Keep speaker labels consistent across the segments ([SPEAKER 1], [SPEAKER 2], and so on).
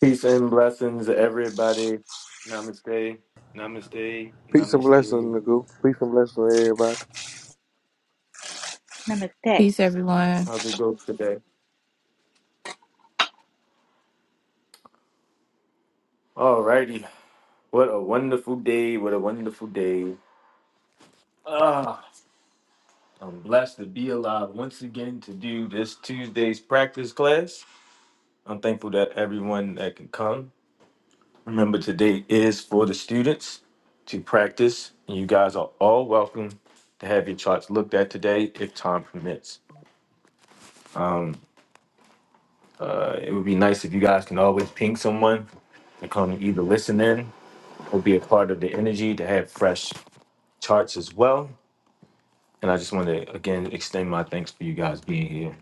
[SPEAKER 1] Peace and blessings, everybody. Namaste, namaste,
[SPEAKER 2] Peace and blessings,
[SPEAKER 1] namaste.
[SPEAKER 2] Nagu. Peace and blessings, to everybody.
[SPEAKER 3] Peace, everyone.
[SPEAKER 1] How's it go today? Alrighty. What a wonderful day. What a wonderful day. Ah, I'm blessed to be alive once again to do this Tuesday's practice class. I'm thankful that everyone that can come. Remember, today is for the students to practice, and you guys are all welcome to have your charts looked at today if time permits. It would be nice if you guys can always ping someone to come and either listen in or be a part of the energy to have fresh charts as well. And I just want to again extend my thanks for you guys being here.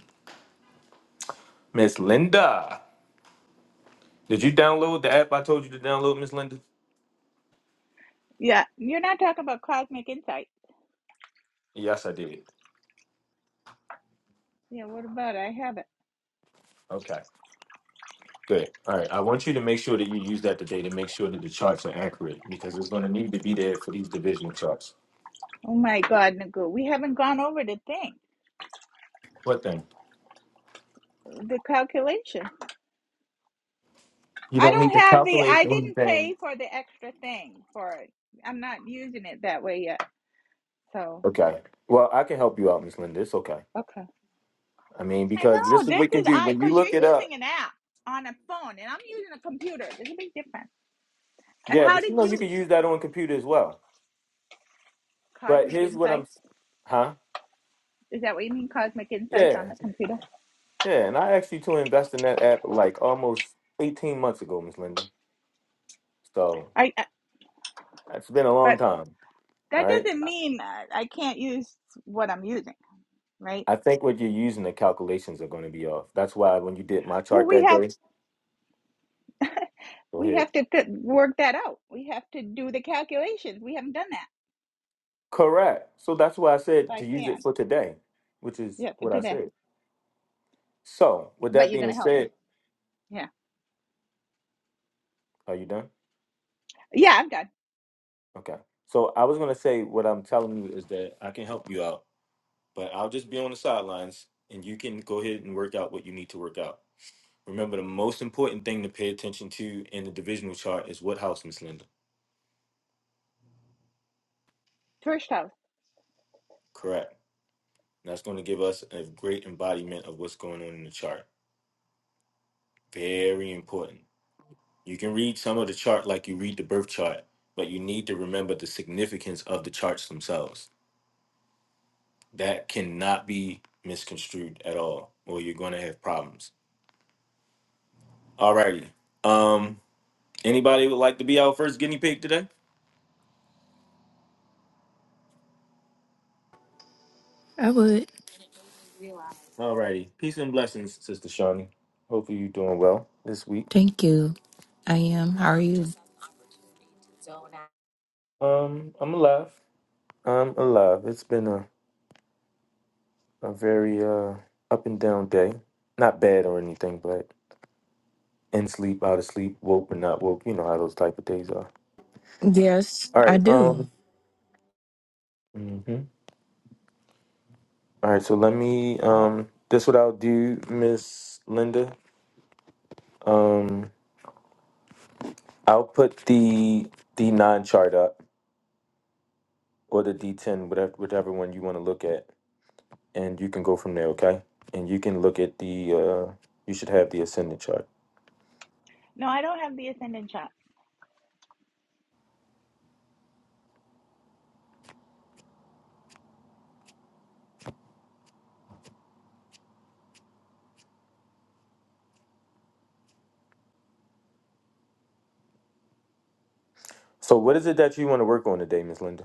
[SPEAKER 1] Miss Linda, did you download the app I told you to download, Miss Linda? Yes, I did. Okay, good. All right. I want you to make sure that you use that today to make sure that the charts are accurate because it's going to need to be there for these divisional charts. What thing? You don't need to calculate the only thing. Okay. Well, I can help you out, Miss Linda. It's okay. I mean, because this is what we can do when you look it up. Yeah, but you know you can use that on computer as well. But here's what I'm, huh? Yeah, yeah. And I asked you to invest in that app like almost 18 months ago, Miss Linda. So it's been a long time. All right. I think what you're using the calculations are going to be off. That's why when you did my chart that day, go ahead. Correct. So that's why I said to use it for today, which is what I said. So with that being said, are you done? Okay. So I was gonna say what I'm telling you is that I can help you out, but I'll just be on the sidelines and you can go ahead and work out what you need to work out. Remember, the most important thing to pay attention to in the divisional chart is what house, Miss Linda. Correct. And that's going to give us a great embodiment of what's going on in the chart. Very important. You can read some of the chart like you read the birth chart, but you need to remember the significance of the charts themselves. That cannot be misconstrued at all, or you're going to have problems Alrighty. Um, anybody would like to be our first guinea pig today?
[SPEAKER 3] I would.
[SPEAKER 1] Alrighty. Peace and blessings, Sister Shawnee. Hopefully you're doing well this week.
[SPEAKER 3] Thank you. I am. How are you?
[SPEAKER 1] Um, I'm alive. I'm alive. It's been a, a very uh up and down day. Not bad or anything, but in sleep, out of sleep, woke but not woke. You know how those type of days are.
[SPEAKER 3] Yes,
[SPEAKER 1] All
[SPEAKER 3] I
[SPEAKER 1] right.
[SPEAKER 3] do.
[SPEAKER 1] Um. mhm. All right. So let me. Um. This what I'll do, Miss Linda. Um. I'll put the the non chart up or the D10, whatever whichever one you want to look at, and you can go from there, okay? And you can look at the uh you should have the ascendant chart. So what is it that you want to work on today, Miss Linda?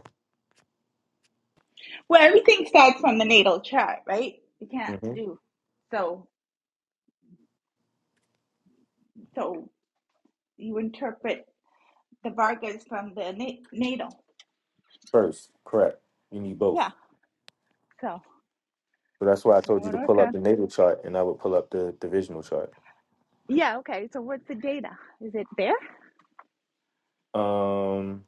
[SPEAKER 1] hmm First, correct. You need both. So that's why I told you to pull up the natal chart and I would pull up the divisional chart. Um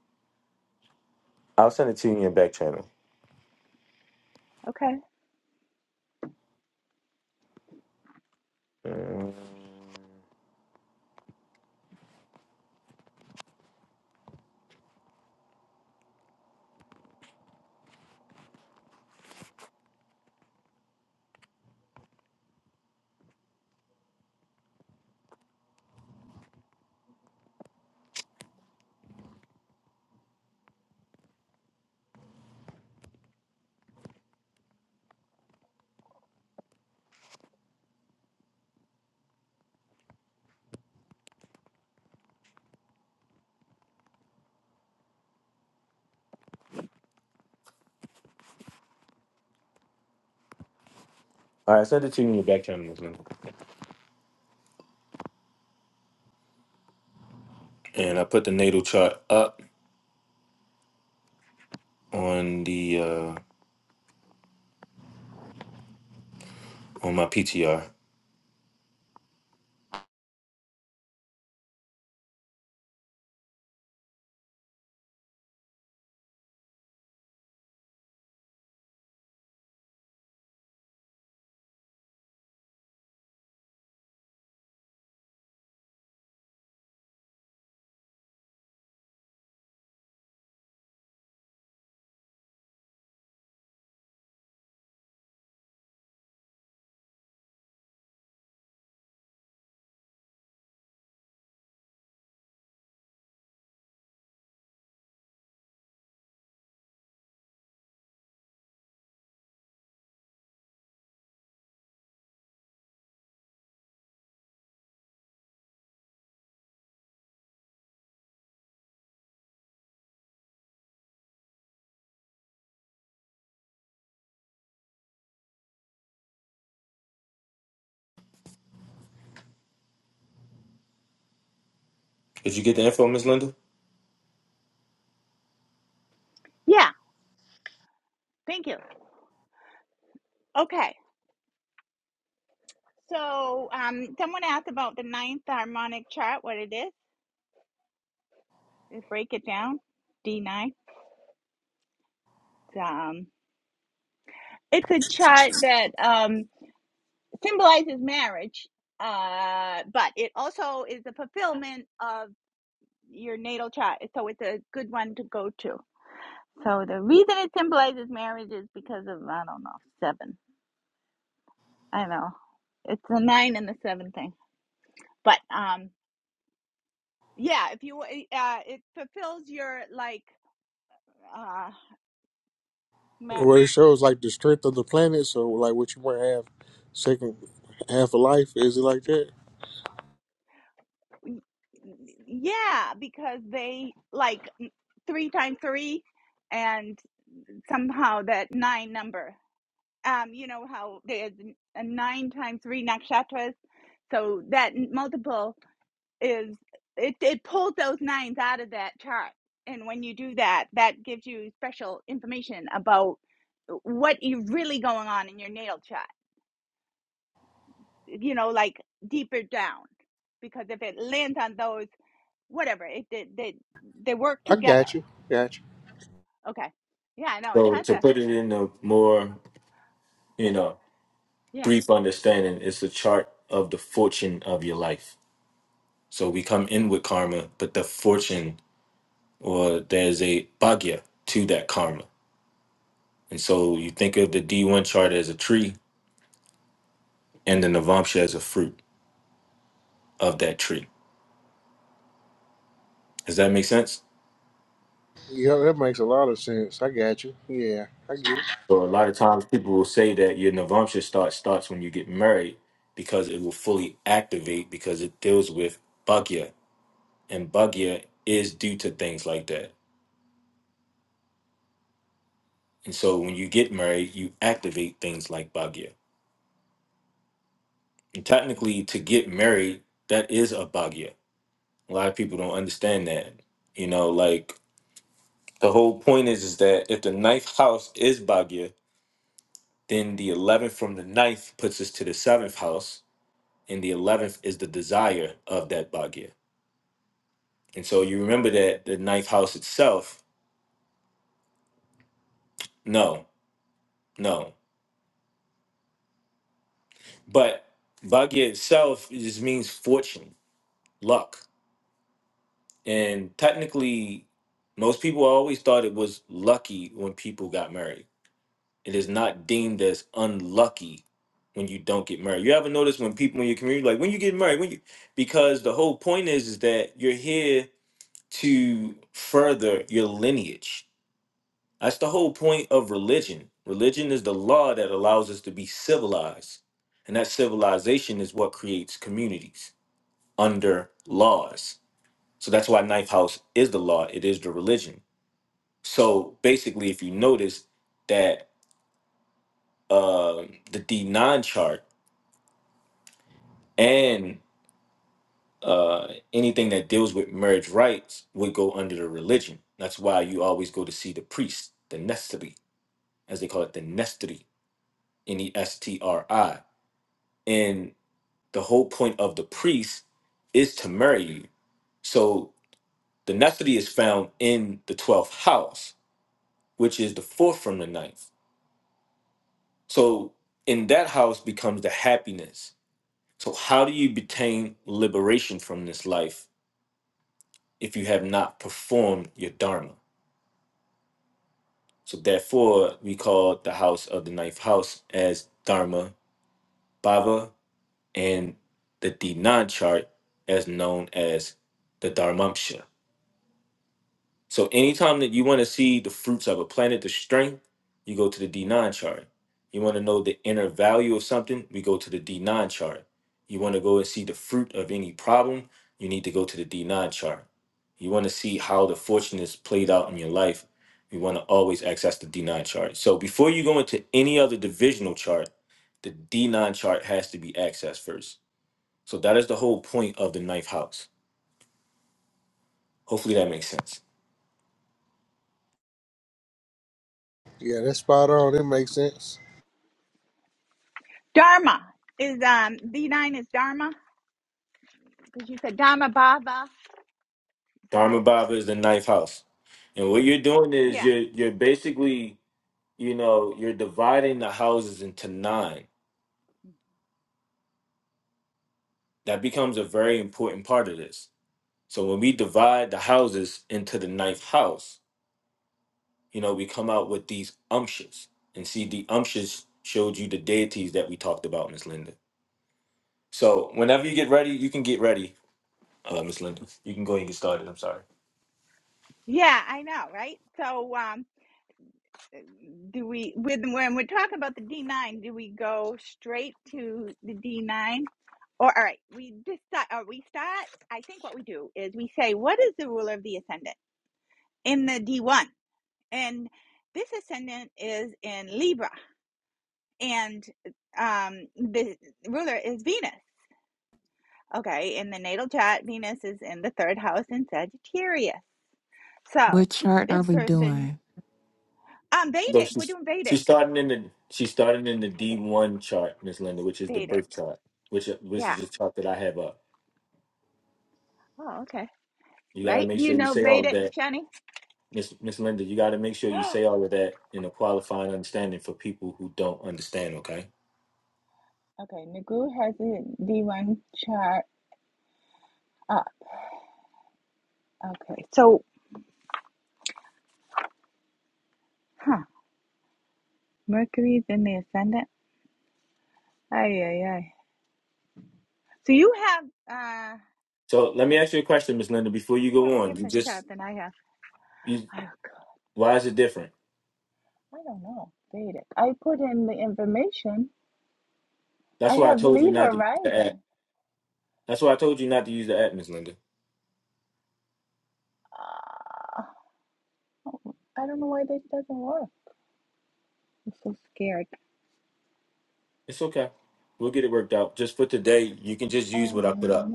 [SPEAKER 1] I'll send it to you in your back channel. Mm. All right, I sent it to you in your back channel, Miss Linda. And I put the natal chart up on the uh on my PTR. Did you get the info, Miss Linda?
[SPEAKER 2] Well, it shows like the strength of the planet. So, like, what you want to have second half of life is it like that? I got you, got you.
[SPEAKER 1] So to put it in a more, you know, brief understanding, it's a chart of the fortune of your life. So we come in with karma, but the fortune or there's a bhagya to that karma. And so you think of the D1 chart as a tree and the Navamsha as a fruit of that tree. Does that make sense?
[SPEAKER 2] Yeah, that makes a lot of sense. I got you. Yeah, I get it.
[SPEAKER 1] So a lot of times people will say that your Navamsha start starts when you get married because it will fully activate because it deals with bhagya. And bhagya is due to things like that And so when you get married, you activate things like Bhagya. And technically, to get married, that is a Bhagya. A lot of people don't understand that. You know, like the whole point is, is that if the ninth house is Bhagya, then the 11th from the ninth puts us to the seventh house, and the 11th is the desire of that Bhagya. And so you remember that the ninth house itself, no, no. But Bhagya itself it just means fortune, luck. And technically, most people always thought it was lucky when people got married. It is not deemed as unlucky when you don't get married. You ever notice when people in your community like when you get married, when you because the whole point is is that you're here to further your lineage. That's the whole point of religion. Religion is the law that allows us to be civilized. And that civilization is what creates communities under laws. So that's why ninth house is the law. It is the religion. So basically, if you notice that uh, the D nine chart and uh, anything that deals with marriage rights would go under the religion. That's why you always go to see the priest, the nestri, as they call it, the nestri, N E S T R I. And the whole point of the priest is to marry you. So the nestri is found in the twelfth house, which is the fourth from the ninth. So in that house becomes the happiness. So how do you obtain liberation from this life if you have not performed your dharma? So therefore, we call the house of the ninth house as dharma bhava, and the dinan chart as known as the dharmamsha. So anytime that you want to see the fruits of a planet, the strength, you go to the D9 chart. You want to know the inner value of something, we go to the D9 chart. You want to go and see the fruit of any problem, you need to go to the D9 chart. You want to see how the fortune is played out in your life, you want to always access the D9 chart. So before you go into any other divisional chart, the D9 chart has to be accessed first. So that is the whole point of the ninth house. Hopefully that makes sense.
[SPEAKER 2] Yeah, that's spot on. It makes sense.
[SPEAKER 1] Dharma Bhava is the ninth house. And what you're doing is you're you're basically, you know, you're dividing the houses into nine. That becomes a very important part of this. So when we divide the houses into the ninth house, you know, we come out with these umptious. And see, the umptious showed you the deities that we talked about, Miss Linda. So whenever you get ready, you can get ready, uh, Miss Linda. You can go and get started. I'm sorry.
[SPEAKER 3] What chart are we doing?
[SPEAKER 1] So she's she's starting in the she's starting in the D one chart, Miss Linda, which is the birth chart, which which is the chart that I have up. You got to make sure you say all of that, Miss Miss Linda. You got to make sure you say all of that in a qualifying understanding for people who don't understand. Okay. So let me ask you a question, Miss Linda, before you go on. You just you why is it different? That's why I told you not to use the app. That's why I told you not to use the app, Miss Linda. It's okay. We'll get it worked out. Just for today, you can just use what I put up.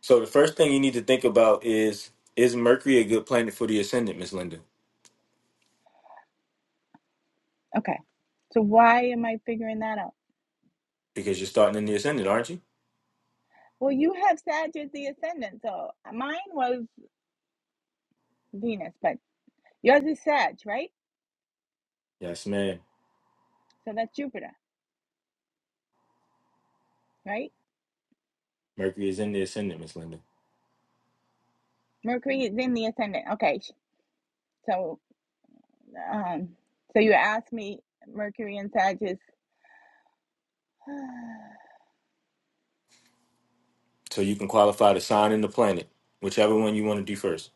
[SPEAKER 1] So the first thing you need to think about is is Mercury a good planet for the ascendant, Miss Linda? Because you're starting in the ascendant, aren't you? Yes, ma'am. Mercury is in the ascendant, Miss Linda. So you can qualify the sign and the planet, whichever one you want to do first.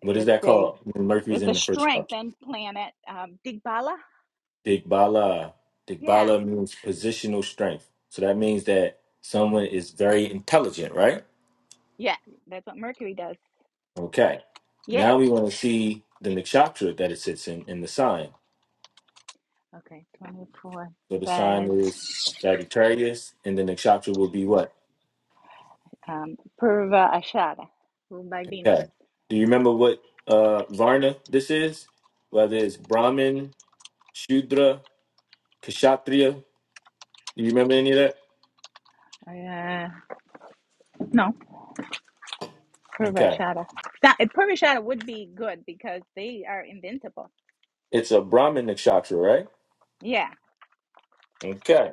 [SPEAKER 1] What is that called? When Mercury's in the first house. Digbala. Digbala means positional strength. So that means that someone is very intelligent, right? Okay. Now we want to see the nakshatra that it sits in, in the sign. So the sign is Sagittarius, and then the nakshatra will be what? Okay. Do you remember what uh, Varna this is? Whether it's Brahmin, Shudra, Kshatriya. Do you remember any of that? Okay. It's a Brahmin nakshatra, right? Okay.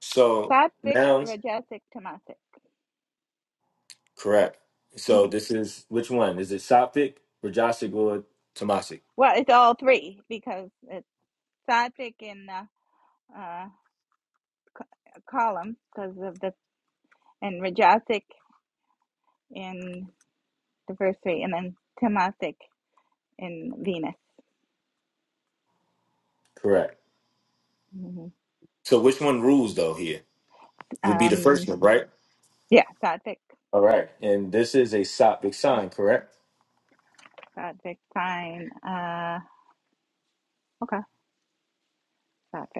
[SPEAKER 1] So nouns, correct. So this is which one? Is it Sattvic, Rajasic, or Tamasic? Correct. So which one rules though here? Would be the first one, right? All right. And this is a Sattvic sign, correct?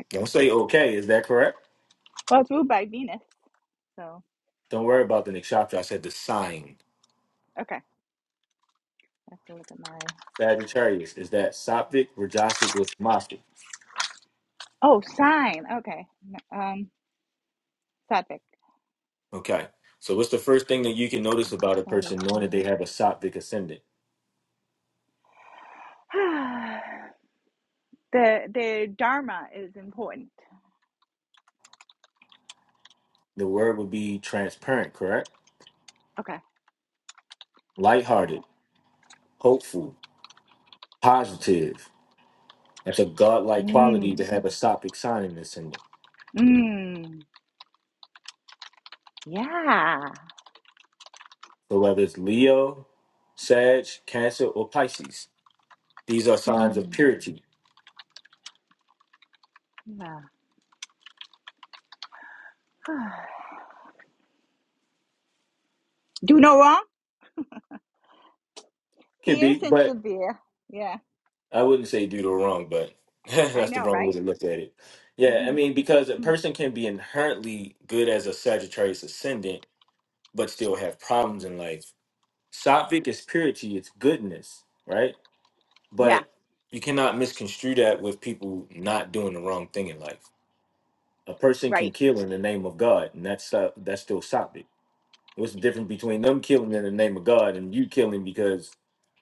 [SPEAKER 1] Don't say okay. Is that correct? Don't worry about the nakshatra. I said the sign. Sagittarius is that Saptic, Rajasic, or Tamasic. Okay. So what's the first thing that you can notice about a person knowing that they have a Saptic ascendant? The word would be transparent, correct? Lighthearted, hopeful, positive. That's a godlike quality to have a Saptic sign in the ascendant. So whether it's Leo, Sag, Cancer, or Pisces, these are signs of purity. Can be, but I wouldn't say do the wrong, but that's the wrong way to look at it. Yeah, I mean, because a person can be inherently good as a Sagittarius ascendant, but still have problems in life. Sattvic is purity, it's goodness, right? But you cannot misconstrue that with people not doing the wrong thing in life. A person can kill in the name of God, and that's uh, that's still Sattvic. What's the difference between them killing in the name of God and you killing because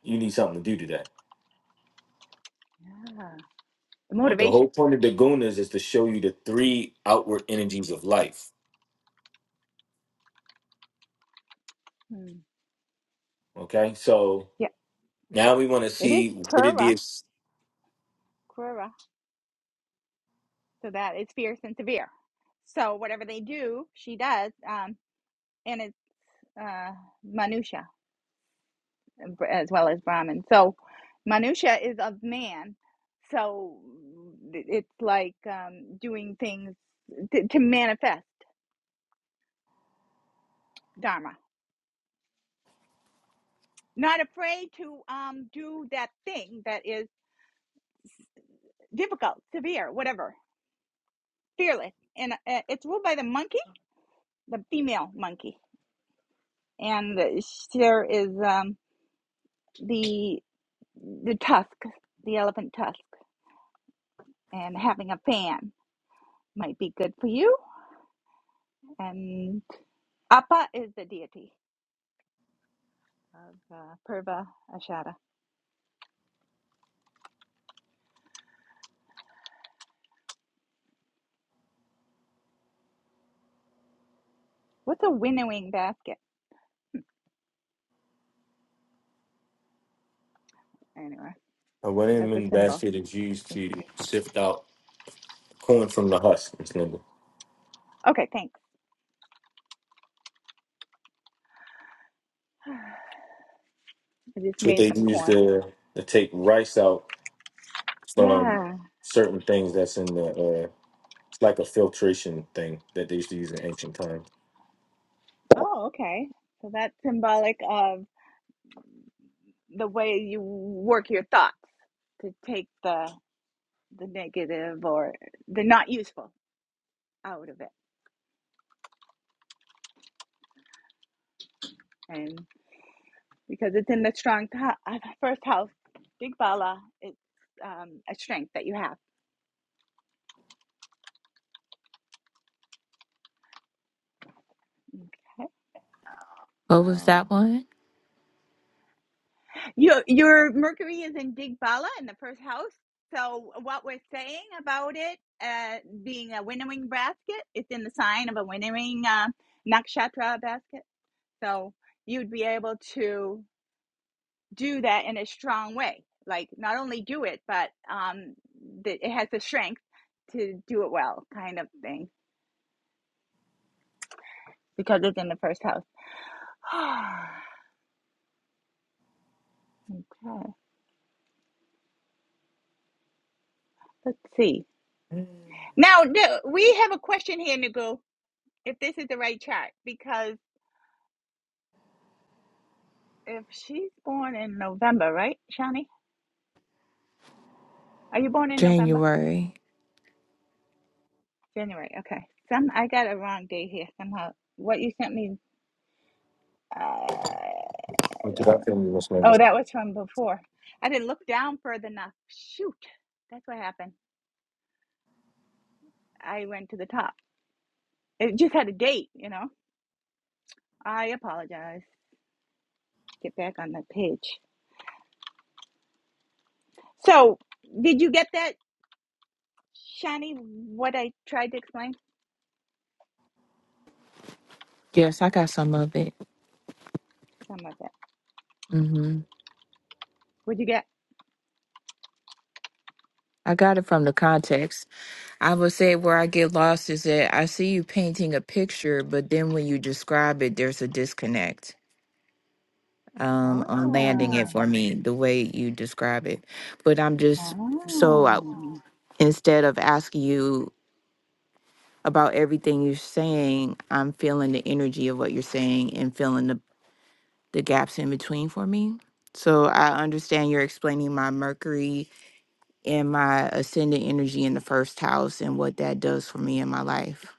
[SPEAKER 1] you need something to do today? Uh, The whole point of the gunas is to show you the three outward energies of life. Okay, so now we want to see what it is. A wooden basket is used to sift out corn from the husk. It's nigga. It's what they use to to take rice out from certain things that's in the. Uh, it's like a filtration thing that they used to use in ancient times.
[SPEAKER 3] What was that one? January.
[SPEAKER 1] Look it up for me, Miss Linda.
[SPEAKER 3] Yes, I got some of it. hmm I got it from the context. I would say where I get lost is that I see you painting a picture, but then when you describe it, there's a disconnect um, on landing it for me, the way you describe it. But I'm just so I, instead of asking you about everything you're saying. I'm feeling the energy of what you're saying and feeling the, the gaps in between for me. So I understand you're explaining my Mercury and my ascendant energy in the first house and what that does for me in my life.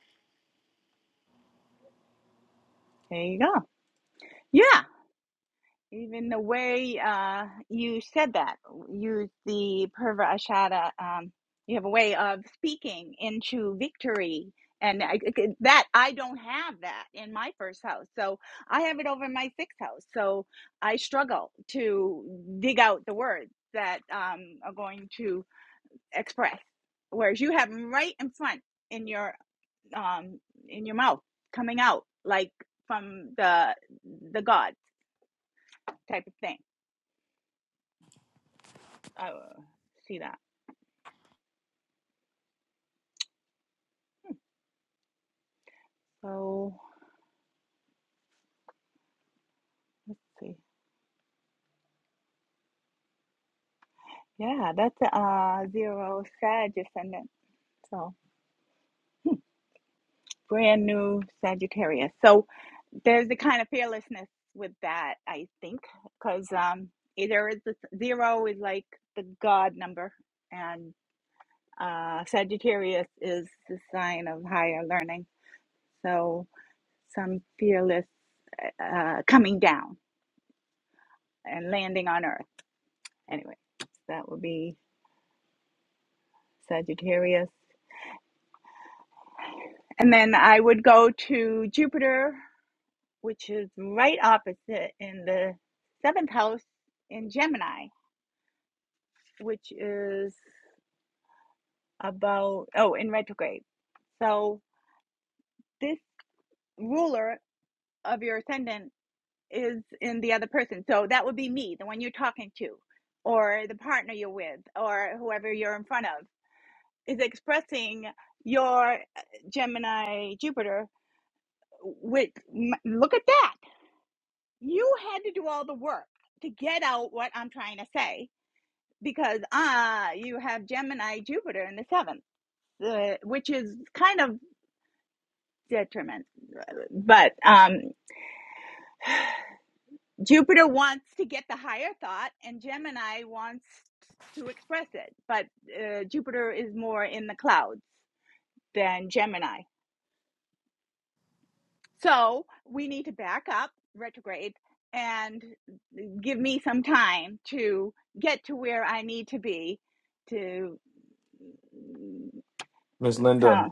[SPEAKER 1] Miss Linda.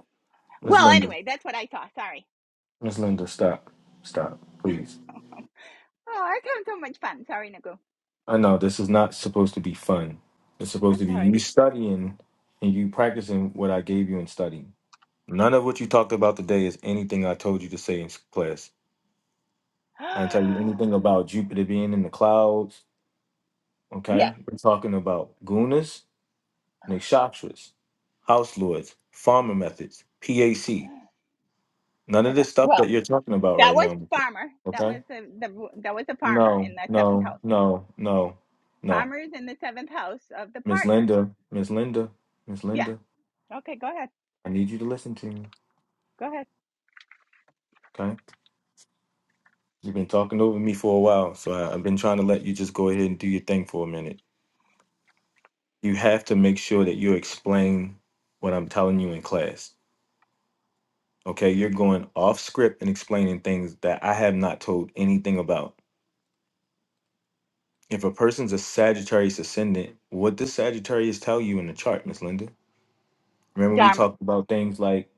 [SPEAKER 1] Miss Linda. Miss Linda. Stop. Stop. Please. I know this is not supposed to be fun. It's supposed to be you studying and you practicing what I gave you in study. None of what you talked about today is anything I told you to say in s- class. I didn't tell you anything about Jupiter being in the clouds. Okay, we're talking about gunas, nishakshatras, house lords, farmer methods, PAC. None of this stuff that you're talking about right now. Okay, no, no, no, no, no. Miss Linda, Miss Linda, Miss Linda. I need you to listen to me. Okay. You've been talking over me for a while, so I, I've been trying to let you just go ahead and do your thing for a minute. You have to make sure that you explain what I'm telling you in class. Okay. You're going off script and explaining things that I have not told anything about. If a person's a Sagittarius ascendant, what does Sagittarius tell you in the chart, Miss Linda? Remember we talked about things like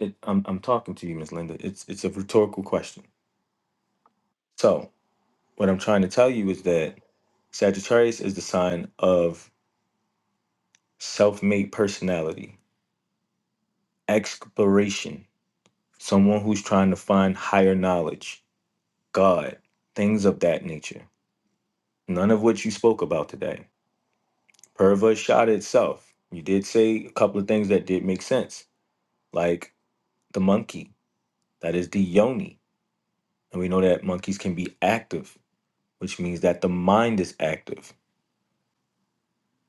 [SPEAKER 1] it, I'm I'm talking to you, Miss Linda. It's it's a rhetorical question. So what I'm trying to tell you is that Sagittarius is the sign of self made personality, exploration, someone who's trying to find higher knowledge, God, things of that nature. None of which you spoke about today. Purva shot itself. You did say a couple of things that did make sense, like the monkey, that is the yoni. And we know that monkeys can be active, which means that the mind is active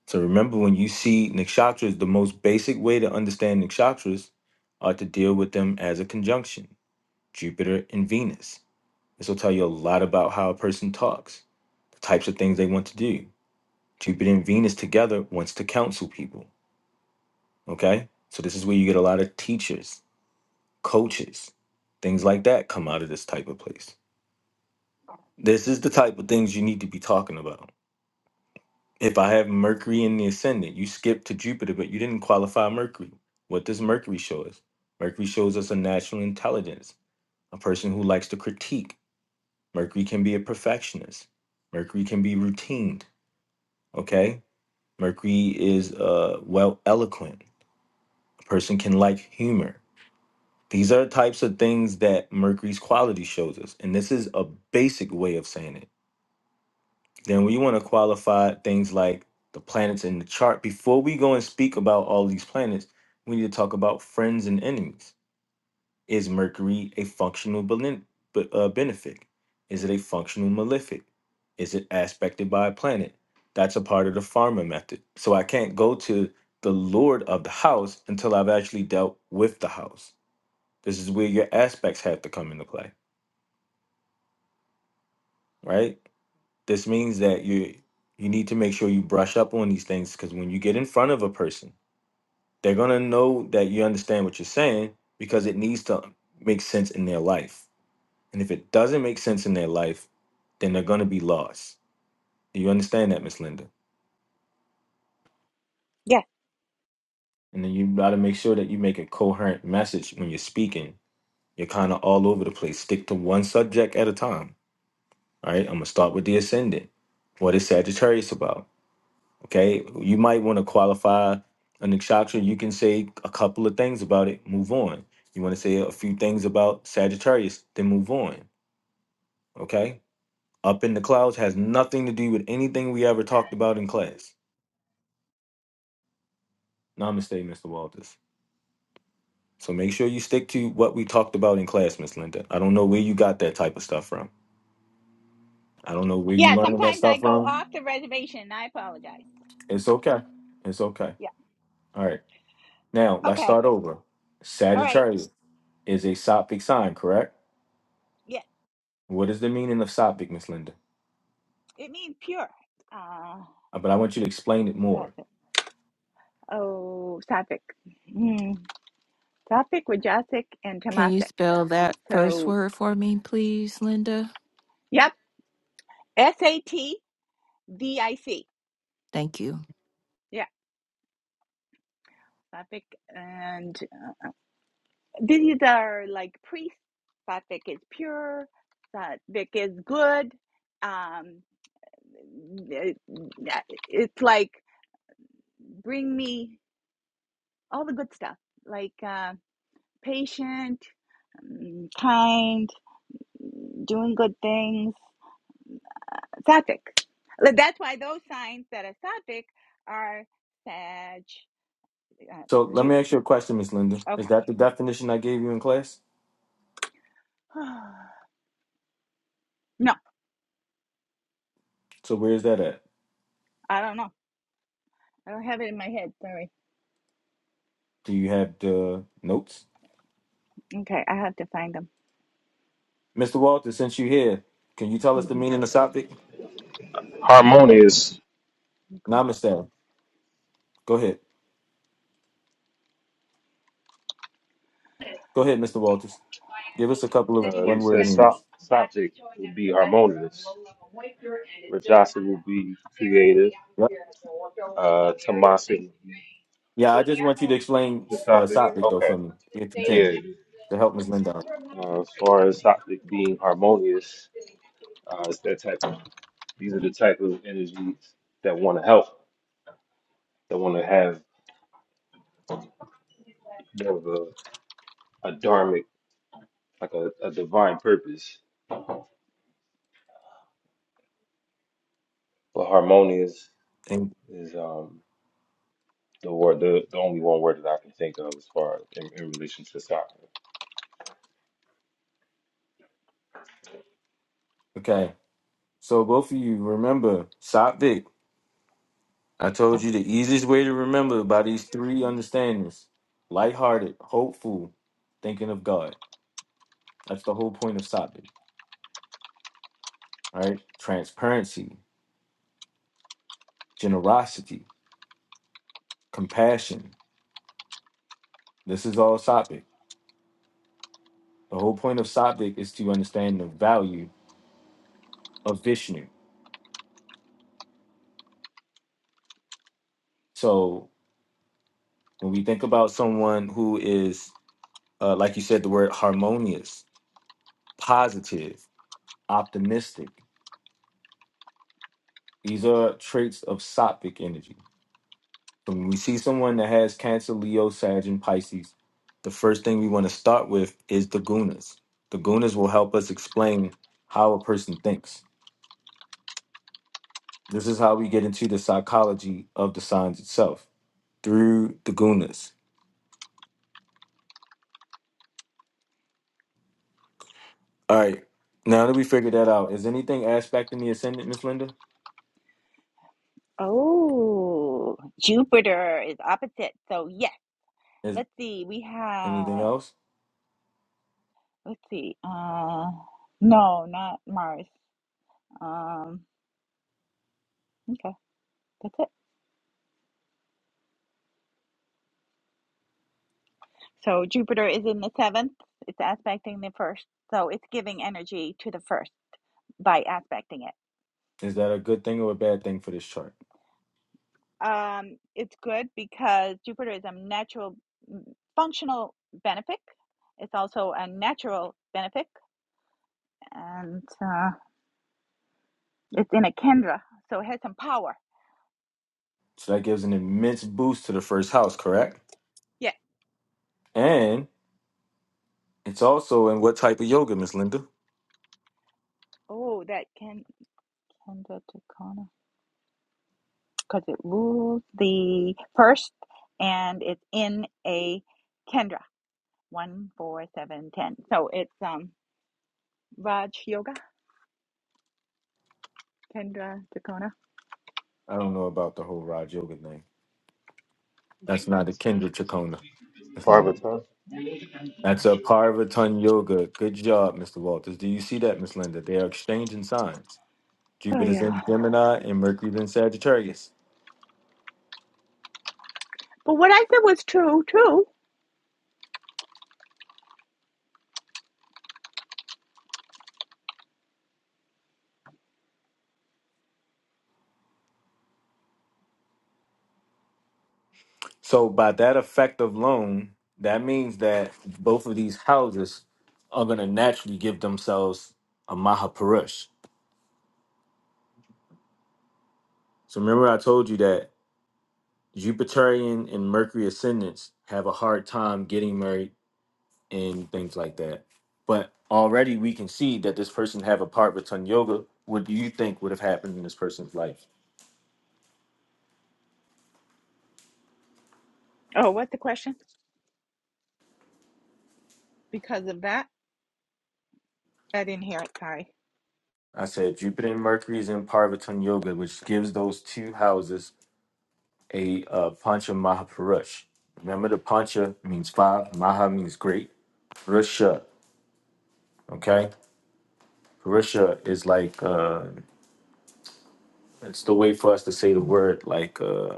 [SPEAKER 1] So remember, when you see nakshatras, the most basic way to understand nakshatras are to deal with them as a conjunction, Jupiter and Venus. This will tell you a lot about how a person talks, the types of things they want to do. Jupiter and Venus together wants to counsel people. Okay? So this is where you get a lot of teachers, coaches, things like that come out of this type of place. This is the type of things you need to be talking about. If I have Mercury in the ascendant, you skipped to Jupiter, but you didn't qualify Mercury. What does Mercury show us? Mercury shows us a natural intelligence, a person who likes to critique. Mercury can be a perfectionist. Mercury can be routined. Okay. Mercury is uh well eloquent. A person can like humor. These are types of things that Mercury's quality shows us. And this is a basic way of saying it Then we want to qualify things like the planets in the chart. Before we go and speak about all these planets, we need to talk about friends and enemies. Is Mercury a functional belen- b- uh, benefic? Is it a functional malefic? Is it aspected by a planet? That's a part of the farmer method. So I can't go to the lord of the house until I've actually dealt with the house. This is where your aspects have to come into play, right? This means that you you need to make sure you brush up on these things because when you get in front of a person, they're gonna know that you understand what you're saying because it needs to make sense in their life. And if it doesn't make sense in their life, then they're gonna be lost. Do you understand that, Miss Linda? And then you gotta make sure that you make a coherent message when you're speaking. You're kind of all over the place. Stick to one subject at a time. All right, I'm gonna start with the ascendant. What is Sagittarius about? Okay, you might want to qualify a nakshatra. You can say a couple of things about it, move on. You want to say a few things about Sagittarius, then move on. Okay, up in the clouds has nothing to do with anything we ever talked about in class. Namaste, Mr. Walters. So make sure you stick to what we talked about in class, Miss Linda. I don't know where you got that type of stuff from. I don't know where you learning that stuff from. It's okay. It's okay. All right. Now let's start over. Sagittarius is a Sophic sign, correct? What is the meaning of Sophic, Miss Linda? Uh, But I want you to explain it more.
[SPEAKER 3] Can you spell that first word for me, please, Linda? Thank you.
[SPEAKER 1] So let me ask you a question, Miss Linda. Is that the definition I gave you in class? So where is that at? Do you have the notes? Mr. Walters, since you're here, can you tell us the meaning of Sophic?
[SPEAKER 4] harmonious.
[SPEAKER 1] Namaste. Go ahead. Go ahead, Mr. Walters. Give us a couple of
[SPEAKER 4] Uh, you
[SPEAKER 1] one word
[SPEAKER 4] said so-
[SPEAKER 1] meanings.
[SPEAKER 4] subject will be harmonious. Rajasa will be creative.
[SPEAKER 1] Yep.
[SPEAKER 4] Uh, Tamasi will be
[SPEAKER 1] Yeah, I just want you to explain
[SPEAKER 4] the
[SPEAKER 1] uh,
[SPEAKER 4] subject.
[SPEAKER 1] Sophic, though,
[SPEAKER 4] Okay.
[SPEAKER 1] for me, if you can,
[SPEAKER 4] Yeah.
[SPEAKER 1] to help Miss Linda.
[SPEAKER 4] Uh, as far as subject being harmonious, uh, it's that type of, these are the type of energies that want to help, that want to have more of a, a dharmic, like a, a divine purpose. But harmonious
[SPEAKER 1] And,
[SPEAKER 4] is um, The word, the, the only one word that I can think of as far in, in relation to soccer.
[SPEAKER 1] okay. So both of you remember Sophic I told you the easiest way to remember by these three understandings lighthearted, hopeful, thinking of God. That's the whole point of Sabbath, right? Transparency, generosity, compassion. This is all Sabbath. The whole point of Sabbath is to understand the value of Vishnu. So when we think about someone who is, uh, like you said, the word harmonious, positive, optimistic, these are traits of Sattvic energy So when we see someone that has Cancer, Leo, Sag, and Pisces, the first thing we want to start with is the gunas. The gunas will help us explain how a person thinks. This is how we get into the psychology of the signs itself through the gunas. All right. Now that we figured that out, is anything aspect in the ascendant, Miss Linda? Is anything else? Is that a good thing or a bad thing for this chart? So that gives an immense boost to the first house, correct? And it's also in what type of yoga, Miss Linda? I don't know about the whole Raj Yoga thing. That's not a Kendra Chacona, Miss Linda.
[SPEAKER 4] Parvata.
[SPEAKER 1] That's a Parvatun Yoga. Good job, Mr. Walters. Do you see that, Miss Linda? They are exchanging signs. Jupiter's in Gemini and Mercury's in Sagittarius. So by that effect of loan, that means that both of these houses are gonna naturally give themselves a Mahapurush. So remember I told you that Jupiterian and Mercury ascendants have a hard time getting married and things like that. But already we can see that this person have a Parvatan yoga. What do you think would have happened in this person's life? I said Jupiter and Mercury is in Parvatan yoga, which gives those two houses a uh, Pancha Mahapurush. Remember, the Pancha means five, Maha means great, Purusha. Okay, Purusha is like uh, it's the way for us to say the word like uh,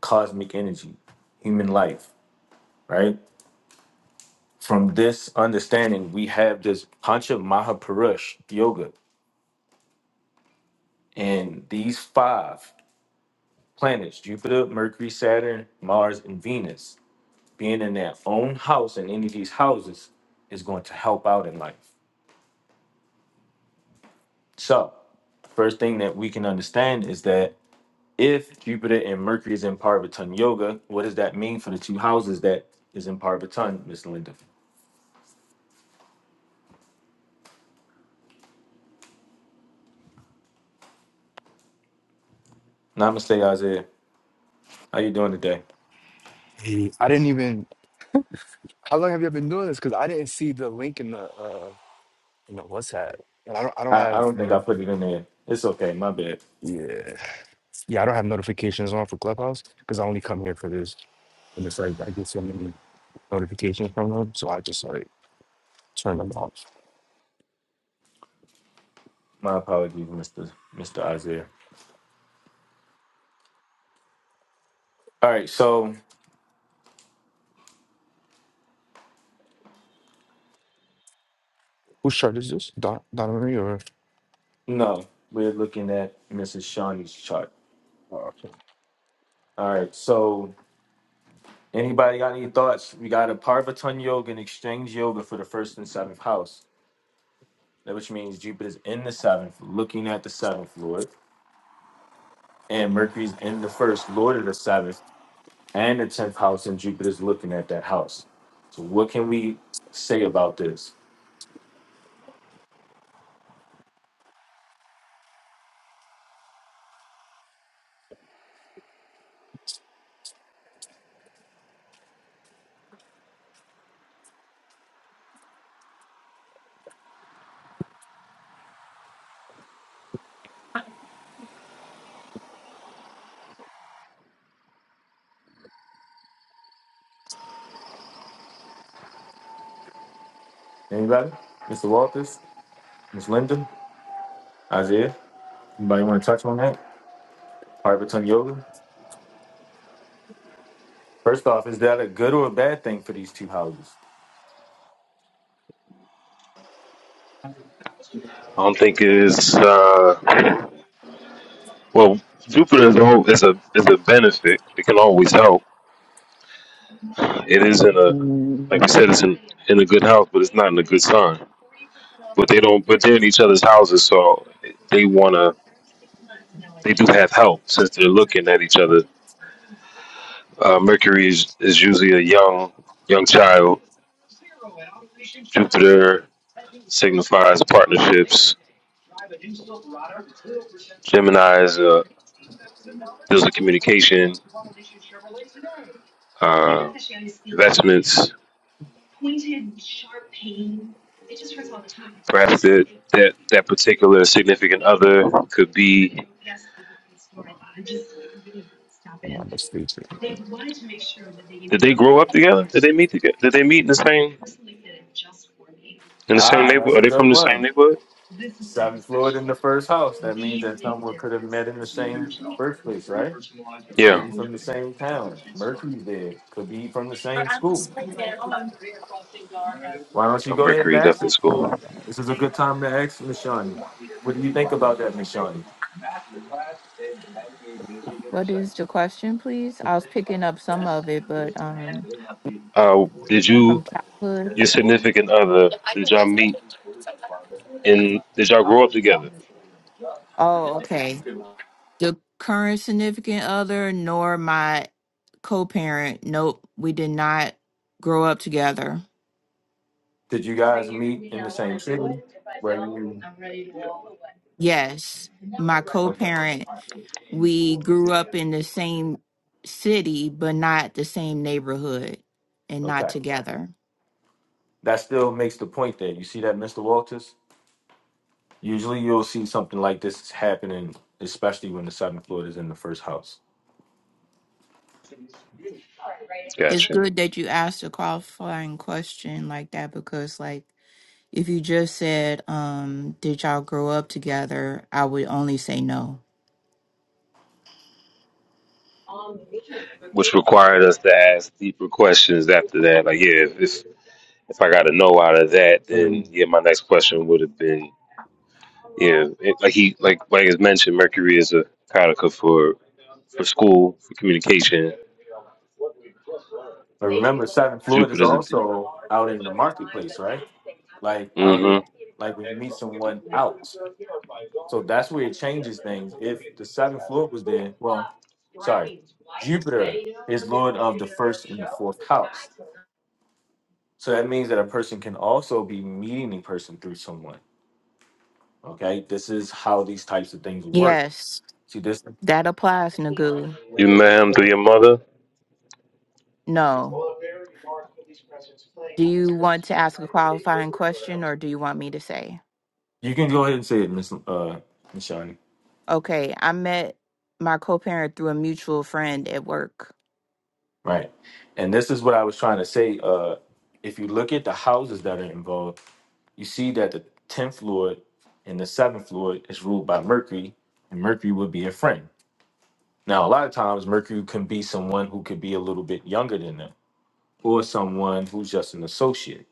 [SPEAKER 1] cosmic energy, human life, right? From this understanding, we have this Pancha Mahapurush Yoga. And these five planets, Jupiter, Mercury, Saturn, Mars, and Venus, being in their own house in any of these houses is going to help out in life. So, first thing that we can understand is that if Jupiter and Mercury is in Parvatan Yoga, what does that mean for the two houses that is in Parvatan, Miss Linda? Namaste, Isaiah. How you doing today?
[SPEAKER 5] Hey, I didn't even. How long have you been doing this? Because I didn't see the link in the uh in the WhatsApp, and I don't I don't
[SPEAKER 1] I, I
[SPEAKER 5] have
[SPEAKER 1] don't think I
[SPEAKER 5] notif.
[SPEAKER 1] put it in there. It's okay, my bad.
[SPEAKER 5] Yeah, yeah, I don't have notifications on for Clubhouse because I only come here for this, and it's like I get so many notifications from them, so I just like turn them off.
[SPEAKER 1] My apologies, Mr. Mr. Isaiah. All right, so
[SPEAKER 5] Whose shirt is this? Don Donna Marie or?
[SPEAKER 1] no, we're looking at Mrs. Shawnee's chart.
[SPEAKER 5] Oh, okay.
[SPEAKER 1] All right, so anybody got any thoughts? We got a Parvatana Yoga and Exchange Yoga for the first and seventh house, that which means Jupiter's in the seventh, looking at the seventh lord, and Mercury's in the first lord of the seventh and the tenth house, and Jupiter's looking at that house. So what can we say about this? Anybody? Mr. Walters, Miss Linda, Isaiah. Anybody want to touch on that? Parvatum Yoga. First off, is that a good or a bad thing for these two houses?
[SPEAKER 4] I don't think it's uh well Jupiter is a is a is a benefit. It can always help. It is in a like
[SPEAKER 5] Mm,
[SPEAKER 4] we said, it's in in a good house, but it's not in a good sign. But they don't. But they're in each other's houses, so they wanna. They do have help since they're looking at each other. Uh, Mercury is, is usually a young young child. Jupiter. signifies partnerships. Gemini is uh, deals with communication, uh, investments. Perhaps that, that that particular significant other could be
[SPEAKER 5] I'm on the stage.
[SPEAKER 4] Did they grow up together? Did they meet together? Did they meet in the same in the same
[SPEAKER 1] Ah, that's
[SPEAKER 4] neighborhood? Are
[SPEAKER 1] a
[SPEAKER 4] they from
[SPEAKER 1] good
[SPEAKER 4] the same
[SPEAKER 1] one.
[SPEAKER 4] neighborhood?
[SPEAKER 1] Seven fluid in the first house. That means that someone could have met in the same birthplace, right?
[SPEAKER 4] Yeah.
[SPEAKER 1] Maybe from the same town. Mercury's there. Could be from the same school. Why don't you
[SPEAKER 4] Oh,
[SPEAKER 1] go ahead and
[SPEAKER 4] Mercury
[SPEAKER 1] ask
[SPEAKER 4] definitely
[SPEAKER 1] it?
[SPEAKER 4] school.
[SPEAKER 1] This is a good time to ask Miss Shawnee. What do you think about that, Miss Shawnee?
[SPEAKER 3] What is the question, please? I was picking up some of it, but um,
[SPEAKER 4] Uh, did
[SPEAKER 3] from
[SPEAKER 4] you,
[SPEAKER 3] childhood.
[SPEAKER 4] your significant other, did y'all meet in, did y'all grow up together?
[SPEAKER 3] Oh, okay. the current significant other nor my co-parent. Nope, we did not grow up together.
[SPEAKER 1] Did you guys meet in the same city? Where you?
[SPEAKER 3] Yes, my
[SPEAKER 1] Okay,
[SPEAKER 3] co-parent, we grew up in the same city but not the same neighborhood and not
[SPEAKER 1] okay.
[SPEAKER 3] together.
[SPEAKER 1] That still makes the point there. You see that, Mr. Walters? Usually you'll see something like this happening, especially when the seventh fluid is in the first house.
[SPEAKER 3] It's
[SPEAKER 4] Gotcha.
[SPEAKER 3] good that you asked a qualifying question like that because like if you just said um did y'all grow up together, I would only say no.
[SPEAKER 4] Which required us to ask deeper questions after that. Like, yeah, if if I got to know out of that,
[SPEAKER 1] Mhm.
[SPEAKER 4] then yeah, my next question would have been, yeah, it, like he like like is mentioned, Mercury is a caudica for for school for communication.
[SPEAKER 1] But remember, seventh fluid is
[SPEAKER 4] Jupiter's a.
[SPEAKER 1] also out in the marketplace, right? Like out there,
[SPEAKER 4] Mm-hmm.
[SPEAKER 1] like when you meet someone out. So that's where it changes things. If the seventh fluid was there, well, sorry, Jupiter is Lord of the first and the fourth house. So that means that a person can also be meeting a person through someone. Okay. This is how these types of things work.
[SPEAKER 3] Yes,
[SPEAKER 1] See, this
[SPEAKER 3] that applies, Nagu.
[SPEAKER 4] You met him through your mother,
[SPEAKER 3] No, Do you want to ask a qualifying question or do you want me to say?
[SPEAKER 1] You can go ahead and say it, Miss uh Miss Shawnee.
[SPEAKER 3] Okay, I met my co parent through a mutual friend at work.
[SPEAKER 1] Right. And this is what I was trying to say. Uh if you look at the houses that are involved, you see that the tenth lord and the seventh lord is ruled by Mercury, and Mercury would be a friend. Now a lot of times Mercury can be someone who could be a little bit younger than them, or someone who's just an associate,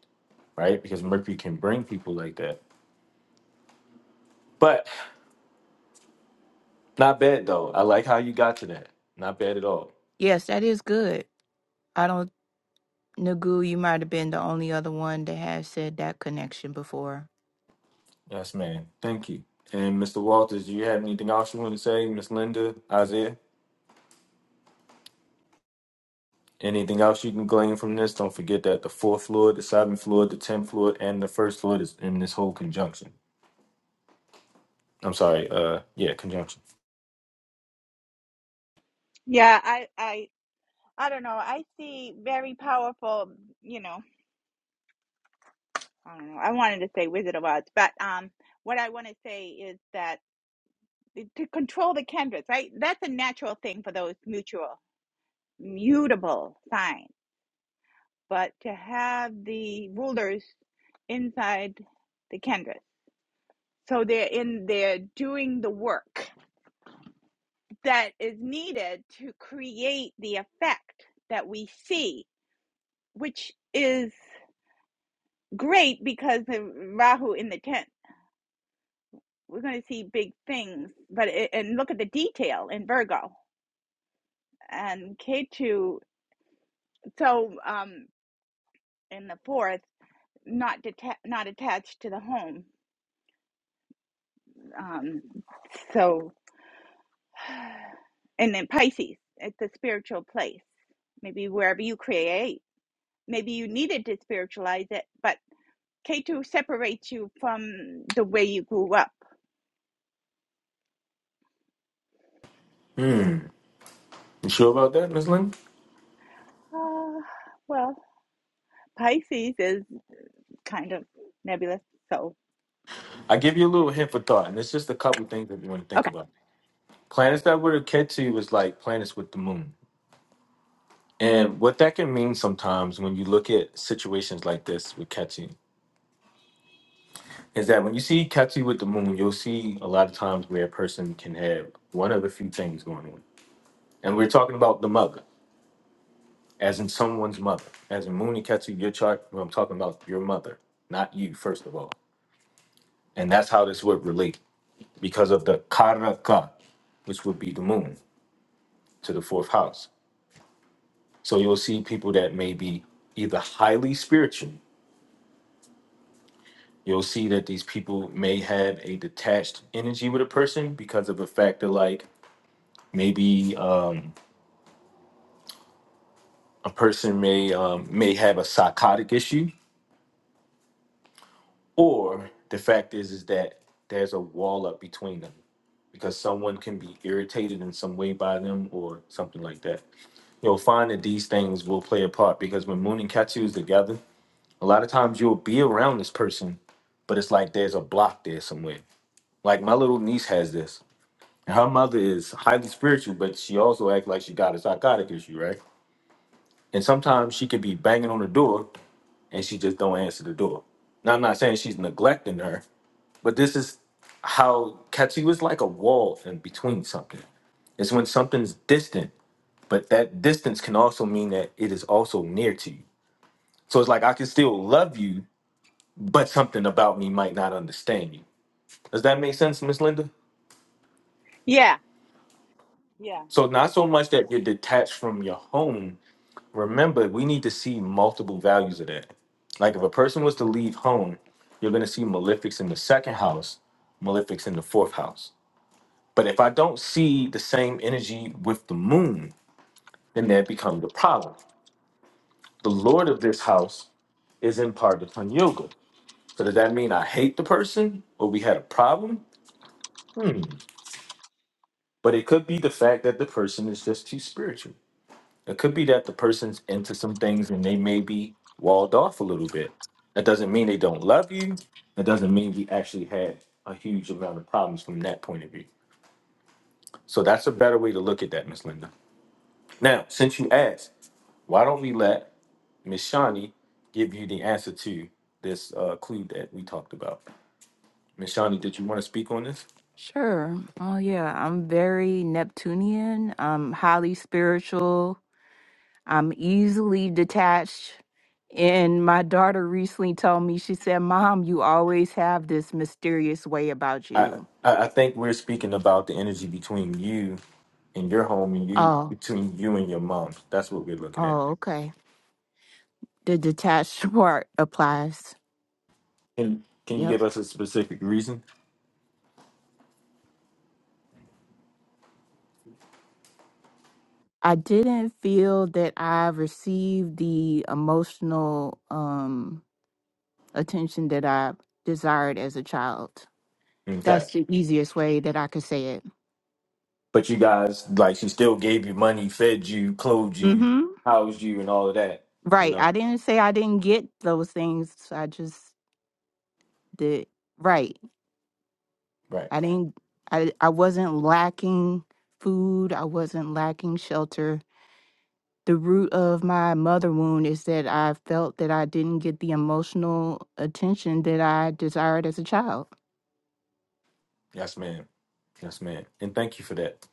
[SPEAKER 1] right? Because Mercury can bring people like that. But not bad though. I like how you got to that. Not bad at all.
[SPEAKER 3] Yes, that is good. I don't, Nagu, you might have been the only other one that has said that connection before.
[SPEAKER 1] Yes, ma'am. Thank you. And Mr. Walters, do you have anything else you want to say? Miss Linda, Isaiah, anything else you can glean from this? Don't forget that the fourth floor, the seventh floor, the tenth floor, and the first floor is in this whole conjunction. I'm sorry, uh, yeah, conjunction. Hmm. You sure about that, Miss Linda? I give you a little hint for thought, and it's just a couple things that you want to think about. Planets that were akin to catch you is like planets with the moon. And what that can mean sometimes when you look at situations like this with catching is that when you see Ketu with the moon, you'll see a lot of times where a person can have one of the few things going on. And we're talking about the mother, as in someone's mother. As in Moon and Ketsu, your chart, I'm talking about your mother, not you, first of all. And that's how this would relate because of the Karaka, which would be the moon, to the fourth house. So you'll see people that may be either highly spiritual. You'll see that these people may have a detached energy with a person because of a factor like maybe. Um, a person may um, may have a psychotic issue, or the fact is is that there's a wall up between them because someone can be irritated in some way by them or something like that. You'll find that these things will play a part because when Moon and Katsu is together, a lot of times you'll be around this person, but it's like there's a block there somewhere. Like my little niece has this. and Her mother is highly spiritual, but she also acts like she got a psychotic issue, right? And sometimes she could be banging on the door and she just don't answer the door. Now I'm not saying she's neglecting her, but this is how Katsu is like a wall in between something. It's when something's distant, but that distance can also mean that it is also near to you. So it's like I can still love you, but something about me might not understand you. Does that make sense, Miss Linda? So not so much that you're detached from your home, remember we need to see multiple values of that like if a person was to leave home you're going to see malefics in the second house malefics in the fourth house but if i don't see the same energy with the moon then that becomes the problem the lord of this house is in pardipon yoga so does that mean i hate the person or we had a problem hmm. but it could be the fact that the person is just too spiritual It could be that the person's into some things and they may be walled off a little bit. That doesn't mean they don't love you. That doesn't mean we actually had a huge amount of problems from that point of view. So that's a better way to look at that, Miss Linda. Now, since you asked, why don't we let Miss Shawnee give you the answer to this uh, clue that we talked about? Miss Shawnee, did you want to speak on this?
[SPEAKER 3] Sure. Oh, yeah. I'm very Neptunian. I'm highly spiritual. I'm easily detached. And my daughter recently told me, she said, Mom, you always have this mysterious way about
[SPEAKER 1] I,
[SPEAKER 3] you.
[SPEAKER 1] I I think we're speaking about the energy between you and your home and you
[SPEAKER 3] Oh.
[SPEAKER 1] between you and your mom. That's what we're looking at.
[SPEAKER 3] Oh, okay. The detached part applies.
[SPEAKER 1] Can Can you
[SPEAKER 3] Yep.
[SPEAKER 1] give us a specific reason?
[SPEAKER 3] I didn't feel that I received the emotional um attention that I desired as a child.
[SPEAKER 1] Okay,
[SPEAKER 3] That's the easiest way that I could say it.
[SPEAKER 1] but you guys like she still gave you money, fed you, clothed you,
[SPEAKER 3] Mhm.
[SPEAKER 1] housed you, and all of that. You
[SPEAKER 3] Right.
[SPEAKER 1] know,
[SPEAKER 3] I didn't say I didn't get those things. I just did right.
[SPEAKER 1] right?
[SPEAKER 3] I didn't I I wasn't lacking food. I wasn't lacking shelter. the root of my mother wound is that I felt that I didn't get the emotional attention that I desired as a child.
[SPEAKER 1] Yes, ma'am. Yes, ma'am. And thank you for that.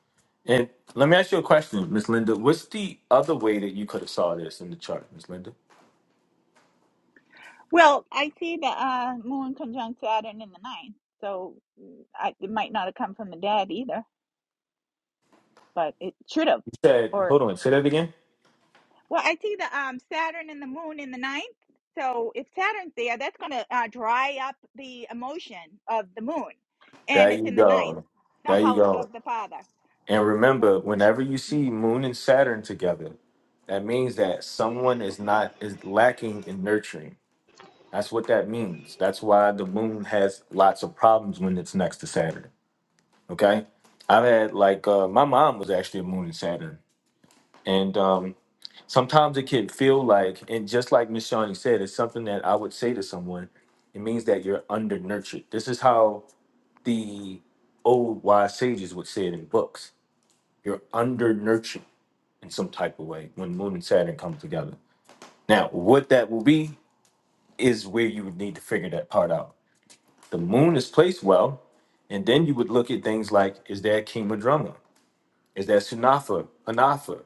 [SPEAKER 1] And let me ask you a question, Miss Linda. What's the other way that you could have saw this in the chart, Miss Linda? You said, hold on, say that again. There you go. There you go. And remember, whenever you see Moon and Saturn together, that means that someone is not is lacking in nurturing. That's what that means. That's why the moon has lots of problems when it's next to Saturn. Okay, I've had like uh, my mom was actually a moon and Saturn, and um, sometimes it can feel like, and just like Miss Shawnee said, it's something that I would say to someone. It means that you're undernurtured. This is how the old wise sages would say it in books. You're undernurtured in some type of way when moon and Saturn come together. Now, what that will be is where you would need to figure that part out The moon is placed well, and then you would look at things like is there a king madrumma? Is there Sunafa, Anafa?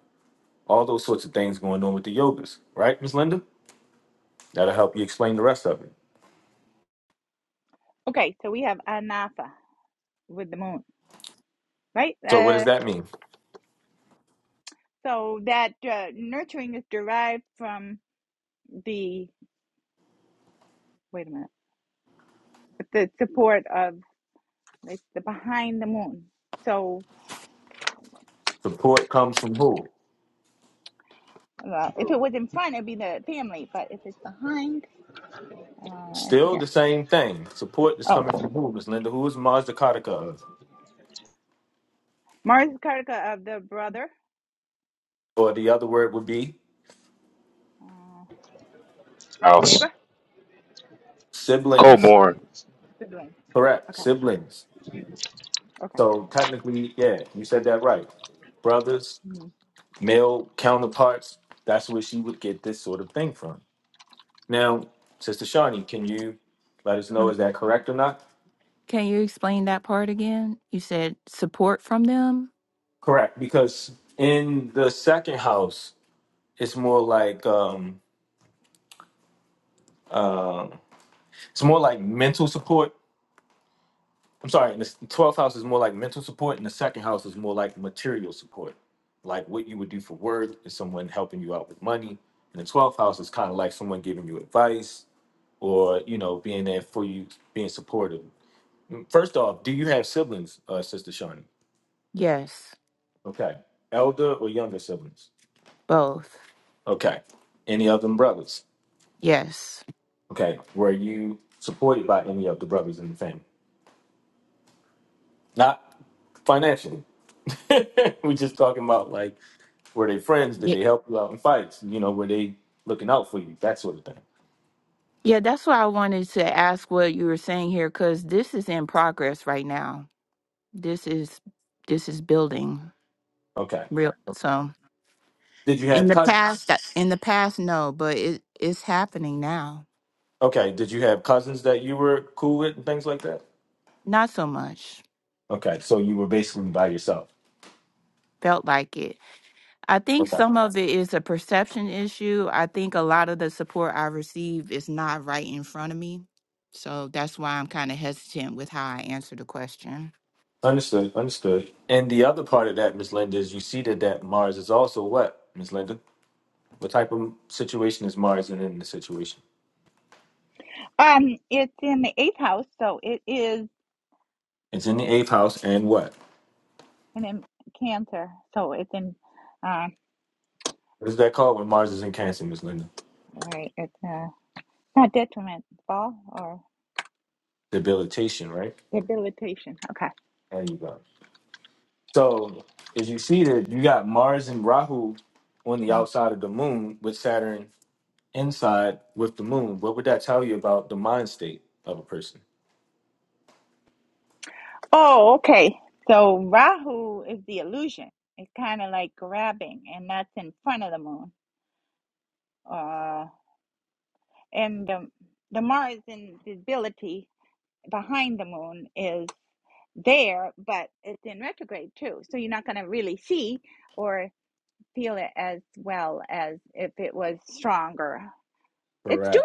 [SPEAKER 1] All those sorts of things going on with the yogas, right, Ms. Linda? That'll help you explain the rest of it. So, what does that mean? Support comes from who? Still the same thing. Support is coming from who, Ms. Linda? Who is Mars the Kataka of? Or the other word would be
[SPEAKER 4] house,
[SPEAKER 1] siblings.
[SPEAKER 4] co-born,
[SPEAKER 1] Correct, siblings. So, technically, yeah, you said that right. Brothers, male counterparts, that's where she would get this sort of thing from. Now, Sister Shawnee, can you let us know
[SPEAKER 3] Mm.
[SPEAKER 1] is that correct or not?
[SPEAKER 3] Can you explain that part again? You said support from them?
[SPEAKER 1] Correct, because in the second house, it's more like um, it's more like mental support. I'm sorry, in the twelfth house is more like mental support, and the second house is more like material support, like what you would do for work is someone helping you out with money. And the twelfth house is kind of like someone giving you advice or you know being there for you, being supportive. First off, do you have siblings, uh, Sister Shawnee?
[SPEAKER 3] Yes,
[SPEAKER 1] Okay. Elder or younger siblings?
[SPEAKER 3] both.
[SPEAKER 1] Okay. Any of them brothers?
[SPEAKER 3] Yes.
[SPEAKER 1] Okay. Were you supported by any of the brothers in the family? Not financially. We're just talking about like, were they friends? Did
[SPEAKER 3] Ye-
[SPEAKER 1] they help you out in fights? You know, were they looking out for you? That sort of thing.
[SPEAKER 3] Yeah, that's why I wanted to ask what you were saying here cuz this is in progress right now. This is this is building
[SPEAKER 1] Okay.
[SPEAKER 3] real
[SPEAKER 1] Okay.
[SPEAKER 3] so
[SPEAKER 1] Did you
[SPEAKER 3] In
[SPEAKER 1] have
[SPEAKER 3] the
[SPEAKER 1] cousins?
[SPEAKER 3] past, I- in the past, no, but it it's happening now.
[SPEAKER 1] Okay. Did you have cousins that you were cool with and things like that?
[SPEAKER 3] Not so much.
[SPEAKER 1] Okay. So you were basically by yourself.
[SPEAKER 3] Felt like it. I think
[SPEAKER 1] Okay.
[SPEAKER 3] some of it is a perception issue. I think a lot of the support I receive is not right in front of me. So that's why I'm kind of hesitant with how I answer the question.
[SPEAKER 1] Understood, understood. And the other part of that, Miss Linda, is you see that that Mars is also what, Miss Linda? What type of situation is Mars in, in the situation? It's in the eighth house, and what? What is that called when Mars is in Cancer, Miss Linda? Debilitation, right? There you go. So, as you see that you got Mars and Rahu on the outside of the moon with Saturn inside with the moon, what would that tell you about the mind state of a person? Correct.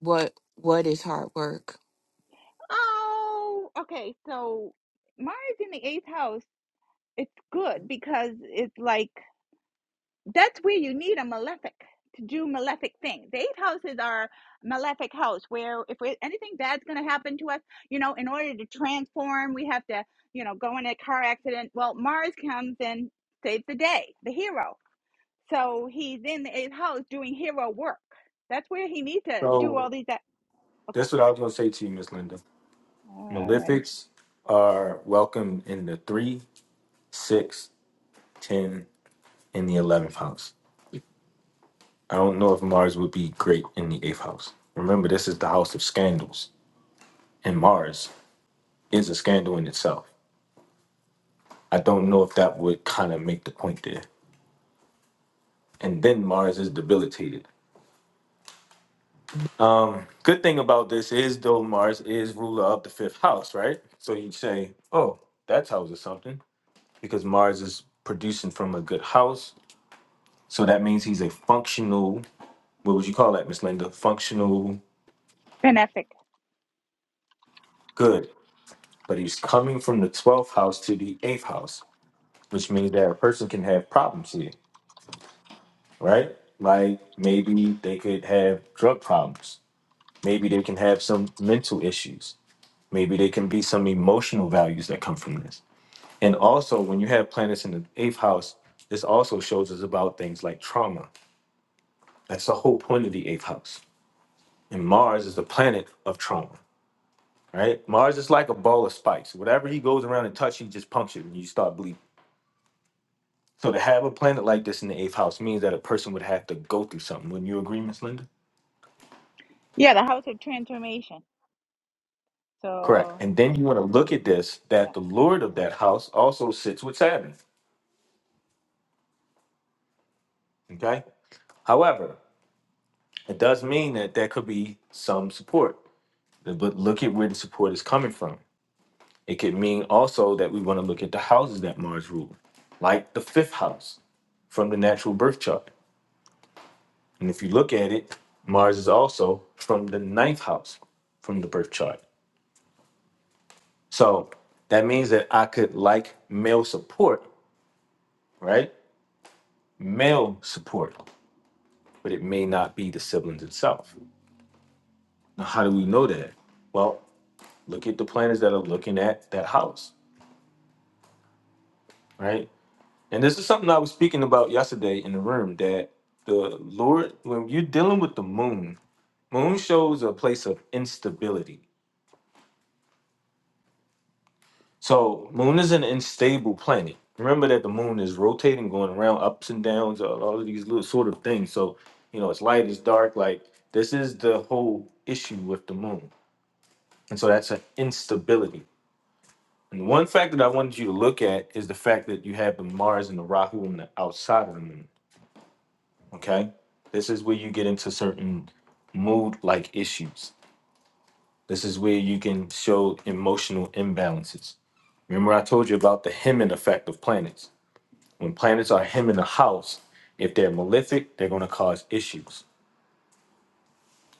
[SPEAKER 3] What what is hard work?
[SPEAKER 1] So, that's what I was going to say to you, Miss Linda. Malefics are welcome in the three, six, ten, and the eleventh house. I don't know if Mars would be great in the eighth house. Remember, this is the house of scandals, and Mars is a scandal in itself. I don't know if that would kind of make the point there. And then Mars is debilitated. Good thing about this is, though, Mars is ruler of the fifth house, right? So you'd say, oh, that tells us something because Mars is producing from a good house. So that means he's a functional what would you call that, Miss Linda? Functional good. But he's coming from the 12th house to the 8th house, which means that a person can have problems here, right? Like maybe they could have drug problems. Maybe they can have some mental issues. Maybe there can be some emotional values that come from this. And also, when you have planets in the 8th house, this also shows us about things like trauma. That's the whole point of the 8th house. And Mars is the planet of trauma. right? Mars is like a ball of spikes. Whatever he goes around and touch, he just punctured and you start bleeding. So to have a planet like this in the eighth house means that a person would have to go through something. Wouldn't you agree, Miss Linda? Correct. And then you want to look at this that the lord of that house also sits with Saturn. Okay. However, it does mean that there could be some support. But look at where the support is coming from. It could mean also that we want to look at the houses that Mars rules, like the fifth house from the natural birth chart. And if you look at it, Mars is also from the ninth house from the birth chart. So that means that I could like male support, right? Male support, but it may not be the siblings itself. Now, how do we know that? Well, look at the planets that are looking at that house, right? And this is something I was speaking about yesterday in the room that the Lord, when you're dealing with the moon, moon shows a place of instability So moon is an unstable planet. Remember that the moon is rotating, going around ups and downs, all all of these little sort of things. So you know, it's light, it's dark. Like this is the whole issue with the moon, and so that's an instability. And one fact that I wanted you to look at is the fact that you have the Mars and the Rahu on the outside of the moon. Okay, this is where you get into certain mood-like issues. This is where you can show emotional imbalances. Remember, I told you about the Hemin effect of planets When planets are him in the house, if they're malefic, they're going to cause issues.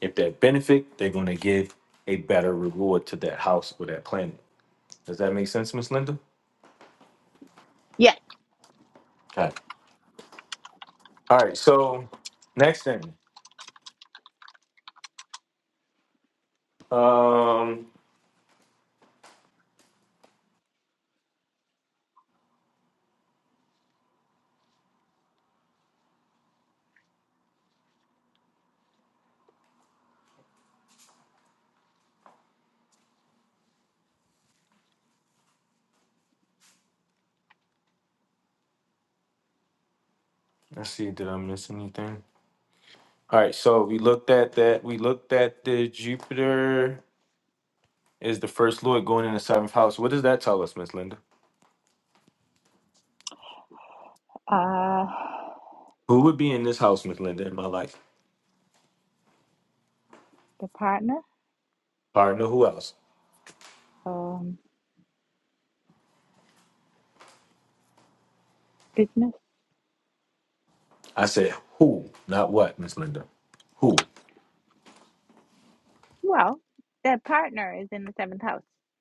[SPEAKER 1] If they're benefic, they're going to give a better reward to that house or that planet. Does that make sense, Miss Linda? Okay. All right. So next thing. Um, let's see. Did I miss anything? All right. So we looked at that. We looked at the Jupiter is the first lord going in the seventh house. What does that tell us, Miss Linda? Who would be in this house, Miss Linda, in my life? Partner, who else? I said, who, not what, Miss Linda. Who?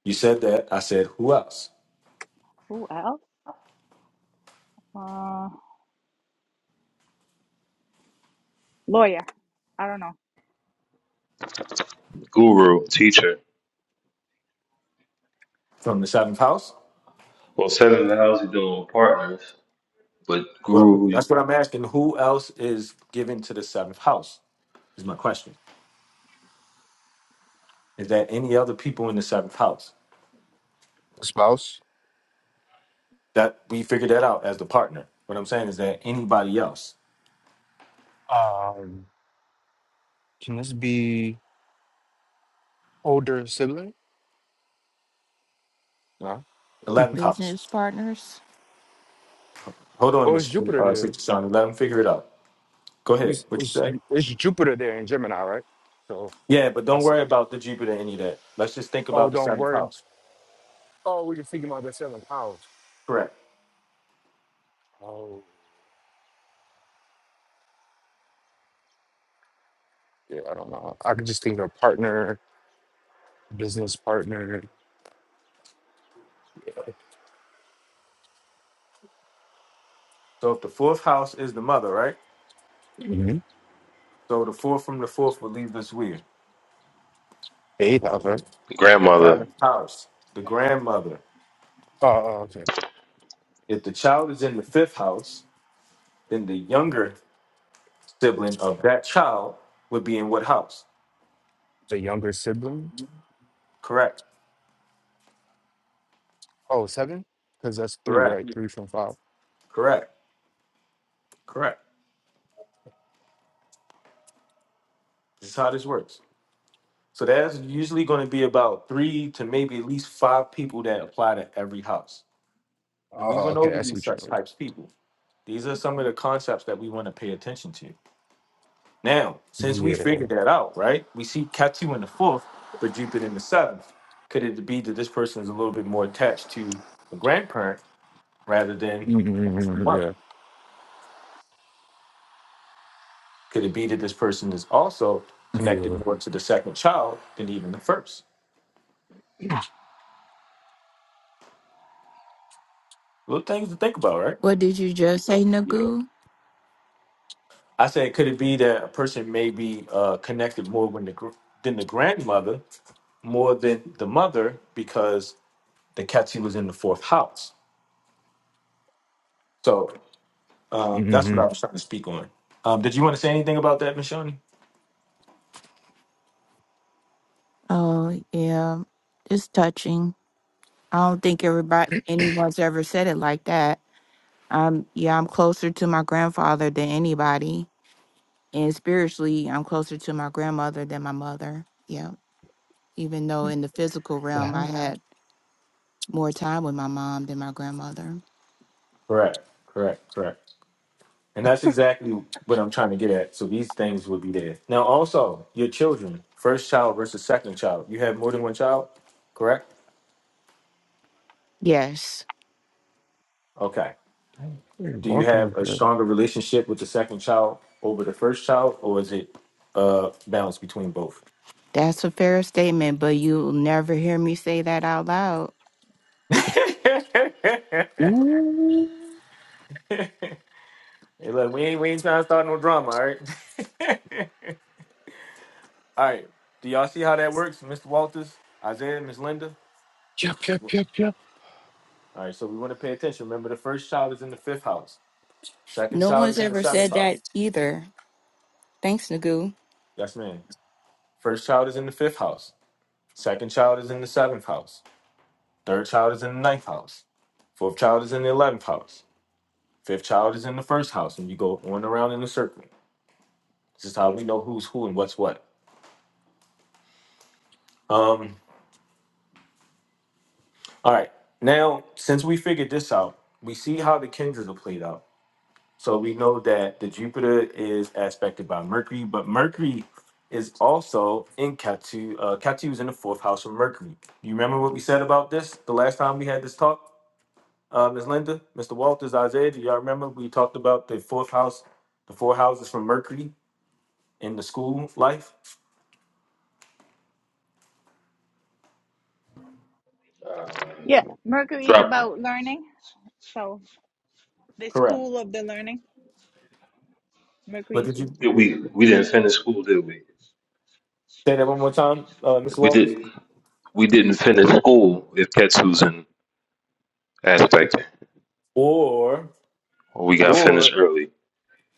[SPEAKER 1] You said that. I said, who else?
[SPEAKER 4] guru, teacher.
[SPEAKER 1] From the seventh house?
[SPEAKER 4] Well, seven in the house you doing with partners, but
[SPEAKER 1] Well,
[SPEAKER 4] guru,
[SPEAKER 1] that's what I'm asking. Who else is given to the seventh house? Is my question. Is there any other people in the seventh house?
[SPEAKER 5] Spouse?
[SPEAKER 1] That we figured that out as the partner. What I'm saying is that anybody else?
[SPEAKER 5] Um, can this be older sibling? No.
[SPEAKER 1] Eleventh house.
[SPEAKER 3] Business partners?
[SPEAKER 1] Hold on,
[SPEAKER 5] Oh, it's
[SPEAKER 1] Miss
[SPEAKER 5] Jupiter
[SPEAKER 1] uh,
[SPEAKER 5] there.
[SPEAKER 1] Sister Son. Let them figure it out. Go ahead.
[SPEAKER 5] He's,
[SPEAKER 1] What you
[SPEAKER 5] it's,
[SPEAKER 1] say?
[SPEAKER 5] it's Jupiter there in Gemini, right? So
[SPEAKER 1] Yeah, but
[SPEAKER 5] I
[SPEAKER 1] don't
[SPEAKER 5] said,
[SPEAKER 1] worry about the Jupiter, any of that. Let's just think
[SPEAKER 5] oh,
[SPEAKER 1] about the
[SPEAKER 5] don't
[SPEAKER 1] seventh
[SPEAKER 5] worry.
[SPEAKER 1] house.
[SPEAKER 5] Oh, we just thinking about the seven powers.
[SPEAKER 1] Correct.
[SPEAKER 5] Oh, yeah, I don't know. I could just think of partner, business partner.
[SPEAKER 1] So if the fourth house is the mother, right?
[SPEAKER 5] Mm-hmm.
[SPEAKER 1] So the fourth from the fourth will leave us where?
[SPEAKER 5] Eighth house, right?
[SPEAKER 4] grandmother,
[SPEAKER 1] Seventh house, the grandmother.
[SPEAKER 5] Oh, oh, okay.
[SPEAKER 1] If the child is in the fifth house, then the younger sibling of that child would be in what house?
[SPEAKER 5] The younger sibling.
[SPEAKER 1] Correct.
[SPEAKER 5] Oh, seven? Because that's three,
[SPEAKER 1] Correct.
[SPEAKER 5] right? Three from five.
[SPEAKER 1] Correct. Correct. This is how this works. So there's usually going to be about three to maybe at least five people that apply to every house.
[SPEAKER 5] Oh,
[SPEAKER 1] And we
[SPEAKER 5] oh,
[SPEAKER 1] went
[SPEAKER 5] okay.
[SPEAKER 1] over
[SPEAKER 5] I see
[SPEAKER 1] these
[SPEAKER 5] what you
[SPEAKER 1] such types of people. These are some of the concepts that we want to pay attention to. Now, since
[SPEAKER 5] mean.
[SPEAKER 1] we
[SPEAKER 5] Yeah.
[SPEAKER 1] figured that out, right? We see Ketu in the fourth, but Jupiter in the seventh. Could it be that this person is a little bit more attached to the grandparent rather than the
[SPEAKER 5] Mm-hmm.
[SPEAKER 1] mother? could it be that this person is also connected more to the second child than even the first?
[SPEAKER 5] Yeah. Yeah.
[SPEAKER 1] Little things to think about, right?
[SPEAKER 3] What did you just say,
[SPEAKER 5] Yeah.
[SPEAKER 3] Nagu?
[SPEAKER 1] I said, could it be that a person may be uh, connected more when the gr- than the grandmother, more than the mother, because the Ketu was in the fourth house? So. Uh, that's what
[SPEAKER 5] Mm-hmm.
[SPEAKER 1] I was trying to speak on. Um, did you want to say anything about that, Mashani?
[SPEAKER 3] Oh, yeah. It's touching. I don't think everybody anyone's ever said it like that. Um, yeah, I'm closer to my grandfather than anybody. And spiritually, I'm closer to my grandmother than my mother. Yeah. Even though in the physical
[SPEAKER 5] The
[SPEAKER 3] realm, I
[SPEAKER 5] heck?
[SPEAKER 3] had more time with my mom than my grandmother.
[SPEAKER 1] Correct, correct, correct. And that's exactly what I'm trying to get at. So these things would be there. Now, also, your children, first child versus second child. You have more than one child, correct?
[SPEAKER 3] Yes,
[SPEAKER 1] Okay.
[SPEAKER 5] You're
[SPEAKER 1] Do you
[SPEAKER 5] walking up
[SPEAKER 1] have a
[SPEAKER 5] there.
[SPEAKER 1] stronger relationship with the second child over the first child, or is it uh balance between both?
[SPEAKER 3] that's a fair statement, but you'll never hear me say that out loud.
[SPEAKER 1] hey,
[SPEAKER 5] Ooh.
[SPEAKER 1] look, we ain't, we ain't trying to start no drama, all right? All right. Do y'all see how that works, Mr. Walters, Isaiah, Miss Linda?
[SPEAKER 5] Yep, yep,
[SPEAKER 1] All
[SPEAKER 5] yep, yep.
[SPEAKER 1] right. So we want to pay attention. Remember, the first child is in the fifth house. Second
[SPEAKER 3] No
[SPEAKER 1] child
[SPEAKER 3] one's
[SPEAKER 1] is in the
[SPEAKER 3] ever
[SPEAKER 1] seventh
[SPEAKER 3] said
[SPEAKER 1] house.
[SPEAKER 3] that either. Thanks, Nagu.
[SPEAKER 1] Yes, ma'am. First child is in the fifth house. Second child is in the seventh house. Third child is in the ninth house. Fourth child is in the eleventh house. Fifth child is in the first house, and you go on around in a circle. This is how we know who's who and what's what. Um. All right. Now, since we figured this out, we see how the kindreds are played out. So we know that the Jupiter is aspected by Mercury, but Mercury is also in Ketu. Uh, Ketu is in the fourth house of Mercury. You remember what we said about this the last time we had this talk, uh, Ms. Linda, Mr. Walters, Isaiah? Do y'all remember we talked about the fourth house, the four houses from Mercury in the school life?
[SPEAKER 4] dropped it.
[SPEAKER 1] Correct. But did you
[SPEAKER 4] We we didn't finish school, did we?
[SPEAKER 1] say that one more time, uh, Mr.
[SPEAKER 4] We
[SPEAKER 1] Walters?
[SPEAKER 4] did. We didn't finish school if Ketsu's in aspect.
[SPEAKER 1] Or,
[SPEAKER 4] We got finished
[SPEAKER 1] or,
[SPEAKER 4] early.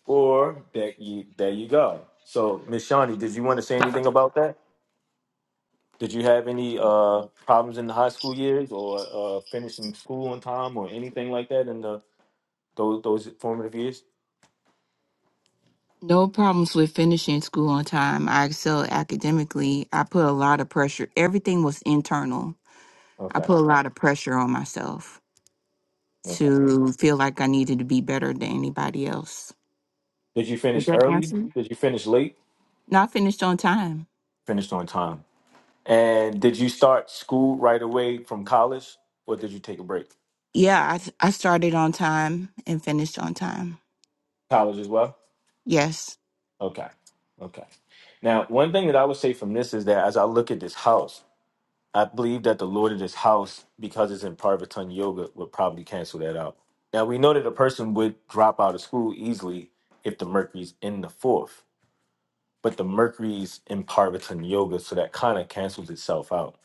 [SPEAKER 1] or there you there you go. So, Miss Shawnee, did you want to say anything about that? Did you have any uh problems in the high school years or uh finishing school on time or anything like that in the those those formative years?
[SPEAKER 3] No problems with finishing school on time. I excelled academically. I put a lot of pressure. Everything was internal. I
[SPEAKER 1] Okay.
[SPEAKER 3] put a lot of pressure on myself.
[SPEAKER 1] Okay.
[SPEAKER 3] to feel like I needed to be better than anybody else.
[SPEAKER 1] Did you
[SPEAKER 3] Is
[SPEAKER 1] finish
[SPEAKER 3] that
[SPEAKER 1] early?
[SPEAKER 3] answer?
[SPEAKER 1] Did you finish late?
[SPEAKER 3] Not finished on time.
[SPEAKER 1] Finished on time. And did you start school right away from college or did you take a break?
[SPEAKER 3] Yeah, I, I started on time and finished on time.
[SPEAKER 1] College as well?
[SPEAKER 3] Yes.
[SPEAKER 1] Okay. Okay. Now, one thing that I would say from this is that as I look at this house, I believe that the Lord of this house, because it's in Parvatan Yoga, would probably cancel that out. Now we know that a person would drop out of school easily if the Mercury's in the fourth, but the Mercury's in Parvatan Yoga, so that kind of cancels itself out.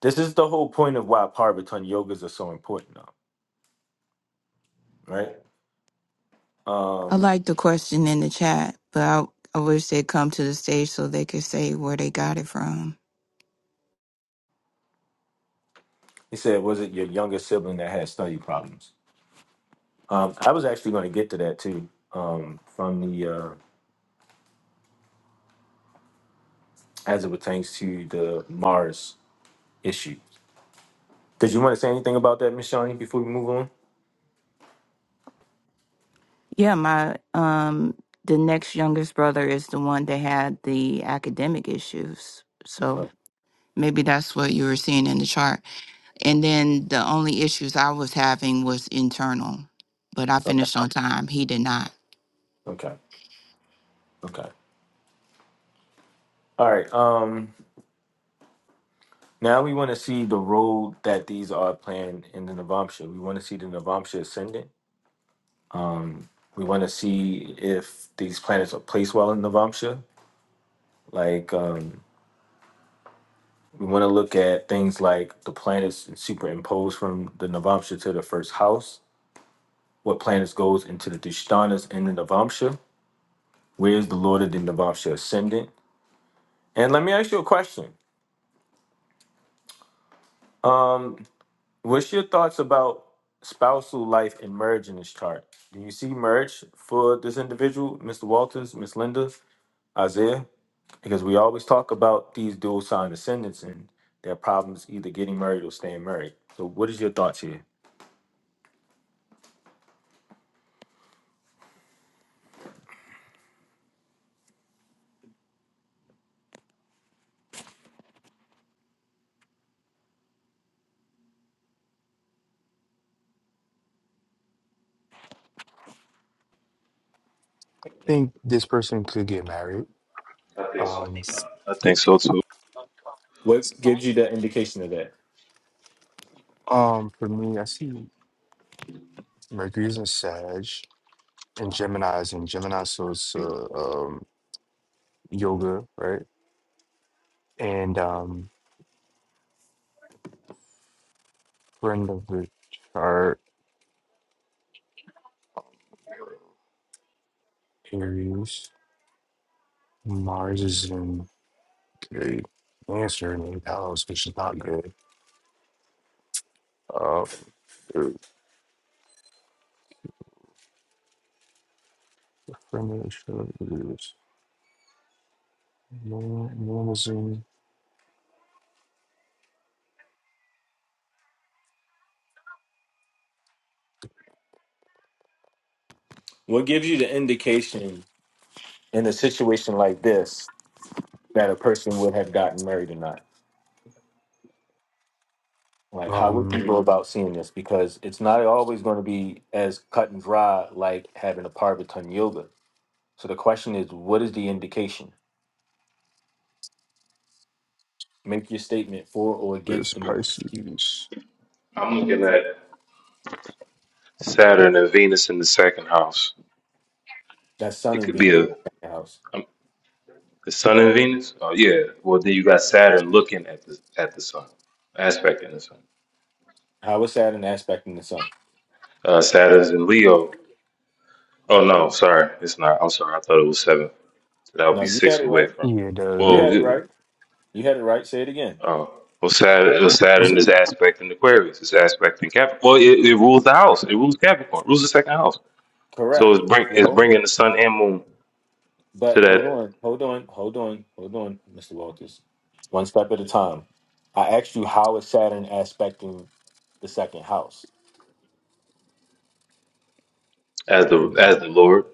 [SPEAKER 1] This is the whole point of why Parvatan Yogas are so important, now, right?
[SPEAKER 3] I
[SPEAKER 1] Um,
[SPEAKER 3] like the question in the chat, but I, I wish they'd come to the stage so they could say where they got it from.
[SPEAKER 1] he said, was it your younger sibling that had study problems? Um, I was actually going to get to that too, um, from the uh, as it pertains to the Mars issue Did you want to say anything about that, Miss Shawnee, before we move on?
[SPEAKER 3] Yeah, my um the next youngest brother is the one that had the academic issues. So
[SPEAKER 1] Oh,
[SPEAKER 3] maybe that's what you were seeing in the chart. And then the only issues I was having was internal, but I
[SPEAKER 1] Okay.
[SPEAKER 3] finished on time. He did not.
[SPEAKER 1] Okay. Okay. All right. Um. Now we want to see the road that these are playing in the Navamsha. We want to see the Navamsha ascendant. We want to see if these planets are placed well in Navamsha. Like, um, we want to look at things like the planets superimposed from the Navamsha to the first house. What planets goes into the Dishtanas in the Navamsha? Where's the Lord of the Navamsha ascendant? And let me ask you a question. What's your thoughts about spousal life and merge in this chart? Do you see merge for this individual, Mr. Walters, Miss Linda, Isaiah? Because we always talk about these dual sign ascendants and their problems either getting married or staying married. So, what is your thoughts here?
[SPEAKER 5] think this person could get married. Um,
[SPEAKER 4] I think so too.
[SPEAKER 1] What gives you the indication of that?
[SPEAKER 5] um, for me, I see Mercury's in Sag and Gemini's in Gemini, so it's uh, um, yoga, right? And um, friend of the chart, Aries. Mars is in okay, Cancer in eighth house, which is not good. Uh, uh, friend of the chart is Moon Moon is in
[SPEAKER 1] What gives you the indication in a situation like this that a person would have gotten married or not? Like, how would
[SPEAKER 5] um,
[SPEAKER 1] you go about seeing this? Because it's not always going to be as cut and dry like having a parvatan yoga. So the question is, what is the indication? Make your statement for or against
[SPEAKER 5] is
[SPEAKER 1] the merge.
[SPEAKER 5] Pisces.
[SPEAKER 4] I'm looking at Saturn and Venus in the second house.
[SPEAKER 1] That's Sun
[SPEAKER 4] It
[SPEAKER 1] and
[SPEAKER 4] could be
[SPEAKER 1] Venus in
[SPEAKER 4] a
[SPEAKER 1] the second house.
[SPEAKER 4] um, the Sun and Venus. Oh yeah. Well, then you got Saturn looking at the at the Sun, aspecting the Sun.
[SPEAKER 1] How is Saturn aspecting the Sun?
[SPEAKER 4] Uh, Saturn's in Leo. Oh no, sorry, it's not. I'm sorry. I thought it was seven. So that would
[SPEAKER 1] No,
[SPEAKER 4] be
[SPEAKER 1] you had
[SPEAKER 4] six
[SPEAKER 1] it
[SPEAKER 4] away
[SPEAKER 1] right.
[SPEAKER 4] from.
[SPEAKER 5] Yeah, it does.
[SPEAKER 1] You
[SPEAKER 4] Well,
[SPEAKER 1] had
[SPEAKER 5] right?
[SPEAKER 1] it
[SPEAKER 4] it-
[SPEAKER 1] right. You had it right. Say it again.
[SPEAKER 4] uh, well, Saturn,
[SPEAKER 5] Is
[SPEAKER 4] Saturn
[SPEAKER 5] it?
[SPEAKER 4] is aspecting Aquarius. It's aspecting Capricorn. Well, it, it rules the house. It rules Capricorn. rules the second house. So
[SPEAKER 1] Correct.
[SPEAKER 4] it's bring it's
[SPEAKER 1] No,
[SPEAKER 4] bringing the sun and moon to
[SPEAKER 1] but hold
[SPEAKER 4] that
[SPEAKER 1] on, hold on, hold on, hold on, Mr. Walters. One step at a time. I asked you how is Saturn aspecting the second house.
[SPEAKER 4] as the as
[SPEAKER 5] Mm.
[SPEAKER 4] the Lord.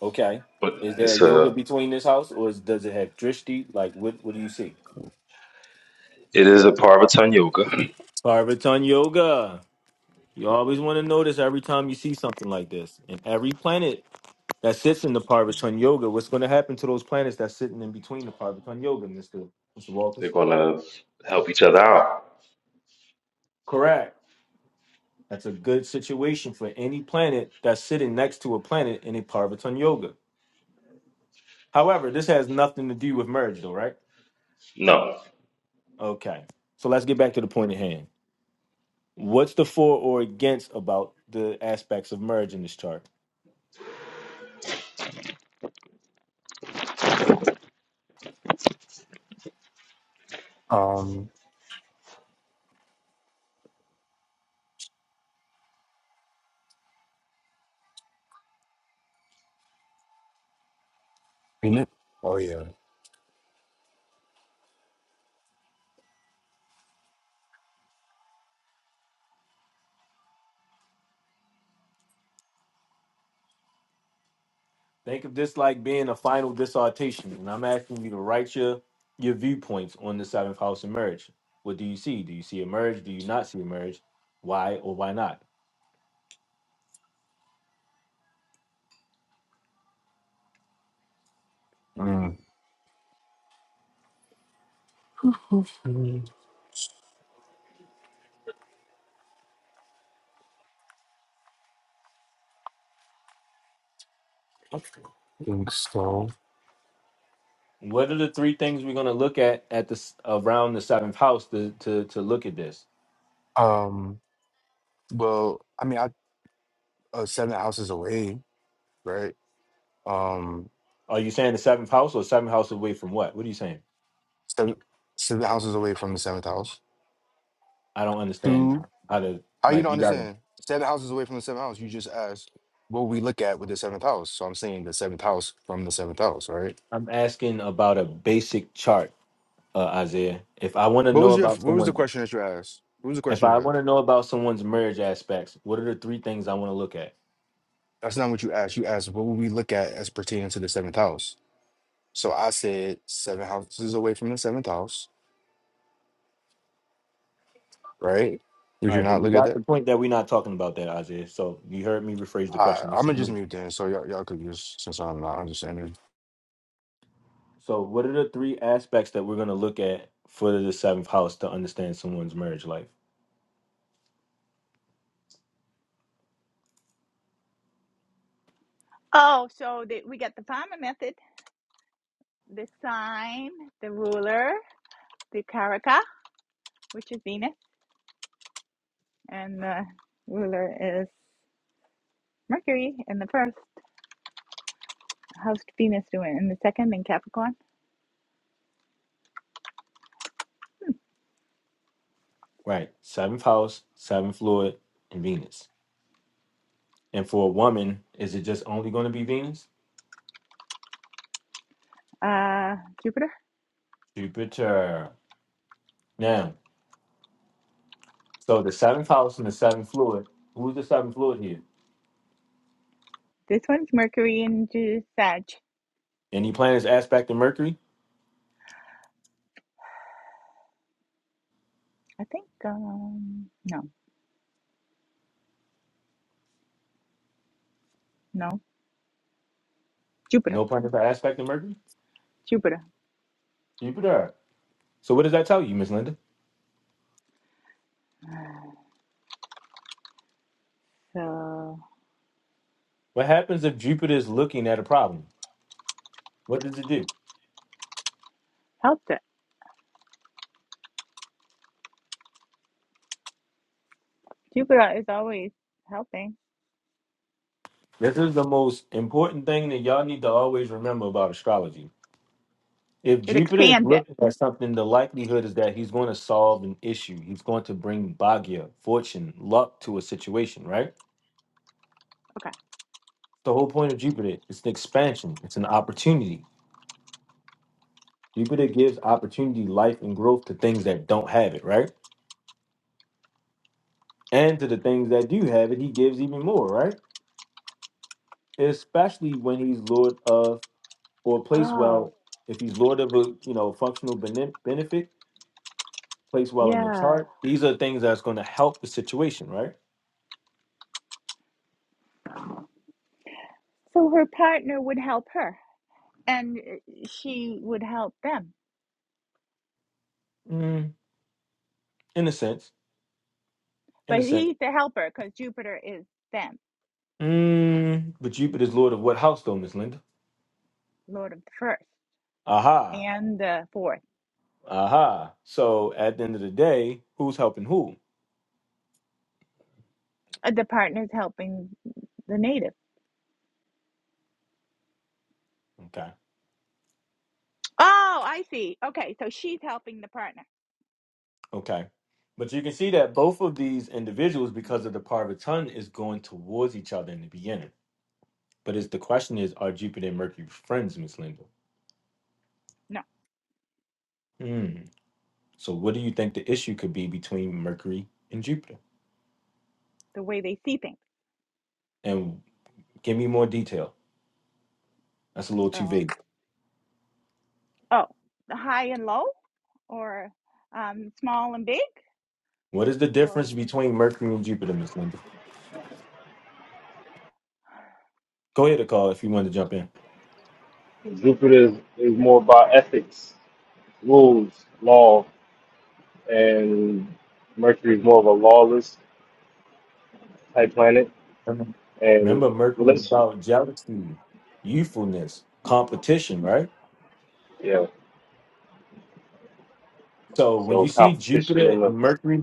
[SPEAKER 1] Okay.
[SPEAKER 4] But
[SPEAKER 1] Is there
[SPEAKER 4] it's
[SPEAKER 1] yoga
[SPEAKER 4] a
[SPEAKER 1] between this house or is, does it have drishti? Like what what do you see?
[SPEAKER 4] it is a Parvatan yoga.
[SPEAKER 1] Parvatan yoga. You always want to notice every time you see something like this. And every planet that sits in the Parvatan yoga, what's going to happen to those planets that's sitting in between the Parvatan yoga, Mr. Mr.
[SPEAKER 4] They're
[SPEAKER 1] Walters?
[SPEAKER 4] gonna help each other out.
[SPEAKER 1] Correct. That's a good situation for any planet that's sitting next to a planet in a Parvatan yoga. However, this has nothing to do with merge though, right?
[SPEAKER 4] No,
[SPEAKER 1] Okay. So let's get back to the point at hand. What's the for or against about the aspects of marriage in this chart?
[SPEAKER 5] Um, in it? Oh yeah.
[SPEAKER 1] Think of this like being a final dissertation, and I'm asking you to write your your viewpoints on the seventh house of marriage. What do you see? Do you see a marriage? Do you not see a marriage? Why or why not?
[SPEAKER 5] Mm. Mm, I think so.
[SPEAKER 1] What are the three things we're going to look at at this around the seventh house to, to to look at this?
[SPEAKER 5] Um, well, I mean, I uh, seven houses away, right? Um,
[SPEAKER 1] Are you saying the seventh house or seventh house away from what? What are you saying?
[SPEAKER 5] seven seven houses away from the seventh house.
[SPEAKER 1] I don't understand
[SPEAKER 5] Two.
[SPEAKER 1] how to
[SPEAKER 5] How you
[SPEAKER 1] like
[SPEAKER 5] don't
[SPEAKER 1] you got.
[SPEAKER 5] understand? Seven houses away from the seventh house. You just asked what we look at with the seventh house. So I'm saying the seventh house from the seventh house, right?
[SPEAKER 1] I'm asking about a basic chart uh, Isaiah. If I want to
[SPEAKER 5] What
[SPEAKER 1] know
[SPEAKER 5] was your
[SPEAKER 1] about
[SPEAKER 5] What was the
[SPEAKER 1] someone,
[SPEAKER 5] question that you asked? What was the
[SPEAKER 1] if
[SPEAKER 5] question you
[SPEAKER 1] I want
[SPEAKER 5] asked?
[SPEAKER 1] to know about someone's marriage aspects, what are the three things I want to look at?
[SPEAKER 5] That's not what you asked. You asked what would we look at as pertaining to the seventh house. So I said seven houses away from the seventh house, right? Did
[SPEAKER 1] All
[SPEAKER 5] you
[SPEAKER 1] right, but
[SPEAKER 5] not
[SPEAKER 1] we
[SPEAKER 5] look at
[SPEAKER 1] got
[SPEAKER 5] that?
[SPEAKER 1] the point that we're not talking about that, Isaiah. So you heard me rephrase the
[SPEAKER 5] I,
[SPEAKER 1] question. Let's
[SPEAKER 5] I'm
[SPEAKER 1] just
[SPEAKER 5] gonna just
[SPEAKER 1] move.
[SPEAKER 5] mute then, so y'all, y'all could use since I'm not understanding.
[SPEAKER 1] So, what are the three aspects that we're going to look at for the seventh house to understand someone's marriage life? Right, seventh house, seventh fluid, and Venus. And for a woman, is it just only going to be Venus? Jupiter. Now, so the seventh house and the seventh fluid. Who's the seventh fluid here? Any planets aspecting Mercury? No planets are aspecting Mercury? Jupiter. So what does that tell you, Miss Linda? What happens if Jupiter is looking at a problem? What does it do? This is the most important thing that y'all need to always remember about astrology. If Jupiter is looking at something, the likelihood is that he's going to solve an issue. He's going to bring Bhagya, fortune, luck to a situation, right? The whole point of Jupiter, it's an expansion, it's an opportunity. Jupiter gives opportunity, life, and growth to things that don't have it, right? And to the things that do have it, he gives even more, right? Especially when he's Lord of or place well. If he's Lord of a you know functional bene- benefit, place well in the chart. These are things that's going to help the situation, right? Mm, in a sense, in a sense. Mm, but Jupiter's Lord of what house, though, Miss Linda? Aha, aha. So at the end of the day, who's helping who? Okay, okay. But you can see that both of these individuals, because of the Parvatan, is going towards each other in the beginning But is the question is, are Jupiter and Mercury friends, Miss Linda? Hmm. So what do you think the issue could be between Mercury and Jupiter? And give me more detail. That's a little too vague. What is the difference between Mercury and Jupiter, Miss Linda? Go ahead, call if you want to jump in.
[SPEAKER 4] Jupiter is, is more about ethics, rules, law. and Mercury is more of a lawless type planet,
[SPEAKER 1] Remember,
[SPEAKER 4] and
[SPEAKER 1] remember Mercury is
[SPEAKER 4] relationship,
[SPEAKER 1] about jealousy, youthfulness, competition, right?
[SPEAKER 4] yeah.
[SPEAKER 1] So when
[SPEAKER 4] So
[SPEAKER 1] you see
[SPEAKER 4] competition
[SPEAKER 1] Jupiter
[SPEAKER 4] in the
[SPEAKER 1] and Mercury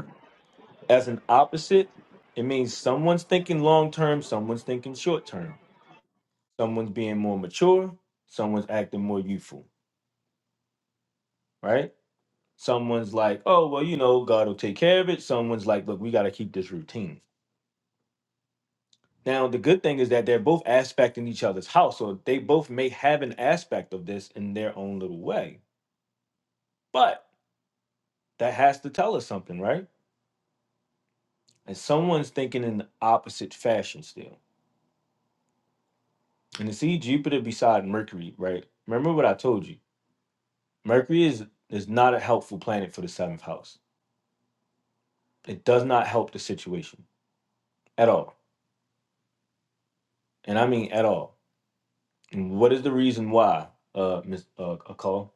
[SPEAKER 1] as an opposite, it means someone's thinking long term, someone's thinking short term. Someone's being more mature, someone's acting more youthful, right? Someone's like, oh, well, you know, God will take care of it. Someone's like, look, we got to keep this routine. Now, the good thing is that they're both aspecting each other's house. So they both may have an aspect of this in their own little way. But that has to tell us something, right? And someone's thinking in the opposite fashion still. And to see Jupiter beside Mercury, right? Remember what I told you Mercury is is not a helpful planet for the seventh house. It does not help the situation at all, and I mean at all. And what is the reason why, uh, Miss uh, call?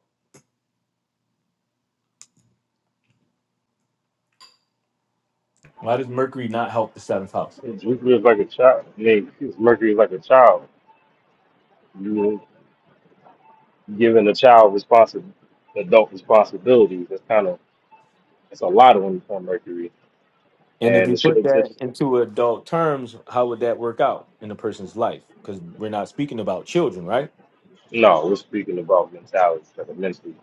[SPEAKER 1] Why does Mercury not help the seventh house?
[SPEAKER 4] it's Jupiter is like a child. I mean, excuse- Mercury is like a child. You giving a child responsible, adult responsibilities. That's kind of that's a lot of them on Mercury,
[SPEAKER 1] And if
[SPEAKER 4] and
[SPEAKER 1] we
[SPEAKER 4] it should
[SPEAKER 1] put
[SPEAKER 4] have
[SPEAKER 1] that
[SPEAKER 4] touched.
[SPEAKER 1] into adult terms, how would that work out in a person's life? Because we're not speaking about children, right?
[SPEAKER 4] No, we're speaking about mentality, like mentally.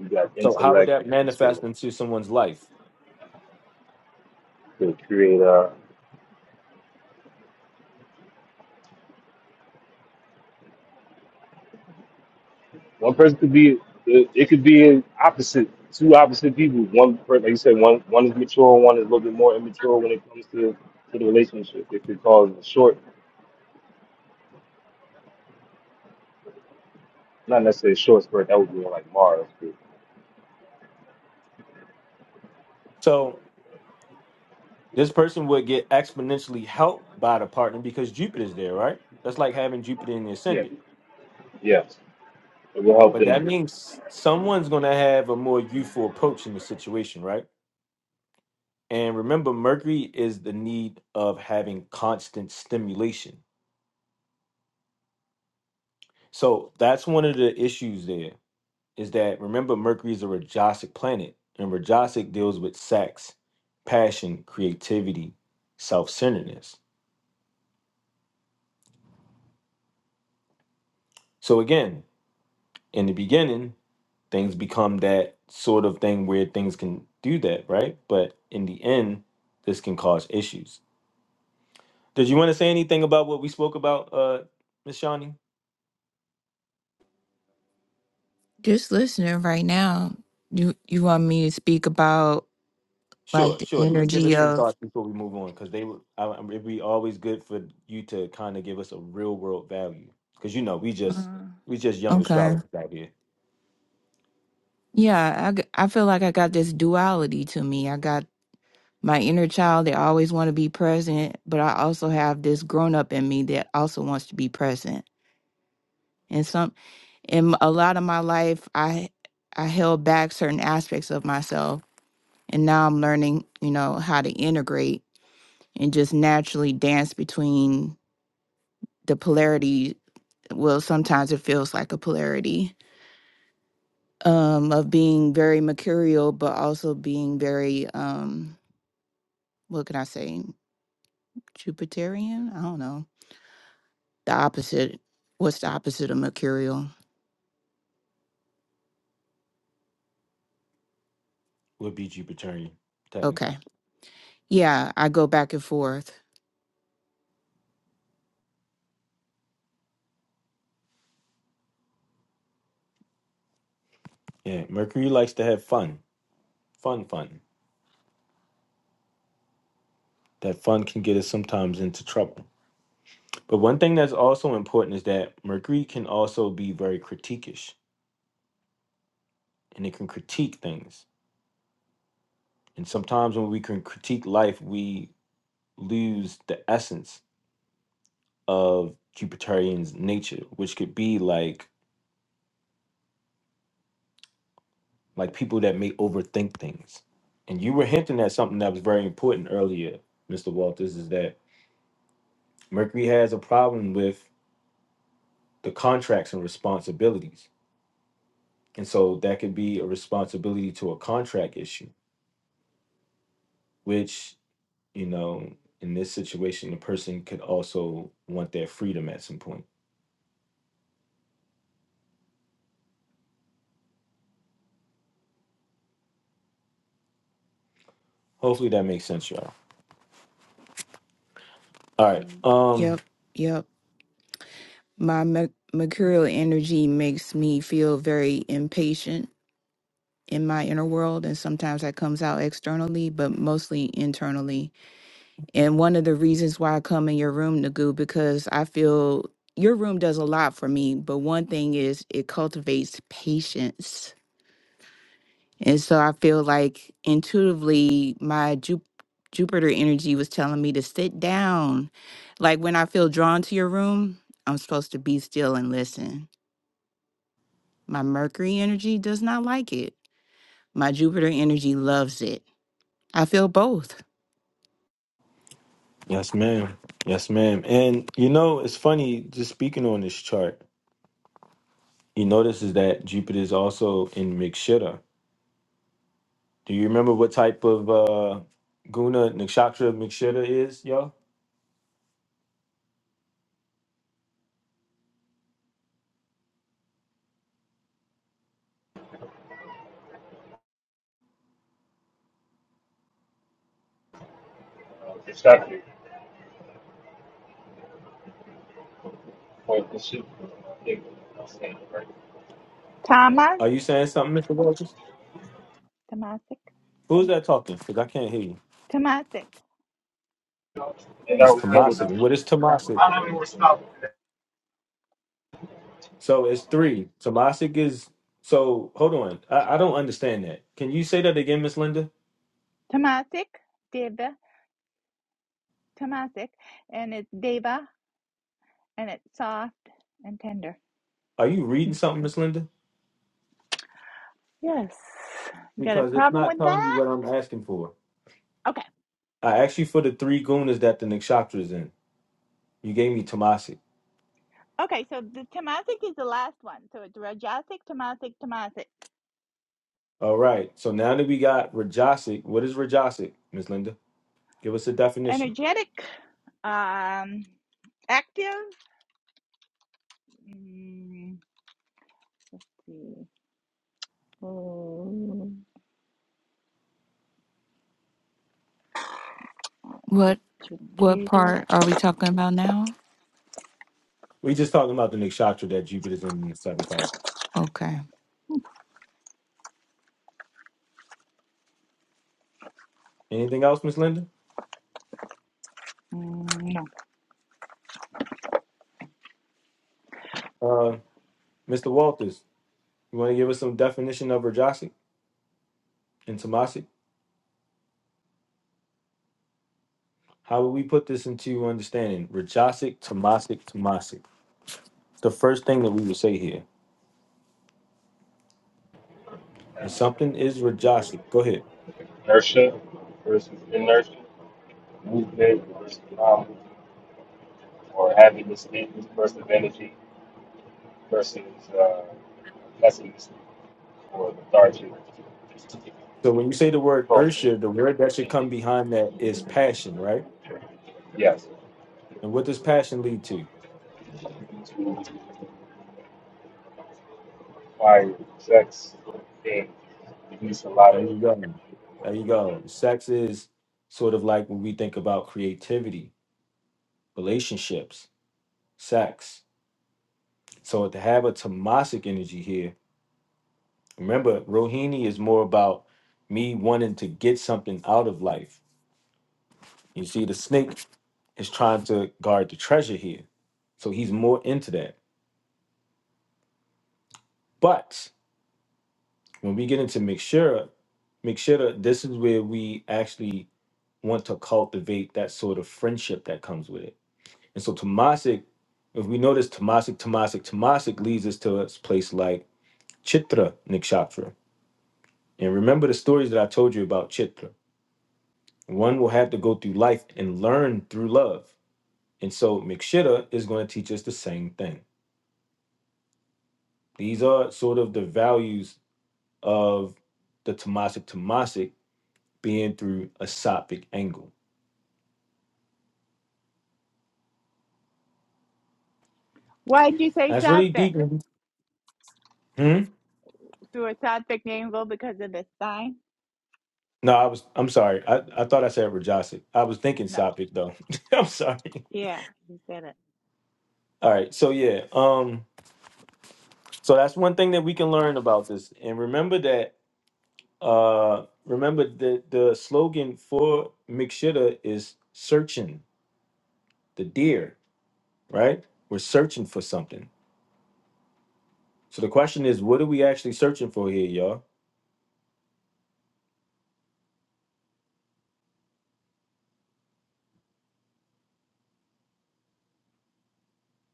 [SPEAKER 4] You got
[SPEAKER 1] So how would
[SPEAKER 4] intellect
[SPEAKER 1] that
[SPEAKER 4] and
[SPEAKER 1] manifest
[SPEAKER 4] discrimination.
[SPEAKER 1] into someone's life?
[SPEAKER 4] to create a One person could be it, it could be in opposite two opposite people. One per- like you said, one one is mature, one is a little bit more immature when it comes to to the relationship. It could cause a short, not necessarily a short spurt. That would be like Mars. But
[SPEAKER 1] So this person would get exponentially helped by the partner because Jupiter's there, right? That's like having Jupiter in the
[SPEAKER 4] yeah,
[SPEAKER 1] ascendant.
[SPEAKER 4] yeah. It will help
[SPEAKER 1] But that
[SPEAKER 4] them.
[SPEAKER 1] means someone's going to have a more youthful approach in the situation, right? And remember, Mercury is the need of having constant stimulation. So that's one of the issues there is that remember, Mercury is a Rajasic planet, and Rajasic deals with sex, passion, creativity, self centeredness. So again, in the beginning, things become that sort of thing where things can do that, right? But in the end, this can cause issues. Did you want to say anything about what we spoke about, uh, Miss Shawnee?
[SPEAKER 3] Just listening right now, you you want me to speak about like
[SPEAKER 1] Sure,
[SPEAKER 3] the
[SPEAKER 1] sure. Just give
[SPEAKER 3] energy
[SPEAKER 1] us some
[SPEAKER 3] of?
[SPEAKER 1] thoughts before we move on, because they would. I, I- it'd be always good for you to kind of give us a real world value, because you know we just
[SPEAKER 3] Uh,
[SPEAKER 1] we just young
[SPEAKER 3] okay,
[SPEAKER 1] astrologers out here.
[SPEAKER 3] yeah, I g- I feel like I got this duality to me. I got my inner child that always want to be present, but I also have this grown up in me that also wants to be present. And some in a lot of my life, I I held back certain aspects of myself and now I'm learning, you know, how to integrate and just naturally dance between the polarity. Well, sometimes it feels like a polarity um, of being very mercurial, but also being very, um, what can I say, Jupiterian? I don't know. The opposite. What's the opposite of mercurial?
[SPEAKER 1] We'll be Jupiterian, technically.
[SPEAKER 3] Okay. Yeah, I go back and forth.
[SPEAKER 1] Yeah, Mercury likes to have fun, fun, fun. That fun can get us sometimes into trouble. But one thing that's also important is that Mercury can also be very critiquish, and it can critique things. And sometimes when we can critique life, we lose the essence of Jupiterian's nature, which could be like like people that may overthink things. And you were hinting at something that was very important earlier, Mr. Walters, is that Mercury has a problem with the contracts and responsibilities. And so that could be a responsibility to a contract issue, which, you know, in this situation, the person could also want their freedom at some point. Hopefully that makes sense, y'all. All right.
[SPEAKER 3] Mm.
[SPEAKER 1] um.
[SPEAKER 3] Yep, yep. My merc- mercurial energy makes me feel very impatient in my inner world and sometimes that comes out externally but mostly internally and one of the reasons why i come in your room nagu because i feel your room does a lot for me but one thing is it cultivates patience and so i feel like intuitively my Ju- jupiter energy was telling me to sit down like when i feel drawn to your room i'm supposed to be still and listen my mercury energy does not like it my jupiter energy loves it i feel both
[SPEAKER 1] Yes, ma'am. Yes, ma'am. And you know, it's funny just speaking on this chart. You notice is that Jupiter is also in Mikshita. Do you remember what type of uh, guna nakshatra Mikshita is, y'all? Are you saying something, Mister Wilkins? Who's that talking? Because I can't hear you. It's Tomasic. What is Tomasic? So it's three. Tomasic is. So hold on. I, I don't understand that. Can you say that again, Miss Linda? Are you reading something, Miss Linda? Because it's not telling you what I'm asking for. I asked you for the three gunas that the nakshatra is in. You gave me Tamasic. All right. So now that we got Rajasic, what is Rajasic, Miss Linda? Give us a definition.
[SPEAKER 3] What what part are we talking about now?
[SPEAKER 1] We just talking about the nakshatra that Jupiter's in in the seventh house.
[SPEAKER 3] Okay.
[SPEAKER 1] Anything else, Miss Linda? Uh, Mr. Walters, you want to give us some definition of Rajasic and Tamasic? How would we put this into understanding? Rajasic, Tamasic, Tamasic. The first thing that we would say here is something is Rajasic. Go ahead. So when you say the word ursha, the word that should come behind that is passion, right? And what does passion lead to? There you go. There you go. Sex is sort of like when we think about creativity, relationships, sex. So to have a tamasic energy here, remember Rohini is more about me wanting to get something out of life. You see, the snake is trying to guard the treasure here. So he's more into that. But When we get into Mikshira, Mikshira, this is where we actually want to cultivate that sort of friendship that comes with it. And so tamasic, if we notice tamasic, tamasic, tamasic, leads us to a place like Chitra Nikshatra. And remember the stories that I told you about Chitra. One will have to go through life and learn through love. And so Mikshira is going to teach us the same thing. These are sort of the values of the tamasic, tamasic, being through a Sattvic angle. That's really deep. Mhm. Hmm? No, I was. I'm sorry. I, I thought I said Rajasic. I was thinking Sophic though. I'm sorry. All right. So yeah. Um. So that's one thing that we can learn about this, and remember that. Uh. Remember the the slogan for Mikshita is searching the deer. Right. We're searching for something. So the question is, what are we actually searching for here, y'all?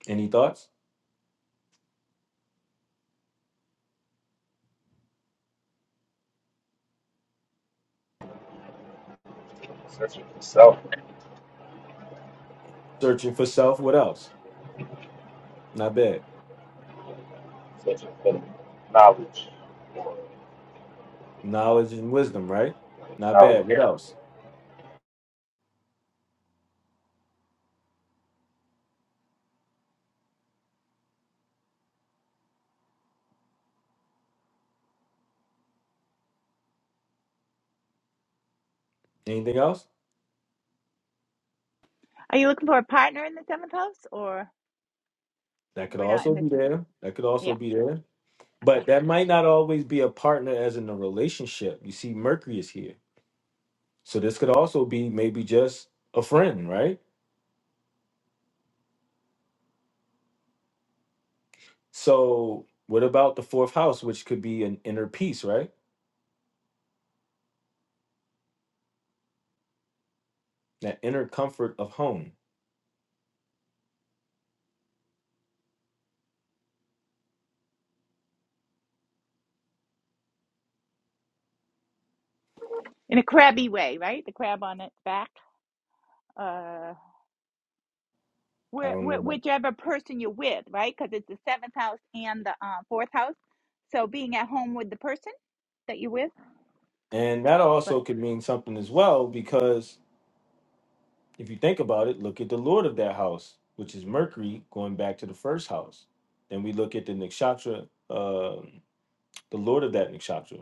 [SPEAKER 1] Any thoughts? Searching for self. What else? Not bad. Knowledge and wisdom. Right. Not bad. What Yeah. else? Anything else? That could also be there. That could also be there. But that might not always be a partner as in a relationship. You see, Mercury is here. So this could also be maybe just a friend, right? So what about the fourth house, which could be an inner peace, right? That inner comfort of home. I don't remember. And that also could mean something as well, because if you think about it, look at the lord of that house, which is Mercury, going back to the first house. Then we look at the nakshatra, um the lord of that nakshatra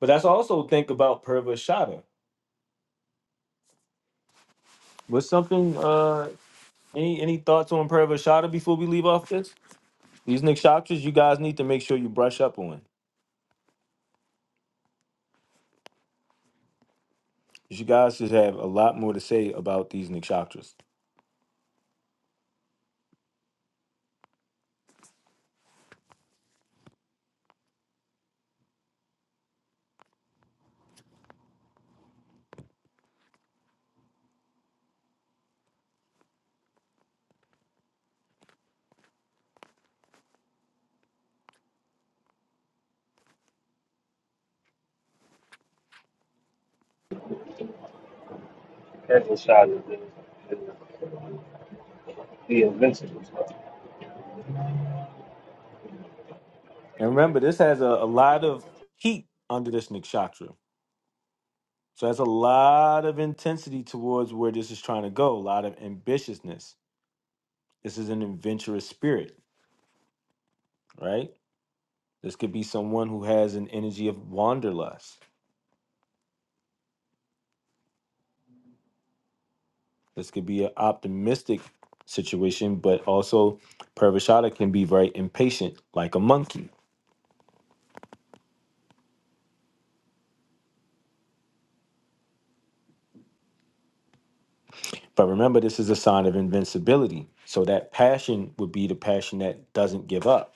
[SPEAKER 1] But that's also think about Purva Shada. What's something? Uh, any any thoughts on Purva Shada before we leave off this? These nikshatras, you guys need to make sure you brush up on. 'Cause You guys should have a lot more to say about these nikshatras. And remember, this has a, a lot of heat under this nikshatra. So that's a lot of intensity towards where this is trying to go. A lot of ambitiousness. This is an adventurous spirit, right? This could be someone who has an energy of wanderlust This could be an optimistic situation, but also Parvashada can be very impatient, like a monkey. But remember, this is a sign of invincibility. So that passion would be the passion that doesn't give up.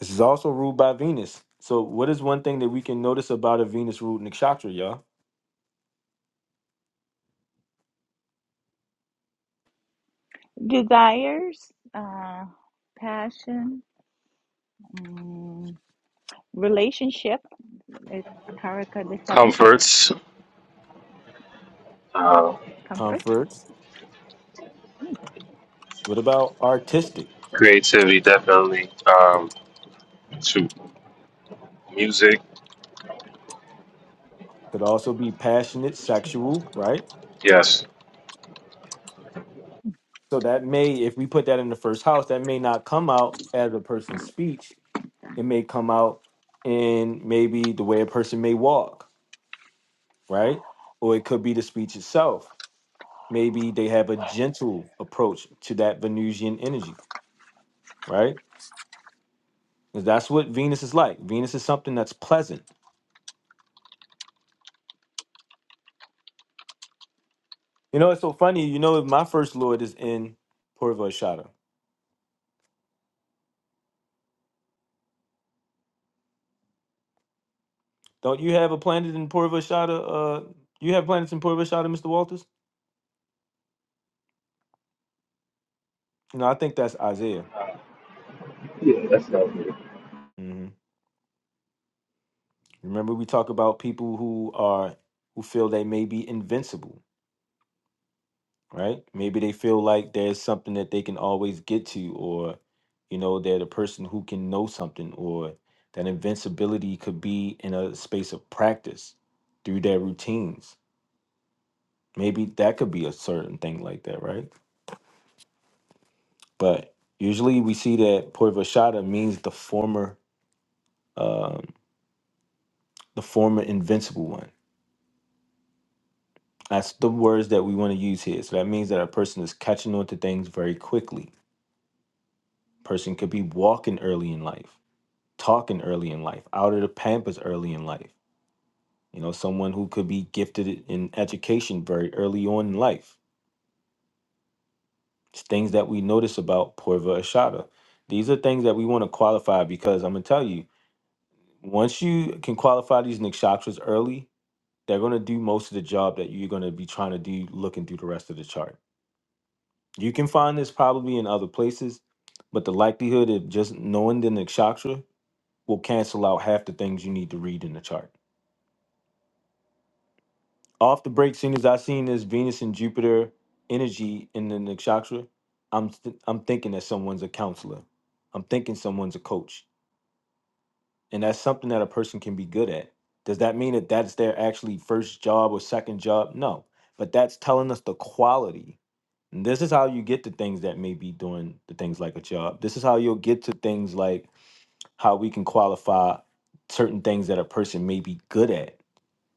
[SPEAKER 1] This is also ruled by Venus. So what is one thing that we can notice about a Venus ruled nakshatra, y'all?
[SPEAKER 4] Comforts, uh,
[SPEAKER 1] Comforts. What about artistic?
[SPEAKER 4] creativity, definitely. Um, to music,
[SPEAKER 1] Could also be passionate, sexual, right?
[SPEAKER 4] yes.
[SPEAKER 1] So that may, if we put that in the first house, that may not come out as a person's speech, it may come out in maybe the way a person may walk, right? Or it could be the speech itself. Maybe they have a gentle approach to that Venusian energy, right? 'Cause that's what Venus is like. Venus is something that's pleasant. You know, it's so funny. You know, my first lord is in Purva Don't you have a planet in Purva Uh, you have planets in Purva Mr. Walters? You know, I think that's Isaiah.
[SPEAKER 4] Yeah, that's helpful.
[SPEAKER 1] hmm Remember, we talk about people who are who feel they may be invincible right? Maybe they feel like there's something that they can always get to, or you know, they're the person who can know something, or that invincibility could be in a space of practice through their routines. Maybe that could be a certain thing like that, right? But usually we see that purvashada means the former, um, the former invincible one. That's the words that we want to use here. So that means that a person is catching on to things very quickly. Person could be walking early in life talking early in life, out of the pampers early in life. You know, someone who could be gifted in education very early on in life. It's things that we notice about Porva Ashada. These are things that we want to qualify because I'm gonna tell you, once you can qualify these nikshatras early, they're gonna do most of the job that you're gonna be trying to do looking through the rest of the chart. You can find this probably in other places, but the likelihood of just knowing the nikshatra will cancel out half the things you need to read in the chart Off the break, soon as I seen this Venus and Jupiter energy in the nakshatra, I'm th- I'm thinking that someone's a counselor. I'm thinking someone's a coach, and that's something that a person can be good at. Does that mean that that's their actually first job or second job? No, but that's telling us the quality. And this is how you get to things that may be doing the things like a job. This is how you'll get to things like how we can qualify certain things that a person may be good at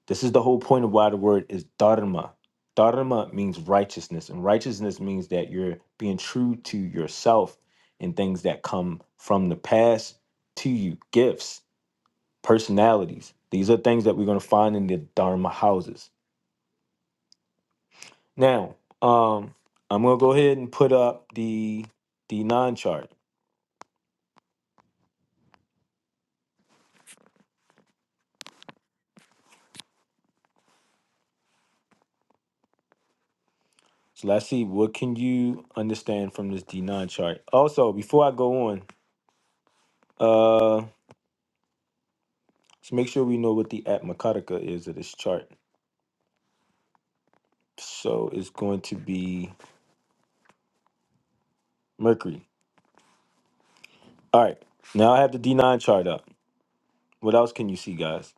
[SPEAKER 1] this is the whole point of why the word is dharma. Dharma means righteousness, and righteousness means that you're being true to yourself and things that come from the past to you, gifts, personalities. These are things that we're going to find in the dharma houses. Now, um, I'm going to go ahead and put up the D9 chart. So let's see what can you understand from this D9 chart. Also, before I go on, uh, let's make sure we know what the Atmakarika is of this chart. So it's going to be Mercury. All right. Now I have the D9 chart up. What else can you see, guys?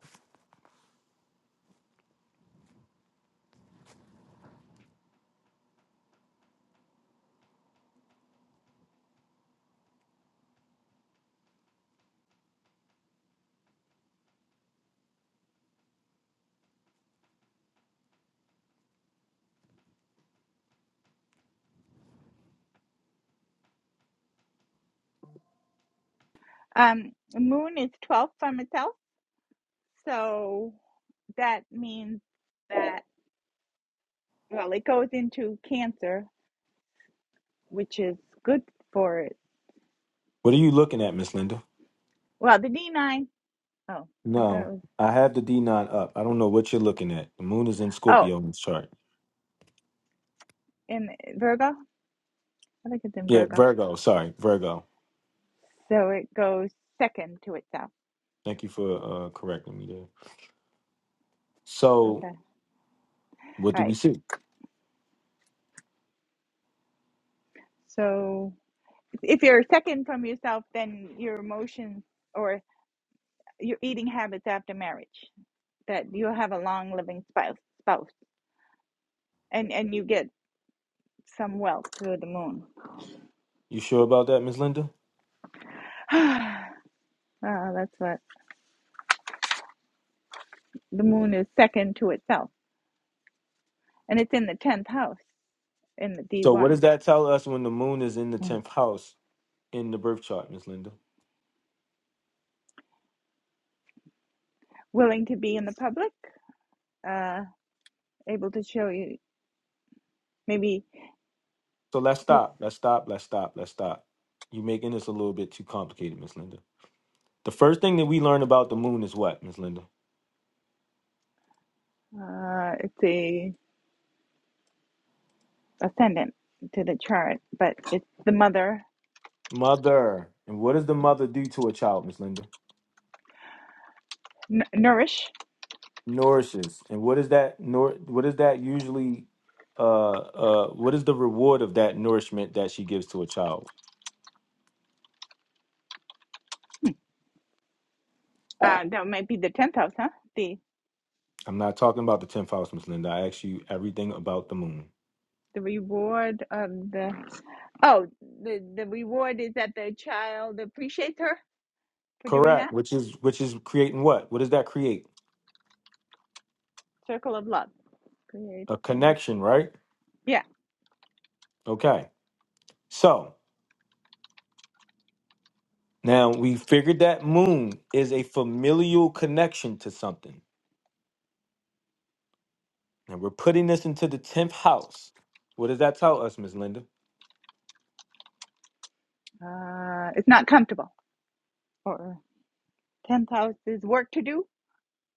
[SPEAKER 1] What are you looking at, Miss Linda? No, I have the D9 up. I don't know what you're looking at. The moon is in Scorpio in this chart. Yeah, Virgo. Sorry, Virgo. Thank you for uh, correcting me there. So what do we see? You sure about that, Miss Linda? So what does that tell us when the moon is in the 10th house in the birth chart, Miss Linda? So let's stop. Let's stop. Let's stop. Let's stop. You're making this a little bit too complicated, Miss Linda. The first thing that we learn about the moon is what, Miss Linda? Mother. And what does the mother do to a child, Miss Linda? Nourishes. And what is that nor what is that usually uh uh what is the reward of that nourishment that she gives to a child? I'm not talking about the tenth house, Miss Linda. I asked you everything about the moon. Correct. Which is which is creating what? What does that create? A connection, right? Okay. So now we figured that moon is a familial connection to something. And we're putting this into the 10th house. What does that tell us, Miss Linda?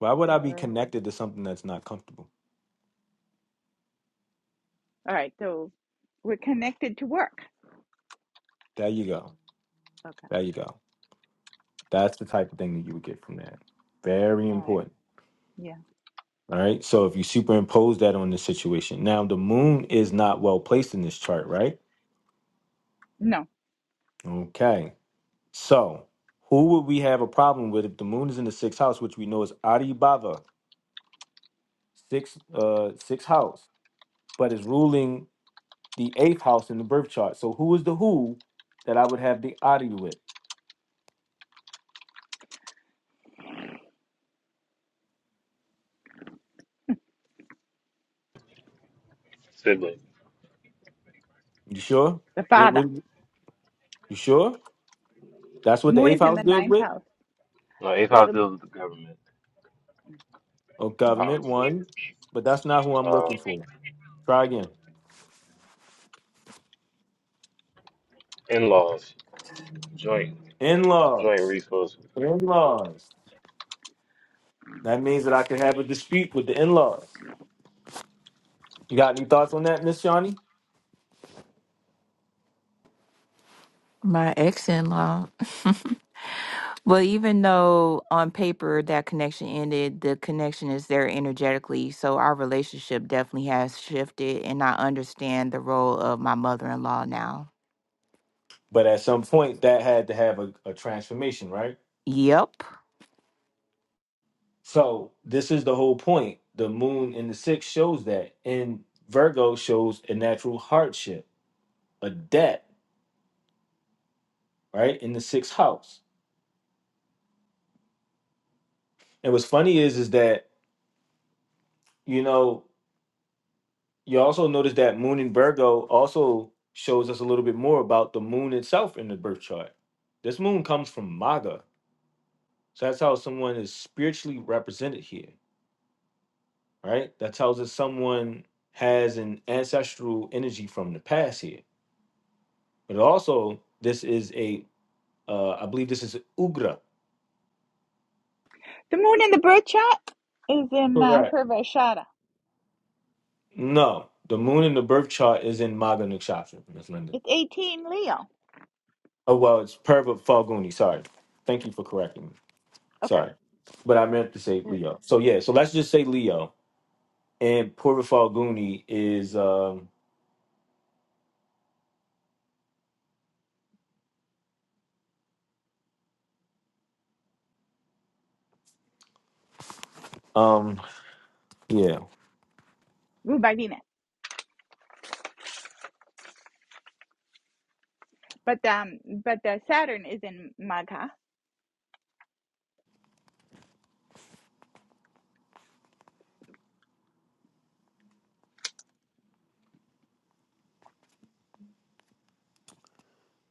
[SPEAKER 1] Why would I be connected to something that's not comfortable? There you go. There you go. That's the type of thing that you would get from that. Very important. All right. So if you superimpose that on this situation, now the moon is not well placed in this chart, right? Okay. So who would we have a problem with if the moon is in the sixth house, which we know is Adi Bhava, sixth uh sixth house, but is ruling the eighth house in the birth chart. So who is the who that I would have the Adi with? You sure? With, with, you sure? That's what the eighth house deals with? Oh, government one, but that's not who I'm
[SPEAKER 4] Um,
[SPEAKER 1] looking for. Try again. In laws. In laws. That means that I could have a dispute with the in laws. You got any thoughts on that, Miss Johnny?
[SPEAKER 3] My ex-in-law. well, even though on paper that connection ended, the connection is there energetically. So our relationship definitely has shifted and I understand the role of my mother-in-law now.
[SPEAKER 1] But at some point, that had to have a, a transformation, right?
[SPEAKER 3] Yep.
[SPEAKER 1] So this is the whole point. The moon in the sixth shows that, and Virgo shows a natural hardship a debt, right, in the sixth house. And what's funny is is that, you know, you also notice that moon in Virgo also shows us a little bit more about the moon itself in the birth chart. This moon comes from Maga. So that's how someone is spiritually represented here, right? That tells us someone has an ancestral energy from the past here. But also, this is a, uh, I believe this is Ugra. Correct. No, the moon in the birth chart is in Maga Nakshatra, Miss Linda. Oh well, it's Purva Falguni. Sorry. Thank you for correcting me. Sorry, but I meant to say Leo. So yeah, so let's just say Leo and Purva Falguni is um um yeah.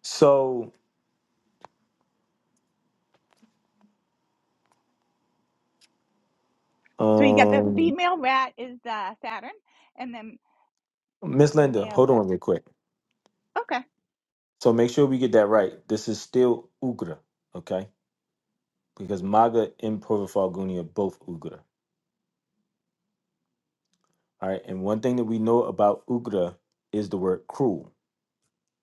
[SPEAKER 1] So um Miss Linda, hold on real quick. So make sure we get that right. This is still Ugra, okay? Because Maga and Purva Falguni are both Ugra. All right, and one thing that we know about Ugra is the word cruel,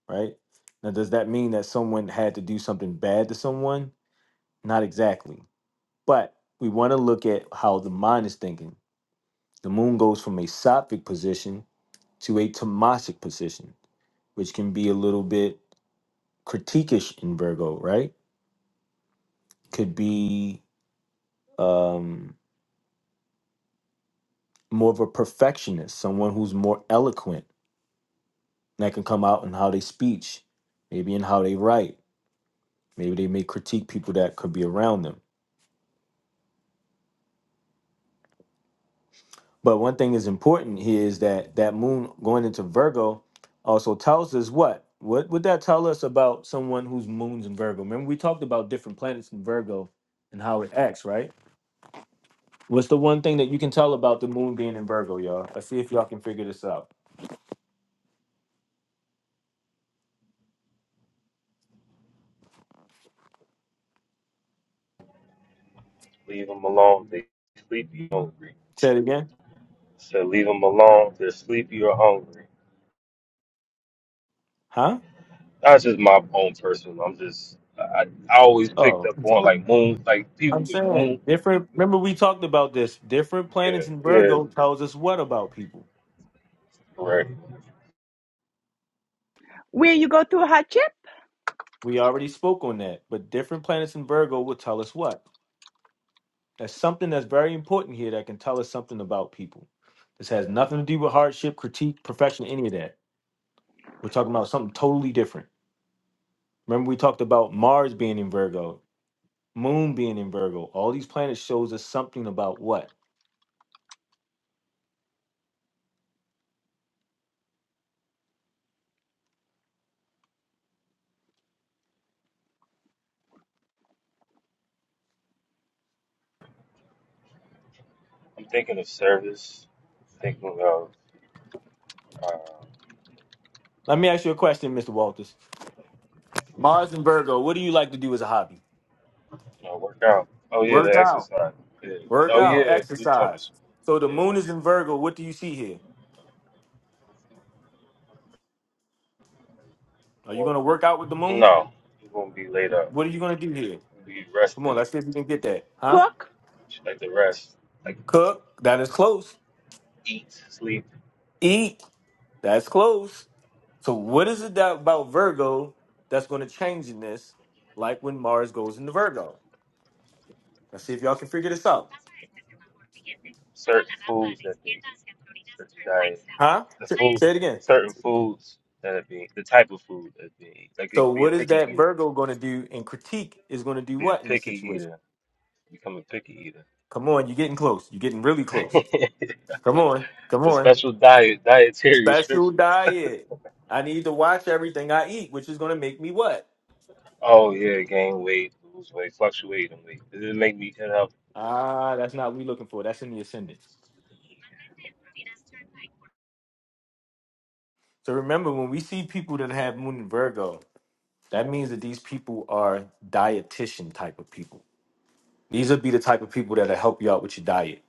[SPEAKER 1] right? Now, does that mean that someone had to do something bad to someone? Not exactly. But we want to look at how the mind is thinking. The moon goes from a sattvic position to a tamasic position, which can be a little bit critiquish in Virgo, right? Could be um, more of a perfectionist, someone who's more eloquent. And that can come out in how they speech, maybe in how they write. Maybe they may critique people that could be around them But one thing is important here is that that moon going into Virgo also tells us what? What would that tell us about someone whose moon's in Virgo? Remember, we talked about different planets in Virgo and how it acts, right? What's the one thing that you can tell about the moon being in Virgo, y'all? Let's see if y'all can figure this out. Say it again. Huh? Oh, I'm saying different. Remember, we talked about this. Different planets in Virgo tells us what about people? We already spoke on that, but different planets in Virgo will tell us what? That's something that's very important here that can tell us something about people. This has nothing to do with hardship, critique, perfection, any of that. We're talking about something totally different. Remember, we talked about Mars being in Virgo, Moon being in Virgo. All these planets shows us something about what. Let me ask you a question, Mr. Walters. Mars in Virgo, what do you like to do as a hobby? Work out. Work out, exercise. So the moon is in Virgo. What do you see here? Are you going to work out with the moon? What are you going to do here? Come on, let's see if you can get that. Huh? Cook. That is close. Eat. That's close. So what is it that about Virgo that's going to change in this? Like when Mars goes into Virgo. Let's see if y'all can figure this out. Huh? Say say it again. So what is that Virgo going to do? And critique is going to do what in this situation? Come on, you're getting close. You're getting really close. Come on, come on. Special diet. I need to watch everything I eat, which is going to make me what? Ah, that's not what we're looking for. That's in the ascendant. So remember, when we see people that have Moon in Virgo, That means that these people are dietitian type of people. These would be the type of people that'll help you out with your diet.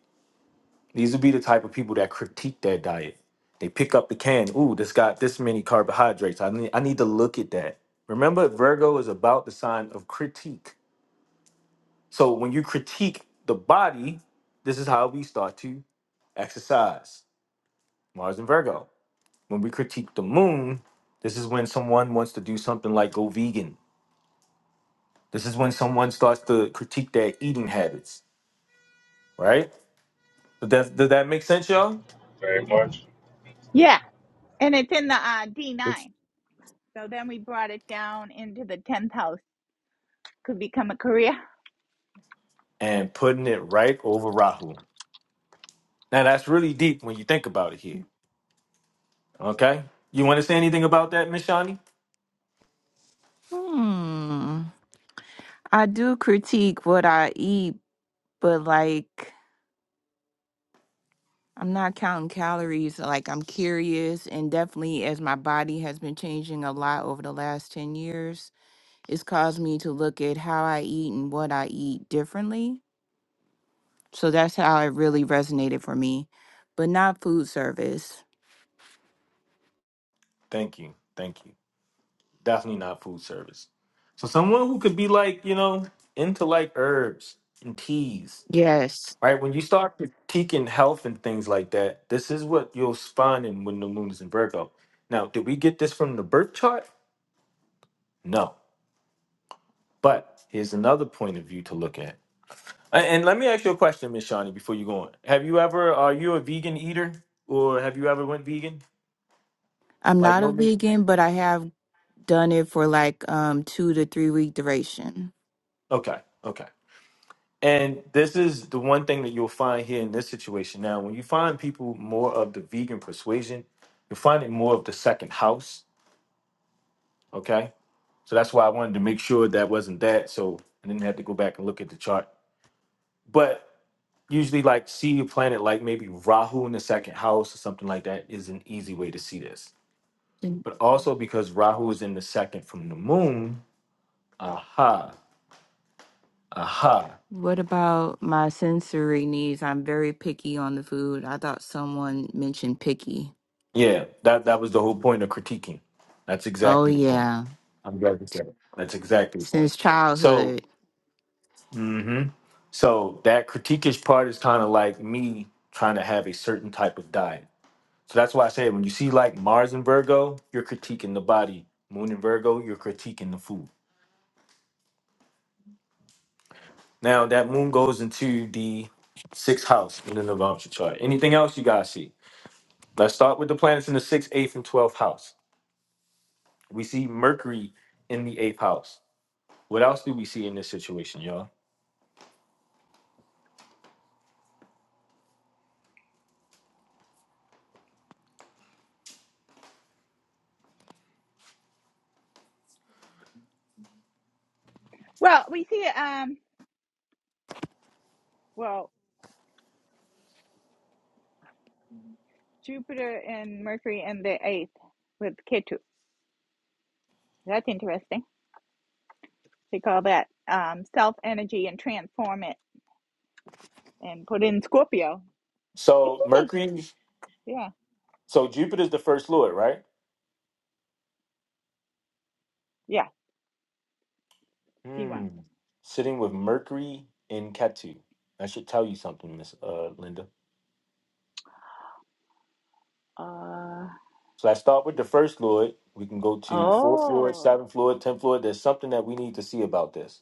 [SPEAKER 1] These would be the type of people that critique their diet. They pick up the can. Ooh, this got this many carbohydrates. I need I need to look at that. Remember, Virgo is about the sign of critique. So when you critique the body, this is how we start to exercise. Mars and Virgo. When we critique the moon, this is when someone wants to do something like go vegan This is when someone starts to critique their eating habits, right? Does that, does that make sense, y'all? Yes. And putting it right over Rahu. Now, that's really deep when you think about it here, okay? You want to say anything about that, Miss Shani?
[SPEAKER 3] Hmm. I do critique what I eat, but like I'm not counting calories. Like I'm curious, and definitely as my body has been changing a lot over the last 10 years, it's caused me to look at how I eat and what I eat differently. So that's how it really resonated for me, but not food service.
[SPEAKER 1] Thank you. Thank you. Definitely not food service. So, someone who could be like, you know, into like herbs and teas,
[SPEAKER 3] Yes.
[SPEAKER 1] right? When you start critiquing health and things like that, this is what you'll find in when the moon is in Virgo. Now, did we get this from the birth chart? No But here's another point of view to look at. A- And, let me ask you a question, Miss Shani, before you go on. Have you ever are you a vegan eater, or have you ever went vegan?
[SPEAKER 3] I'm
[SPEAKER 1] Like
[SPEAKER 3] not
[SPEAKER 1] no
[SPEAKER 3] a
[SPEAKER 1] meat.
[SPEAKER 3] vegan, but I have done it for like um 2 to 3 week duration.
[SPEAKER 1] Okay, okay. And this is the one thing that you'll find here in this situation. Now, when you find people more of the vegan persuasion, you'll find it more of the second house. Okay, so that's why I wanted to make sure that wasn't that, so I didn't have to go back and look at the chart. But usually like see a planet like maybe Rahu in the second house or something like that is an easy way to see this. But also because Rahu is in the second from the moon, aha, aha.
[SPEAKER 3] What about my sensory needs? I'm very picky on the food. I thought someone mentioned picky.
[SPEAKER 1] Yeah, that, that was the whole point of critiquing. That's
[SPEAKER 3] Oh,
[SPEAKER 1] exactly the point.
[SPEAKER 3] yeah.
[SPEAKER 1] I'm glad you said it. That's exactly the point.
[SPEAKER 3] Since
[SPEAKER 1] So,
[SPEAKER 3] childhood.
[SPEAKER 1] mhm. so that critiquish part is kind of like me trying to have a certain type of diet. So that's why I say when you see like Mars and Virgo, you're critiquing the body. Moon and Virgo, you're critiquing the food. Now that moon goes into the sixth house in the Navamsa chart. Anything else you guys see? Let's start with the planets in the sixth, eighth, and twelfth house. We see Mercury in the eighth house. What else do we see in this situation, y'all? So Mercury, so Jupiter's the first lord, right? Hmm. Sitting with Mercury in Ketu. That should tell you something, Miss uh, Linda. So let's start with the first lord. We can go to the fourth lord, seventh lord, tenth lord. There's something that we need to see about this.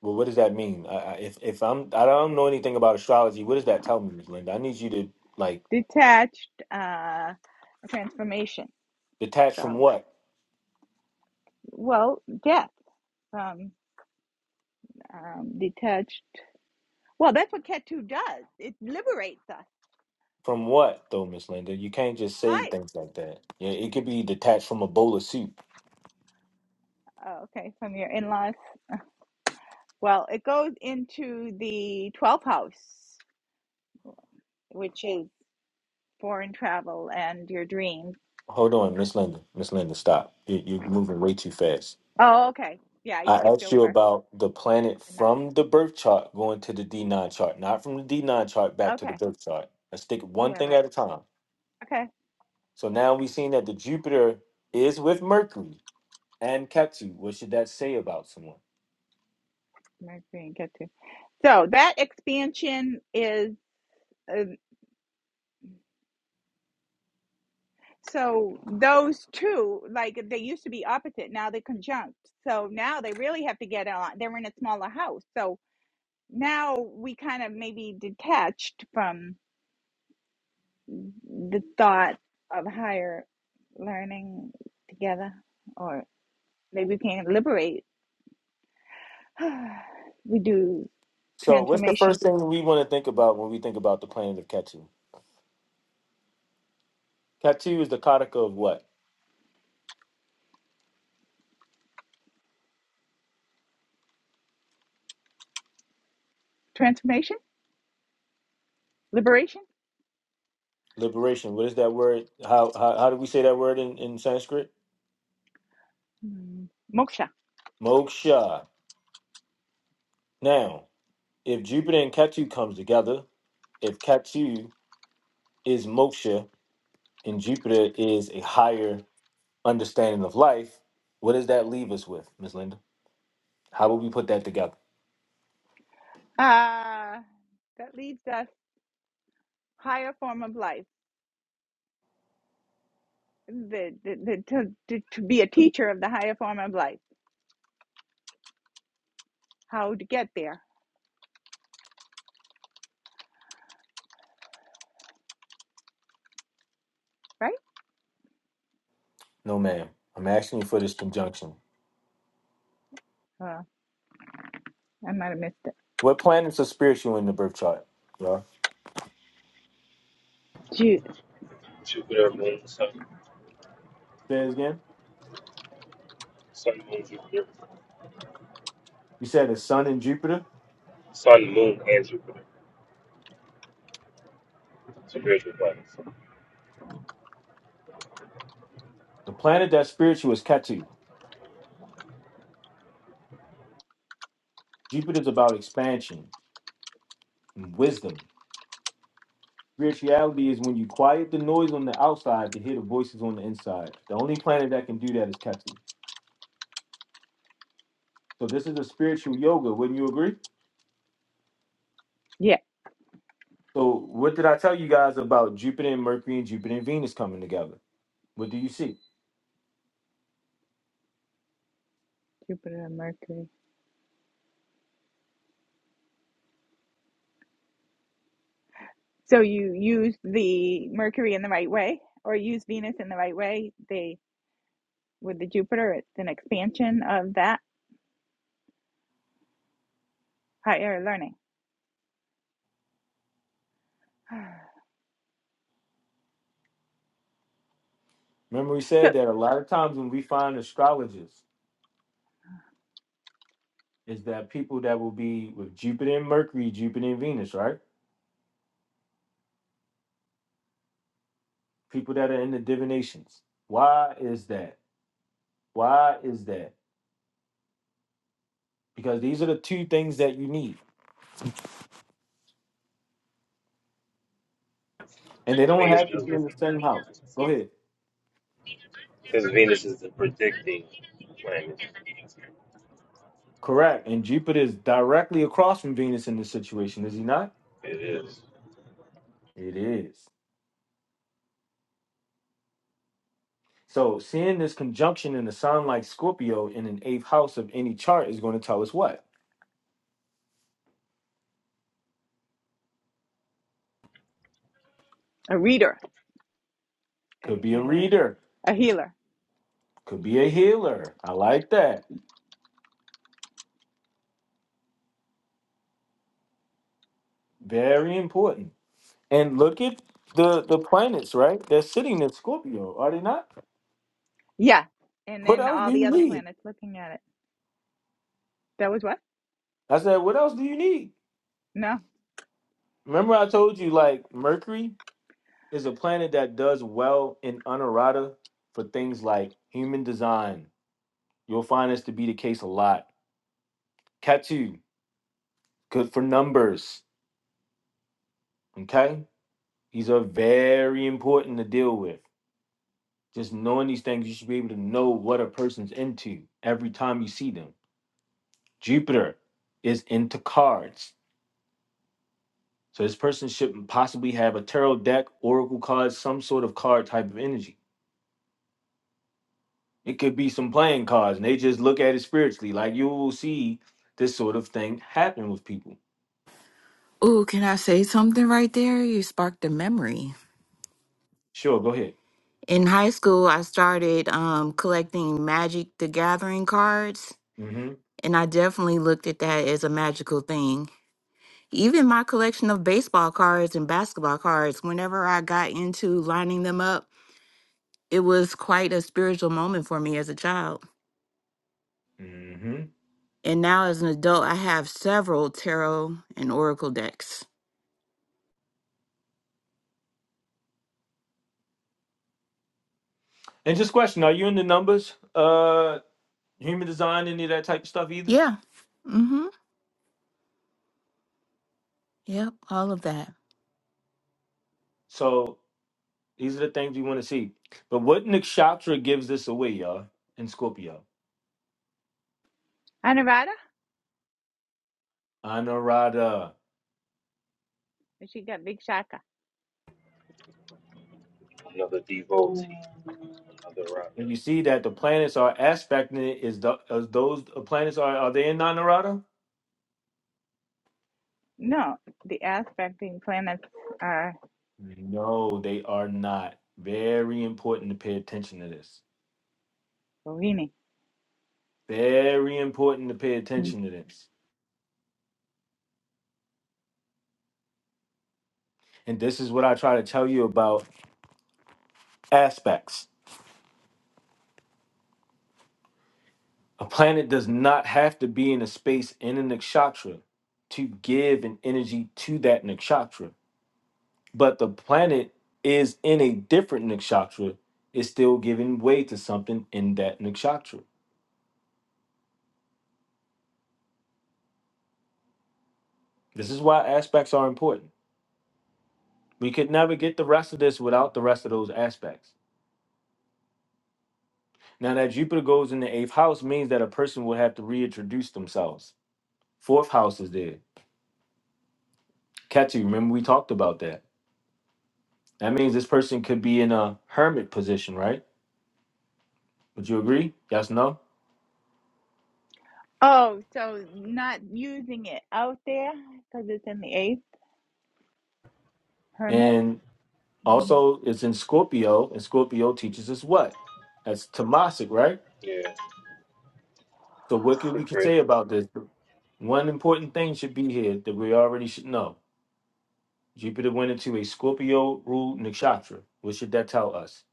[SPEAKER 1] Well, what does that mean? I, I, if if I'm I don't know anything about astrology, what does that tell me, Miss Linda? I need you to like detach from what from what though, Miss Linda. You can't just say things like that. Yeah, it could be detached from a bowl of soup. Hold on, Miss Linda. Miss Linda, stop. You, you're moving way too fast. I asked you about the planet from the birth chart going to the D9 chart, not from the D9 chart back to the birth chart. Let's take it one thing at a time. So now we've seen that the Jupiter is with Mercury. and kept you. What should that say about someone? So, what's the first thing we want to think about when we think about the planet of Ketu? Ketu is the kataka of what? Liberation. What is that word? How how, how do we say that word in, in Sanskrit? Moksha. Now, if Jupiter and Ketu comes together, if Ketu is moksha and Jupiter is a higher understanding of life, what does that leave us with, Miss Linda? How would we put that together? No, ma'am. I'm asking you for this conjunction. What planets are spiritual in the birth chart? Yeah. Say it again. You said the Sun and Jupiter. The planet that's spiritual is Ketu. Jupiter's about expansion and wisdom. Spirituality is when you quiet the noise on the outside to hear the voices on the inside. The only planet that can do that is Ketu. So this is a spiritual yoga, wouldn't you agree? So what did I tell you guys about Jupiter and Mercury and Jupiter and Venus coming together? What do you see? Remember we said that a lot of times when we find astrologers is that people that will be with Jupiter and Mercury, Jupiter and Venus, right? People that are in the divinations. Why is that? Why is that? Because these are the two things that you need. And they don't have to be in the same house. Go ahead. Correct. And Jupiter is directly across from Venus in this situation, is he not? It is. So seeing this conjunction in a sign like Scorpio in an eighth house of any chart is going to tell us what? Could be a reader, could be a healer. I like that. Very important. And look at the the planets, right? They're sitting in Scorpio, are they not? What else do you need? I said, what else do you need? Remember, I told you like Mercury is a planet that does well in honorata for things like human design. You'll find this to be the case a lot. Catu, good for numbers. Okay, these are very important to deal with. Just knowing these things, you should be able to know what a person's into every time you see them. Jupiter is into cards So this person should possibly have a tarot deck, oracle cards, some sort of card type of energy. It could be some playing cards, and they just look at it spiritually. Like you will see this sort of thing happen with people.
[SPEAKER 3] Ooh, can I say something right there? You sparked a memory.
[SPEAKER 1] Sure, go ahead.
[SPEAKER 3] In high school, I started um, collecting Magic the Gathering cards,
[SPEAKER 1] hmm
[SPEAKER 3] and I definitely looked at that as a magical thing. Even my collection of baseball cards and basketball cards, whenever I got into lining them up, it was quite a spiritual moment for me as a child.
[SPEAKER 1] hmm
[SPEAKER 3] And now as an adult, I have several tarot and oracle decks.
[SPEAKER 1] And just question: Are you into numbers, uh, human design, any of that type of stuff either?
[SPEAKER 3] Yeah. Mm-hmm. Yep. All of that.
[SPEAKER 1] So these are the things you want to see. But what Nakshatra gives this away, y'all, in Scorpio. Anurada. And you see that the planets are aspecting it. Is, the, is those planets are are they in Nanarada? No, they are not. Very important to pay attention to this. Very important to pay attention to this. And this is what I try to tell you about aspects. A planet does not have to be in a space in a nakshatra to give an energy to that nakshatra. But the planet is in a different nakshatra, is still giving way to something in that nakshatra. This is why aspects are important. We could never get the rest of this without the rest of those aspects. Now that Jupiter goes in the eighth house means that a person will have to reintroduce themselves. Fourth house is there. Ketu, remember we talked about that. That means this person could be in a hermit position, right? Would you agree? Yes, no? And also it's in Scorpio, and Scorpio teaches us what? That's Tomasic, right? So what could we could say about this? One important thing should be here that we already should know Jupiter went into a Scorpio ruled nakshatra. What should that tell us?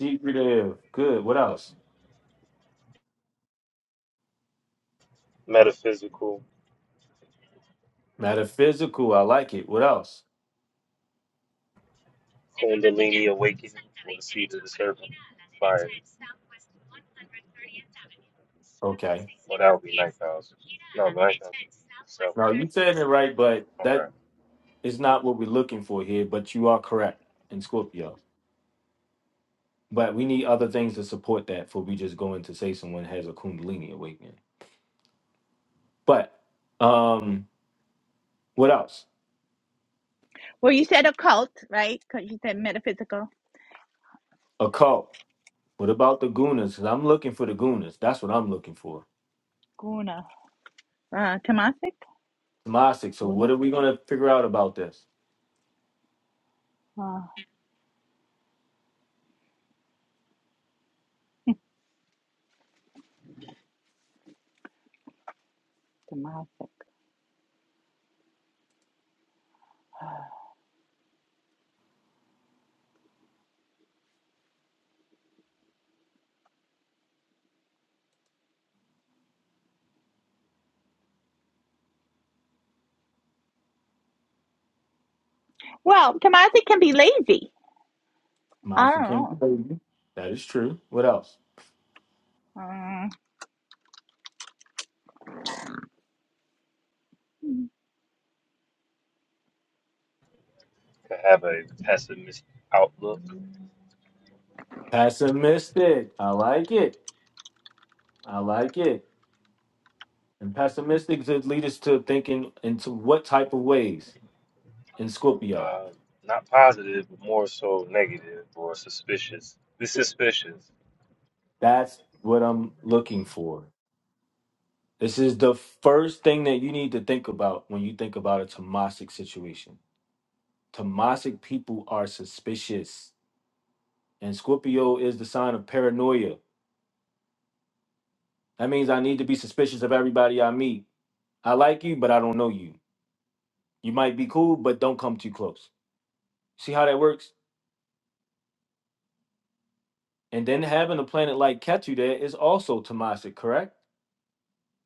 [SPEAKER 1] Secretive. Good. What else? Metaphysical. I like it. What else? Okay. Now you said it right, but that is not what we're looking for here. But you are correct in Scorpio. But we need other things to support that. For we just going to say someone has a Kundalini awakening. But um, what else? Occult. What about the gunas? 'Cause I'm looking for the gunas. That's what I'm looking for. Tamasic. So what are we gonna figure out about this? Masha can be lazy. That is true. What else? Pessimistic. I like it. I like it. And pessimistic should lead us to thinking into what type of ways in Scorpio. That's what I'm looking for. This is the first thing that you need to think about when you think about a Tomasic situation. Tomasic people are suspicious. And Scorpio is the sign of paranoia. That means I need to be suspicious of everybody I meet. I like you, but I don't know you. You might be cool, but don't come too close. See how that works? And then having a planet like Ketu there is also Tamasic, correct?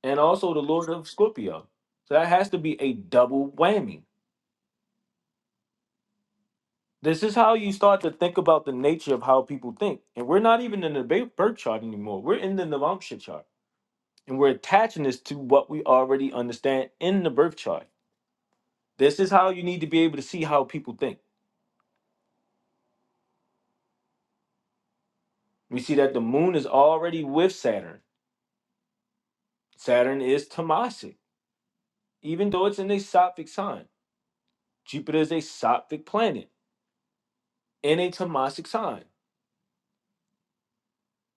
[SPEAKER 1] And also the Lord of Scorpio. So that has to be a double whammy. This is how you start to think about the nature of how people think. And we're not even in the ba- birth chart anymore. We're in the Navamsha chart. And we're attaching this to what we already understand in the birth chart. This is how you need to be able to see how people think. We see that the moon is already with Saturn. Saturn is Tamasic. even though it's in a Sattvic sign. Jupiter is a Sattvic planet in a Tamasic sign.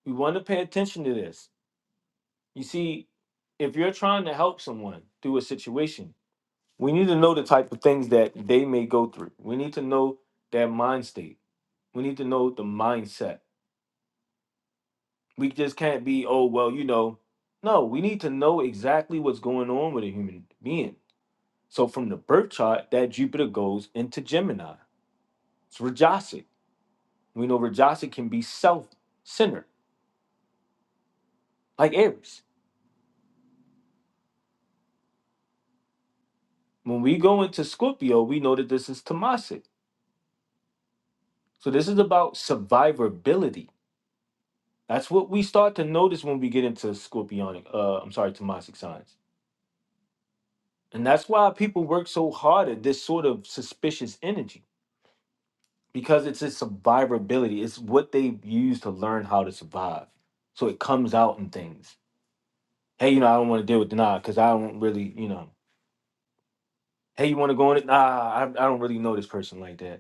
[SPEAKER 1] We want to pay attention to this. You see, if you're trying to help someone through a situation, we need to know the type of things that they may go through. We need to know their mind state. We need to know the mindset. We just can't be, oh, well, you know. No, we need to know exactly what's going on with a human being. So from the birth chart, that Jupiter goes into Gemini. It's Rajasic. We know Rajasa can be self centered, like Aries. When we go into Scorpio, we know that this is Tamasic. So this is about survivability. That's what we start to notice when we get into Scorpionic, uh, I'm sorry, Tamasic signs. And that's why people work so hard at this sort of suspicious energy because it's a survivability. It's what they use to learn how to survive. So it comes out in things. Hey, you know, I don't want to deal with the nah because I don't really, you know, hey, you want to go in it? Nah, I, I don't really know this person like that.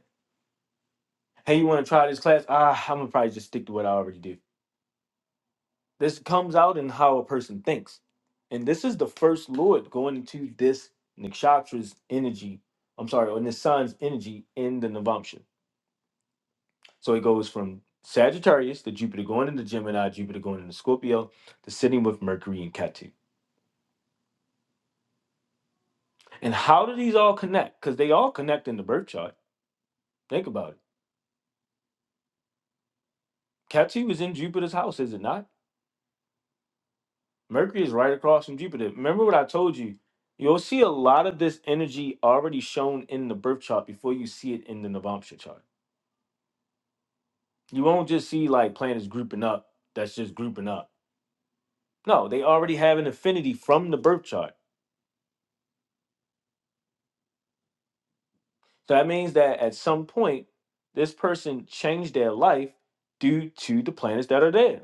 [SPEAKER 1] hey, you want to try this class? Ah, I'm gonna probably just stick to what I already do. This comes out in how a person thinks. And this is the first Lord going into this nakshatra's energy. I'm sorry, on the sun's energy in the Navamsha. So it goes from Sagittarius, the Jupiter going into Gemini, Jupiter going into Scorpio, to sitting with Mercury and Ketu. And how do these all connect? Because they all connect in the birth chart. Think about it. Ketu is in Jupiter's house, is it not? Mercury is right across from Jupiter. Remember what I told you? You'll see a lot of this energy already shown in the birth chart before you see it in the Navamsha chart. You won't just see like planets grouping up, that's just grouping up. No, they already have an affinity from the birth chart. So that means that at some point, this person changed their life due to the planets that are there.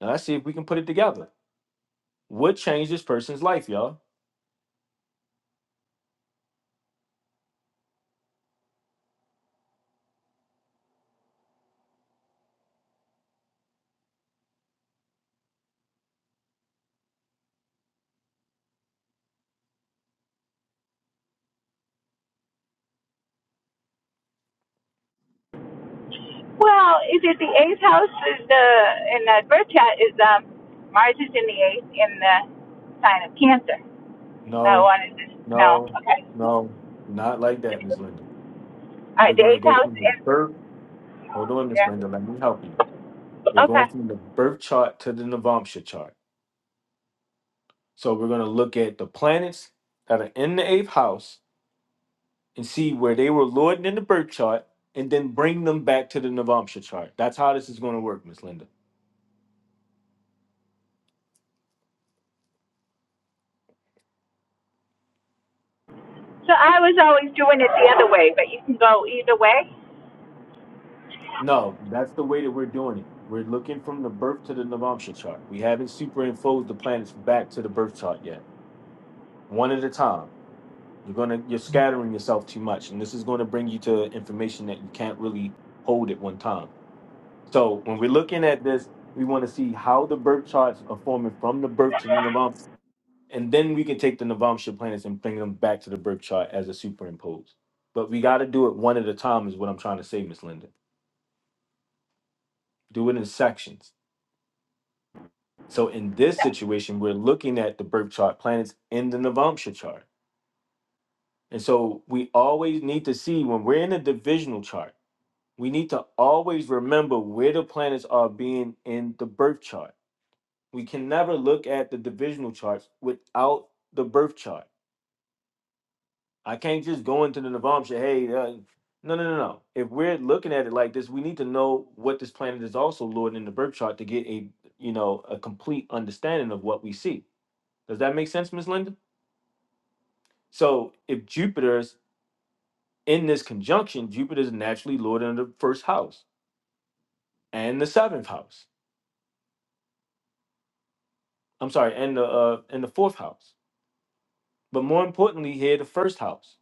[SPEAKER 1] Now let's see if we can put it together. What changed this person's life, y'all? No, no, no, not like that, Ms. Linda. We're gonna go from the birth. Hold on, Miss Linda. Let me help you. We're going from the birth chart to the Navamsha chart. So we're gonna look at the planets that are in the eighth house and see where they were lording in the birth chart, and then bring them back to the Navamsha chart. That's how this is gonna work, Miss Linda.
[SPEAKER 6] So I was always doing it the other way, but you can go either way.
[SPEAKER 1] No, that's the way that we're doing it. We're looking from the birth to the Navamsha chart. We haven't superimposed the planets back to the birth chart yet. One at a time. You're gonna you're scattering yourself too much, and this is going to bring you to information that you can't really hold at one time. So when we're looking at this, we want to see how the birth charts are forming from the birth to the Navam, and then we can take the Navamsha planets and bring them back to the birth chart as a superimpose. But we got to do it one at a time, is what I'm trying to say, Miss Linda. Do it in sections. So in this situation, we're looking at the birth chart planets in the Navamsha chart. And so we always need to see when we're in a divisional chart we need to always remember where the planets are being in the birth chart. We can never look at the divisional charts without the birth chart. I can't just go into the Navam and say, hey, uh, no, no, no, no. If we're looking at it like this, we need to know what this planet is also lord in the birth chart to get a you know a complete understanding of what we see. Does that make sense, Ms. Linda? So if Jupiter's in this conjunction, Jupiter's naturally lord in the first house and the seventh house. I'm sorry, and the uh, and the fourth house. But more importantly, here the first house.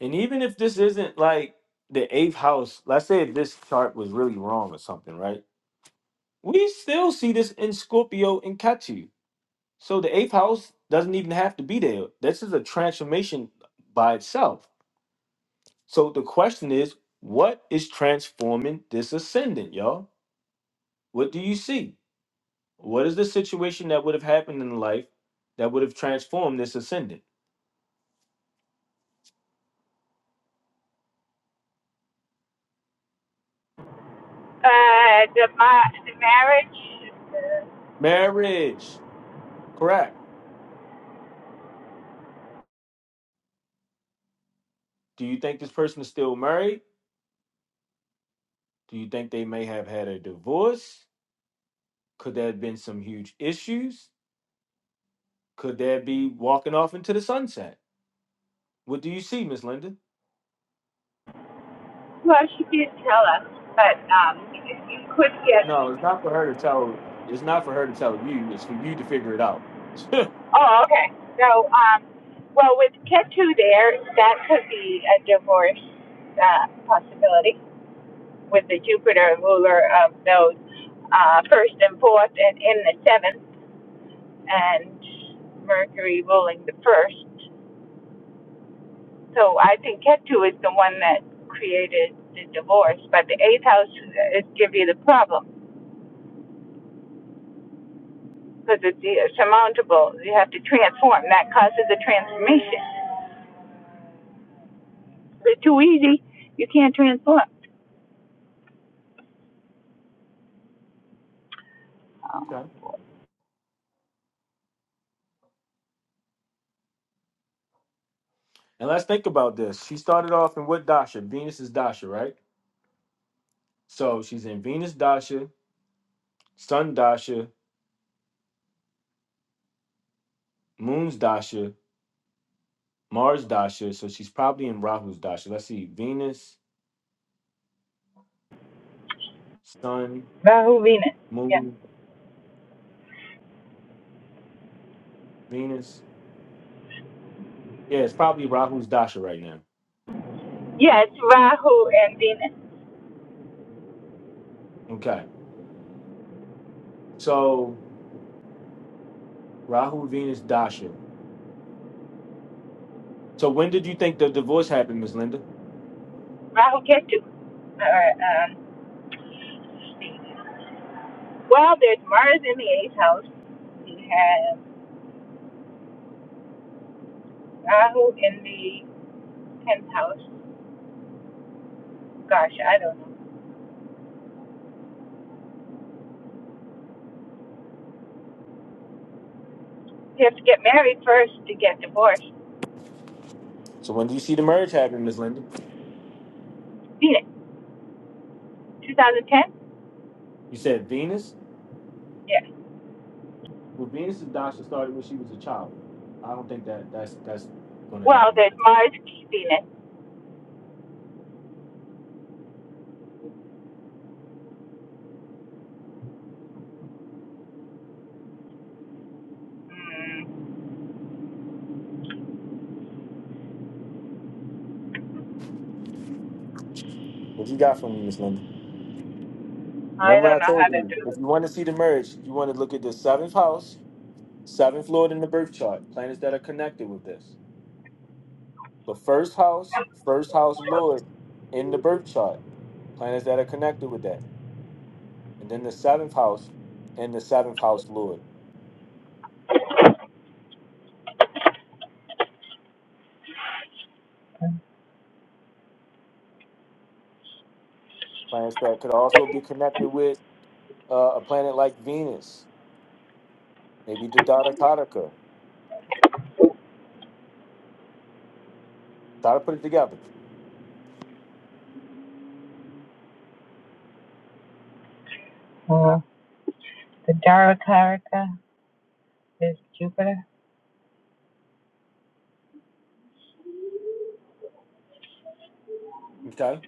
[SPEAKER 1] And even if this isn't like the eighth house, let's say if this chart was really wrong or something, right? We still see this in Scorpio and Ketu. So the eighth house doesn't even have to be there. This is a transformation by itself. So the question is, what is transforming this ascendant, y'all? What do you see? What is the situation that would have happened in life that would have transformed this ascendant?
[SPEAKER 6] Uh, the, ma- the marriage,
[SPEAKER 1] Marriage, correct. Do you think this person is still married? Do you think they may have had a divorce? Could there have been some huge issues? Could there be walking off into the sunset? What do you see, Miss Linda?
[SPEAKER 6] well, she did tell us, but um, you you could get.
[SPEAKER 1] No, it's not for her to tell. It's not for her to tell you. It's for you to figure it out. okay.
[SPEAKER 6] Oh, okay. So, um, well, with Ketu there, that could be a divorce uh, possibility with the Jupiter ruler of those uh, first and fourth and in the seventh, and Mercury ruling the first. So I think Ketu is the one that created the divorce, but the eighth house is give you the problem because it's surmountable. You have to transform. That causes a transformation. If it's too easy, you can't transform. Oh.
[SPEAKER 1] And let's think about this. She started off in what dasha? Venus is dasha, right? So she's in Venus dasha, Sun dasha, Moon's dasha, Mars dasha. So she's probably in Rahu's dasha. Let's see: Venus, Sun,
[SPEAKER 6] Rahu Venus. Yeah.
[SPEAKER 1] Moon. Venus. Yeah, it's probably Rahu's Dasha right now.
[SPEAKER 6] Yeah, it's Rahu and Venus.
[SPEAKER 1] Okay. So Rahu, Venus, Dasha. So when did you think the divorce happened, Miss Linda?
[SPEAKER 6] Rahu Ketu. Or, um, well, there's Mars in the eighth house. You have Rahu in the tenth house. Gosh, I don't know. You have to get married first to get divorced.
[SPEAKER 1] So when did you see the merge happen, Miss Linda?
[SPEAKER 6] Venus. 2010?
[SPEAKER 1] You said Venus?
[SPEAKER 6] Yeah.
[SPEAKER 1] Well, Venus's Dasha started when she was a child. I don't think that that's that's gonna
[SPEAKER 6] Well,
[SPEAKER 1] happen that way.
[SPEAKER 6] there's Mars, Venus. Mm,
[SPEAKER 1] What you got from me, Miss Linda?
[SPEAKER 6] I
[SPEAKER 1] Remember
[SPEAKER 6] don't
[SPEAKER 1] I
[SPEAKER 6] know how
[SPEAKER 1] told you,
[SPEAKER 6] to do
[SPEAKER 1] if
[SPEAKER 6] this.
[SPEAKER 1] you want to see the merge, you want to look at the seventh house, seventh lord in the birth chart, planets that are connected with this. The first house, first house Lord in the birth chart, planets that are connected with that. And then the seventh house and the seventh house Lord, planets that could also be connected with uh, a planet like Venus, maybe the Dada Kataka. Try to put it together.
[SPEAKER 6] Uh, the Dharaka is Jupiter.
[SPEAKER 1] Okay.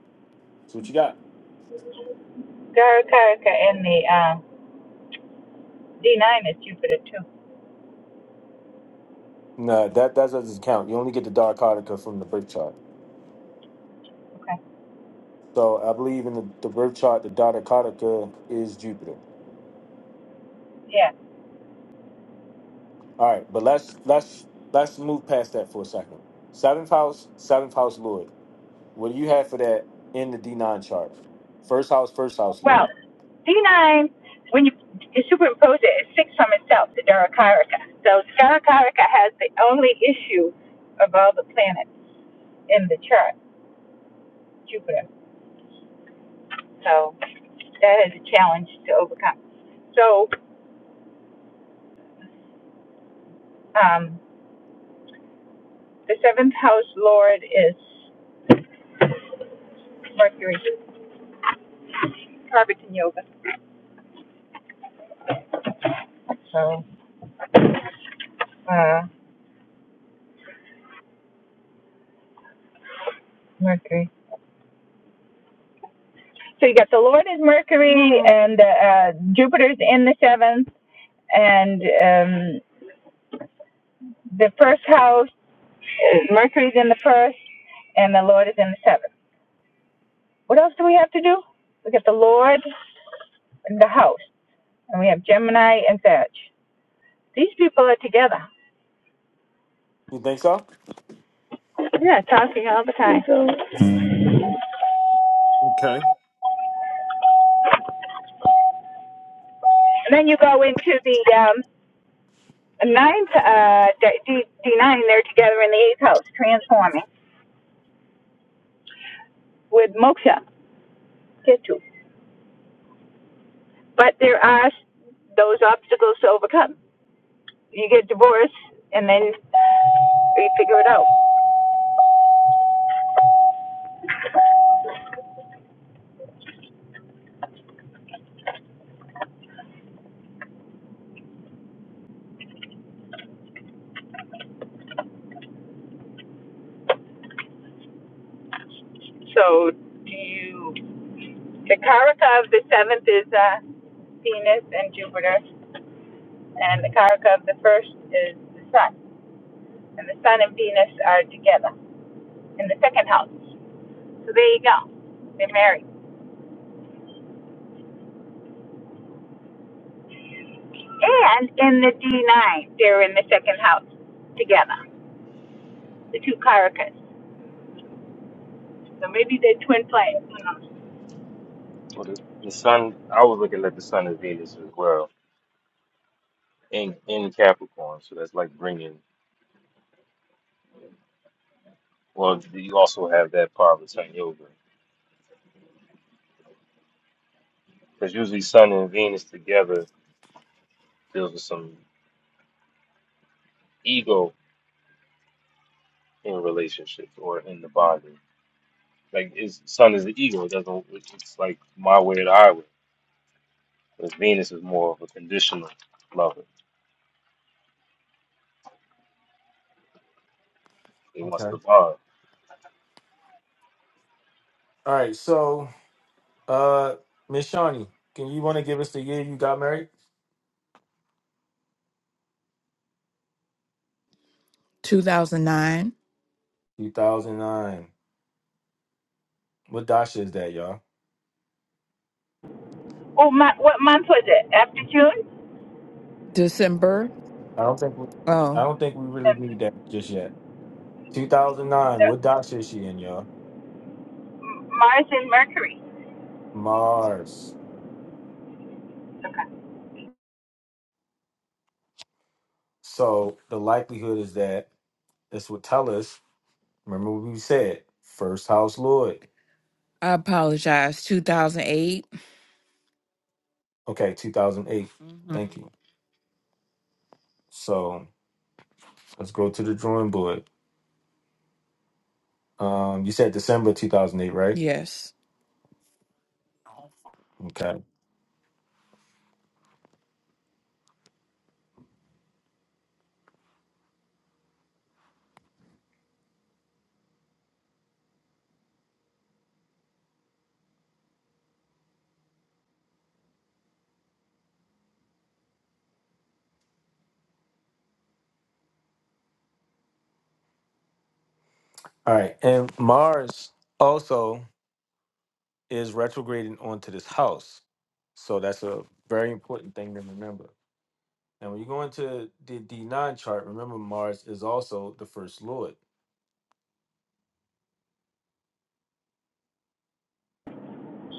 [SPEAKER 1] So what you got?
[SPEAKER 6] Garakarica and the um, D9 is Jupiter too.
[SPEAKER 1] No, that, that doesn't count. You only get the Dada Kataka from the birth chart.
[SPEAKER 6] Okay.
[SPEAKER 1] So I believe in the, the birth chart, the Dada Kataka is Jupiter.
[SPEAKER 6] Yeah.
[SPEAKER 1] All right, but let's let's let's move past that for a second. Seventh house, seventh house Lord. What do you have for that in the D9 chart? First house, first house,
[SPEAKER 6] Well,
[SPEAKER 1] Lloyd.
[SPEAKER 6] D9, when you, you superimpose it, it's six from itself, the Garakarica. So Garakarica has the only issue of all the planets in the chart, Jupiter. So that is a challenge to overcome. So um, The seventh house lord is Mercury, Parvati Yoga. So, uh, Mercury. So you got the Lord is Mercury, and uh, Jupiter's in the seventh, and um, the first house, Mercury's in the first, and the Lord is in the seventh. What else do we have to do? We got the Lord and the house, and we have Gemini and Veg. These people are together.
[SPEAKER 1] You think so?
[SPEAKER 6] Yeah, talking all the time. And
[SPEAKER 1] Okay.
[SPEAKER 6] then you go into the um, nine uh D nine they're together in the eighth house transforming with moksha get to but there are those obstacles to overcome you get divorced and then you figure it out so do you the karaka of the seventh is uh Venus and Jupiter and the karaka of the first is the sun and the sun and Venus are together in the second house so there you go they're married and in the D9, they're in the second house together, the two Caracas. So maybe they're twin flames. Who knows?
[SPEAKER 1] Okay. All right. So, uh, Miss Shawnee, can you want to give us the year you got married?
[SPEAKER 3] 2009,
[SPEAKER 1] 2009. What dasha is that, y'all?
[SPEAKER 6] Oh, my, what month was it? After June?
[SPEAKER 3] December.
[SPEAKER 1] I don't think we, I
[SPEAKER 3] Oh,
[SPEAKER 1] don't think we really
[SPEAKER 6] The-
[SPEAKER 1] need that just yet. 2009. What
[SPEAKER 6] the-
[SPEAKER 1] dasha is she in, y'all?
[SPEAKER 6] Mars and Mercury.
[SPEAKER 1] Mars. So the likelihood is that this would tell us. Remember what we said. First house Lloyd.
[SPEAKER 3] I apologize. 2008.
[SPEAKER 1] Okay. 2008.
[SPEAKER 3] Mm-hmm.
[SPEAKER 1] Thank you. So Let's go to the drawing board. Um, you said December 2008, right?
[SPEAKER 3] Yes.
[SPEAKER 1] Okay. All right. And Mars also is retrograding onto this house. So that's a very important thing to remember. And when you go into the D9 chart, remember Mars is also the first lord.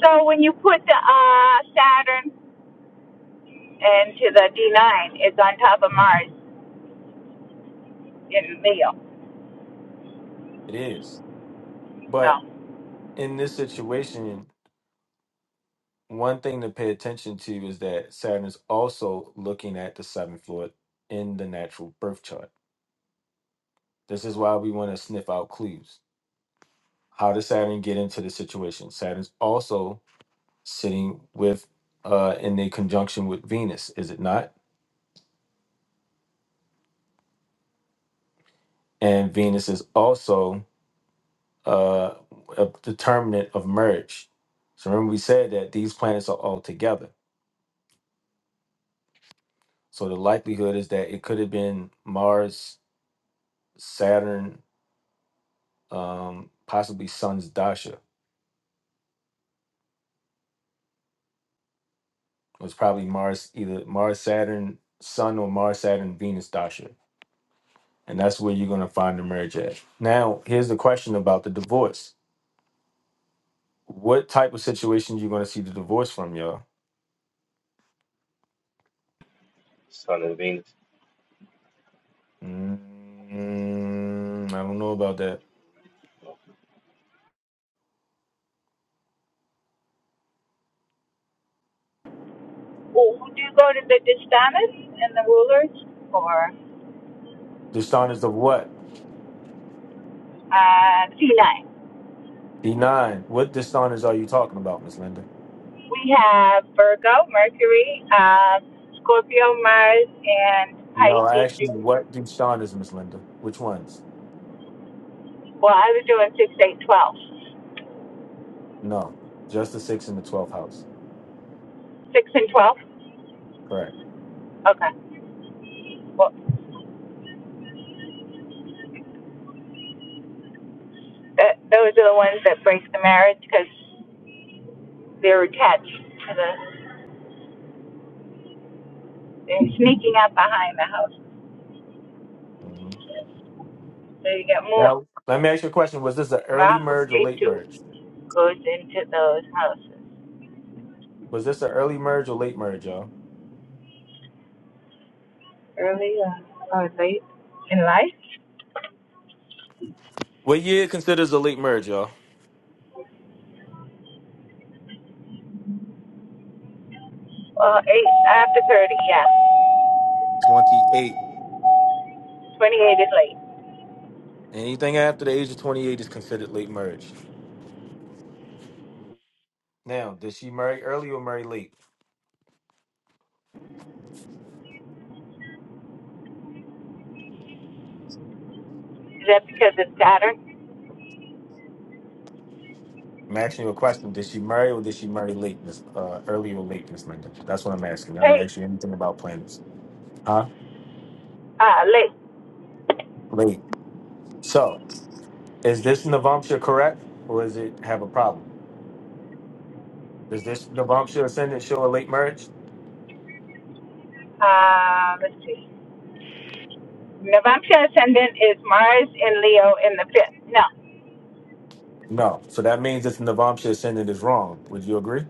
[SPEAKER 6] So when you put the uh, Saturn into the D9, it's on top of Mars in Leo.
[SPEAKER 1] It is. But
[SPEAKER 6] So
[SPEAKER 1] in this situation, one thing to pay attention to is that Saturn is also looking at the seventh lord in the natural birth chart. This is why we want to sniff out clues How does Saturn get into the situation? Saturn's also sitting with uh in the conjunction with Venus, is it not? And Venus is also uh a determinant of merge. So remember we said that these planets are all together. So the likelihood is that it could have been Mars, Saturn, um, possibly Sun's Dasha. It was probably Mars, either Mars, Saturn, Sun, or Mars, Saturn, Venus Dasha and that's where you're going to find the marriage at. Now, here's the question about the divorce: What type of situation you going to see the divorce from, y'all? Mm, I don't know about that.
[SPEAKER 6] oh, do you go to the Distanas and the rulers or
[SPEAKER 1] Dishonest of what?
[SPEAKER 6] uh, C9?
[SPEAKER 1] D nine. What dishonest are you talking about, Miss Linda?
[SPEAKER 6] We have Virgo, Mercury, uh, Scorpio, Mars, and
[SPEAKER 1] No, I
[SPEAKER 6] Pisces.
[SPEAKER 1] asked you
[SPEAKER 6] Ju-
[SPEAKER 1] what dishonest, Miss Linda. Which ones?
[SPEAKER 6] Well, I was doing 6, 8, twelve.
[SPEAKER 1] No, just the six and the twelfth house.
[SPEAKER 6] 6 and 12?
[SPEAKER 1] Correct.
[SPEAKER 6] Okay. Well, that, those are the ones that break the marriage because they're attached to the, they're sneaking up behind the house.
[SPEAKER 1] hmm
[SPEAKER 6] So you got Moon,
[SPEAKER 1] Now, let me ask you a question: Was this an early
[SPEAKER 6] Rahu,
[SPEAKER 1] merge or late
[SPEAKER 6] Ketu
[SPEAKER 1] merge?
[SPEAKER 6] goes into those houses.
[SPEAKER 1] Was this an early merge or late merge, y'all?
[SPEAKER 6] Early uh, or late in life?
[SPEAKER 1] What year considers a late merge, y'all?
[SPEAKER 6] Well, 8 after 30, yeah.
[SPEAKER 1] 28.
[SPEAKER 6] 28 is late.
[SPEAKER 1] Anything after the age of 28 is considered late marriage. Now, did she marry early or marry late?
[SPEAKER 6] Is that because of Saturn?
[SPEAKER 1] I'm asking you a question. Did she marry or did she marry late, Miss uh, early or late, Miss Linda? That's what I'm asking. I didn't
[SPEAKER 6] Hey,
[SPEAKER 1] ask you anything about planets. Huh?
[SPEAKER 6] uh, late.
[SPEAKER 1] Late. So, is this Navamsha correct or is it have a problem? Does this Navamsha ascendant show a late marriage?
[SPEAKER 6] Uh, let's see. Navamsa ascendant is Mars in Leo in the fifth. No.
[SPEAKER 1] No. So that means this Navamsha ascendant is wrong. Would you agree?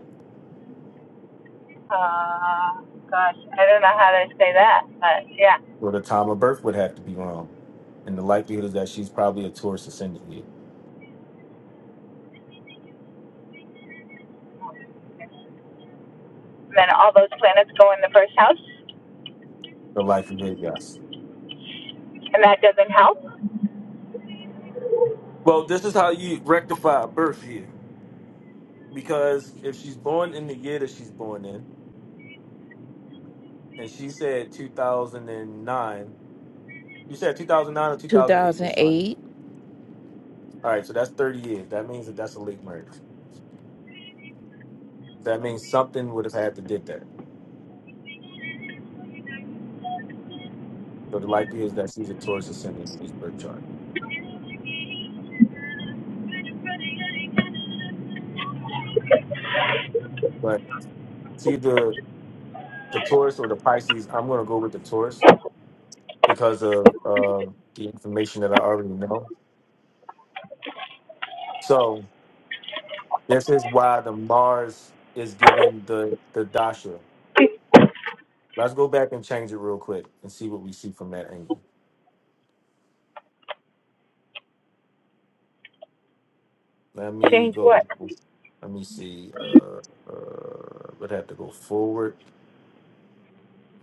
[SPEAKER 6] Uh, gosh, I don't know how to say that, but yeah.
[SPEAKER 1] Or the time of birth would have to be wrong. And the likelihood is that she's probably a Taurus ascendant here.
[SPEAKER 6] And then all those planets go in the first house,
[SPEAKER 1] The likelihood, yes.
[SPEAKER 6] and that doesn't help.
[SPEAKER 1] Well, this is how you rectify a birth here. Because if she's born in the year that she's born in, and she said 2009, you said 2009 or 2008, Miss Shawnee.
[SPEAKER 3] 2008.
[SPEAKER 1] All right, so that's 30 years. That means that that's a late marriage. So that means something would have had to did that. So the likelihood is that she's a Taurus ascendant in this birth chart. But see the the Taurus or the Pisces, I'm going to go with the Taurus because of uh, the information that I already know. So This is why the Mars is given the the dasha. Let's go back and change it real quick and see what we see from that angle. Let me
[SPEAKER 6] Change
[SPEAKER 1] go.
[SPEAKER 6] what?
[SPEAKER 1] Let me see. Uh, uh, would have to go forward.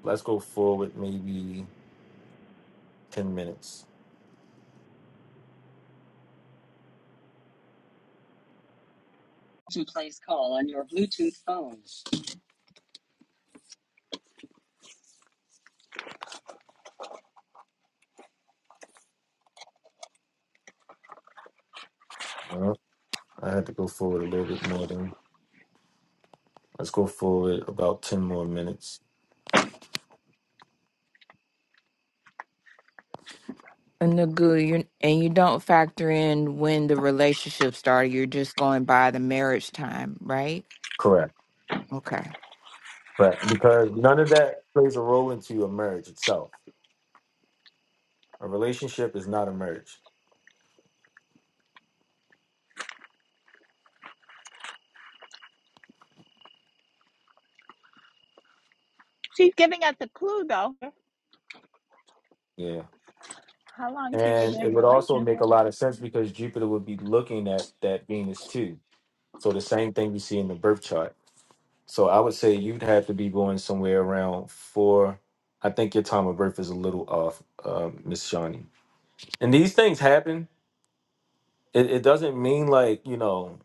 [SPEAKER 1] Let's go forward maybe ten minutes. Uh, I had to go forward a little bit more than. Let's go forward about ten more minutes.
[SPEAKER 3] And the good, you and you don't factor in when the relationship started. You're just going by the marriage time, right?
[SPEAKER 1] Correct.
[SPEAKER 3] Okay.
[SPEAKER 1] Correct. Because none of that plays a role into a marriage itself. A relationship is not a marriage. Yeah. And it would also make a lot of sense because Jupiter would be looking at that Venus too. So the same thing we see in the birth chart. So I would say you'd have to be going somewhere around four. I think your time of birth is a little off, uh, Miss Shawnee. And these things happen. It, it doesn't mean like you know,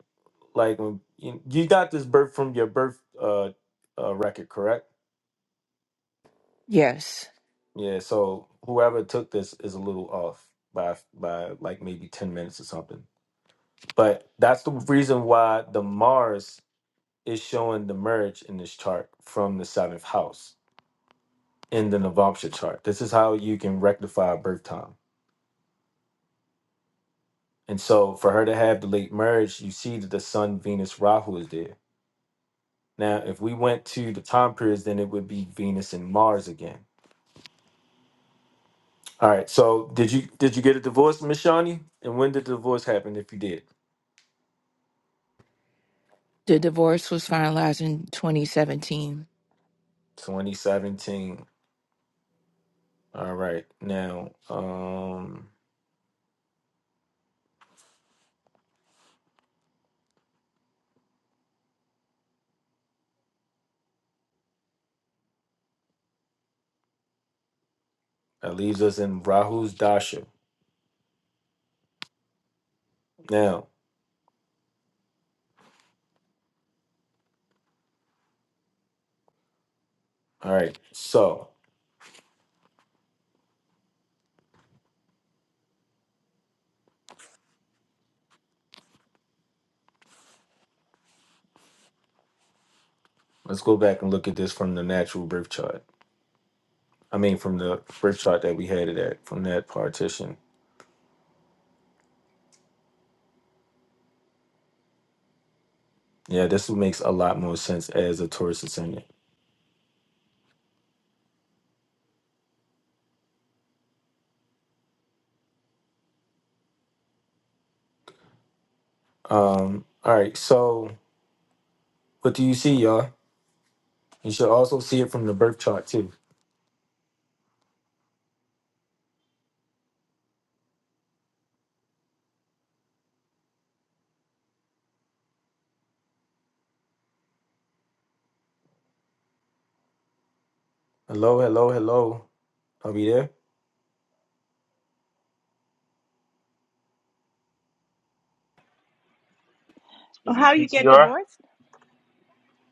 [SPEAKER 1] like when you, you got this birth from your birth uh, uh, record, correct?
[SPEAKER 3] Yes.
[SPEAKER 1] Yeah. So whoever took this is a little off by by like maybe ten minutes or something. But that's the reason why the Mars is showing the merge in this chart from the seventh house in the Navamsha chart. This is how you can rectify birth time. And so for her to have the late merge, you see that the Sun, Venus, Rahu is there. Now, if we went to the time periods, then it would be Venus and Mars again. All right. So did you did you get a divorce, Miss Shawnee? And when did the divorce happen if you did?
[SPEAKER 3] The divorce was finalized in 2017.
[SPEAKER 1] 2017. All right. Now, um, that leaves us in Rahu's Dasha. Now, all right. So let's go back and look at this from the natural birth chart. I mean, from the birth chart that we had it at, from that partition. Yeah, this makes a lot more sense as a Taurus ascendant. Um, all right. So what do you see, y'all? You should also see it from the birth chart too. Hello, hello, hello. Are we there?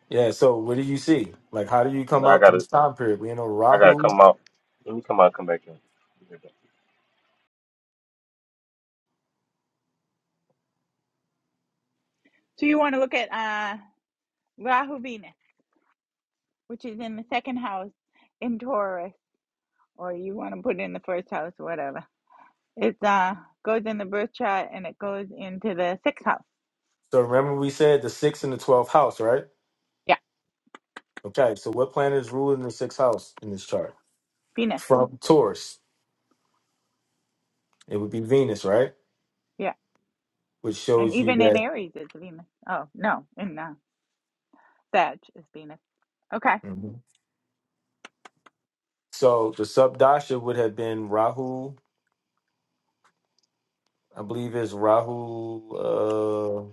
[SPEAKER 1] Yeah. So what do you see? Like, how do you come
[SPEAKER 4] now I
[SPEAKER 1] out to
[SPEAKER 4] gotta,
[SPEAKER 1] this time period? We know
[SPEAKER 4] I gotta
[SPEAKER 1] Rahu.
[SPEAKER 4] come out. Let me come out, and come back in.
[SPEAKER 1] So remember, we said the sixth and the twelfth house, right? Okay. So what planet is ruling the sixth house in this chart? from Taurus. It would be Venus, right? Which shows you that. Mhm. So the subdasha would have been Rahu. I believe it's Rahu. Uh,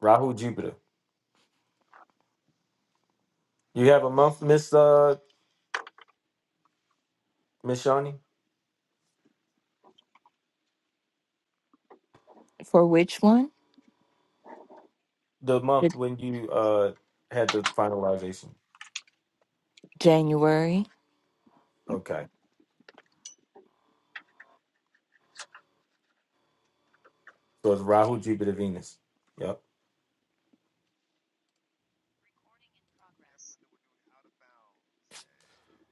[SPEAKER 1] Rahu Jupiter. You have a month, Miss uh, Miss Shawnee.
[SPEAKER 3] For which one?
[SPEAKER 1] The month
[SPEAKER 3] The
[SPEAKER 1] when you uh had the finalization.
[SPEAKER 3] January.
[SPEAKER 1] Okay, so it's Rahu Jupiter Venus. Yep.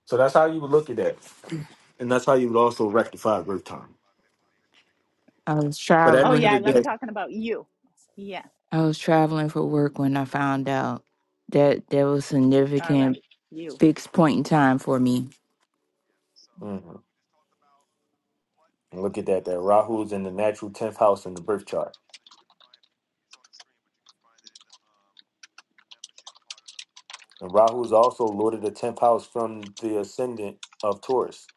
[SPEAKER 1] So that's how you would look at that, and that's how you would also rectify birth time.
[SPEAKER 3] I was
[SPEAKER 1] But at the end of
[SPEAKER 3] traveling.
[SPEAKER 1] the day,
[SPEAKER 3] I was traveling for work when I found out that there was significant fixed point in time for me.
[SPEAKER 1] Mhm. look at that. That Rahu's in the natural tenth house in the birth chart. And Rahu is also lord of the 10th house from the ascendant of Taurus.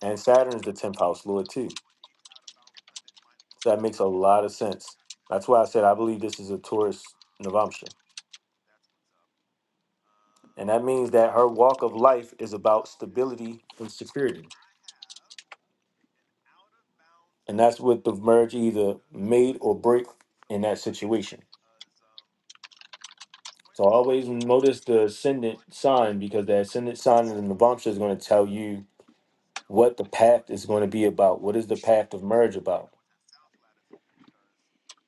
[SPEAKER 1] And Saturn is the 10th house lord too. So that makes a lot of sense. That's why I said I believe this is a Taurus Navamsha. And that means that her walk of life is about stability and security. And that's what the merge either made or break in that situation. So always notice the ascendant sign because the ascendant sign in the Navamsha is going to tell you what the path is going to be about. What is the path of merge about?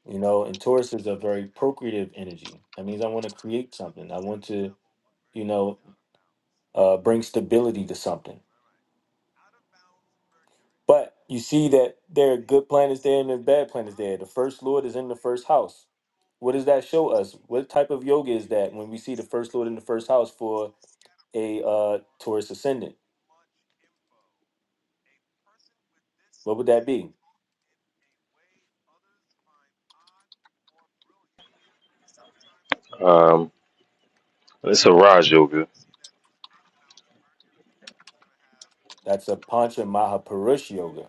[SPEAKER 1] You know, and Taurus is a very procreative energy. That means I want to create something. I want to, you know, uh, bring stability to something. But you see that there are good planets there and there's bad planets there. The first lord is in the first house. What does that show us? What type of yoga is that when we see the first lord in the first house for a uh, Taurus ascendant? What would that be?
[SPEAKER 4] Um, it's a Raj yoga.
[SPEAKER 1] That's a Pancha Mahapurush yoga,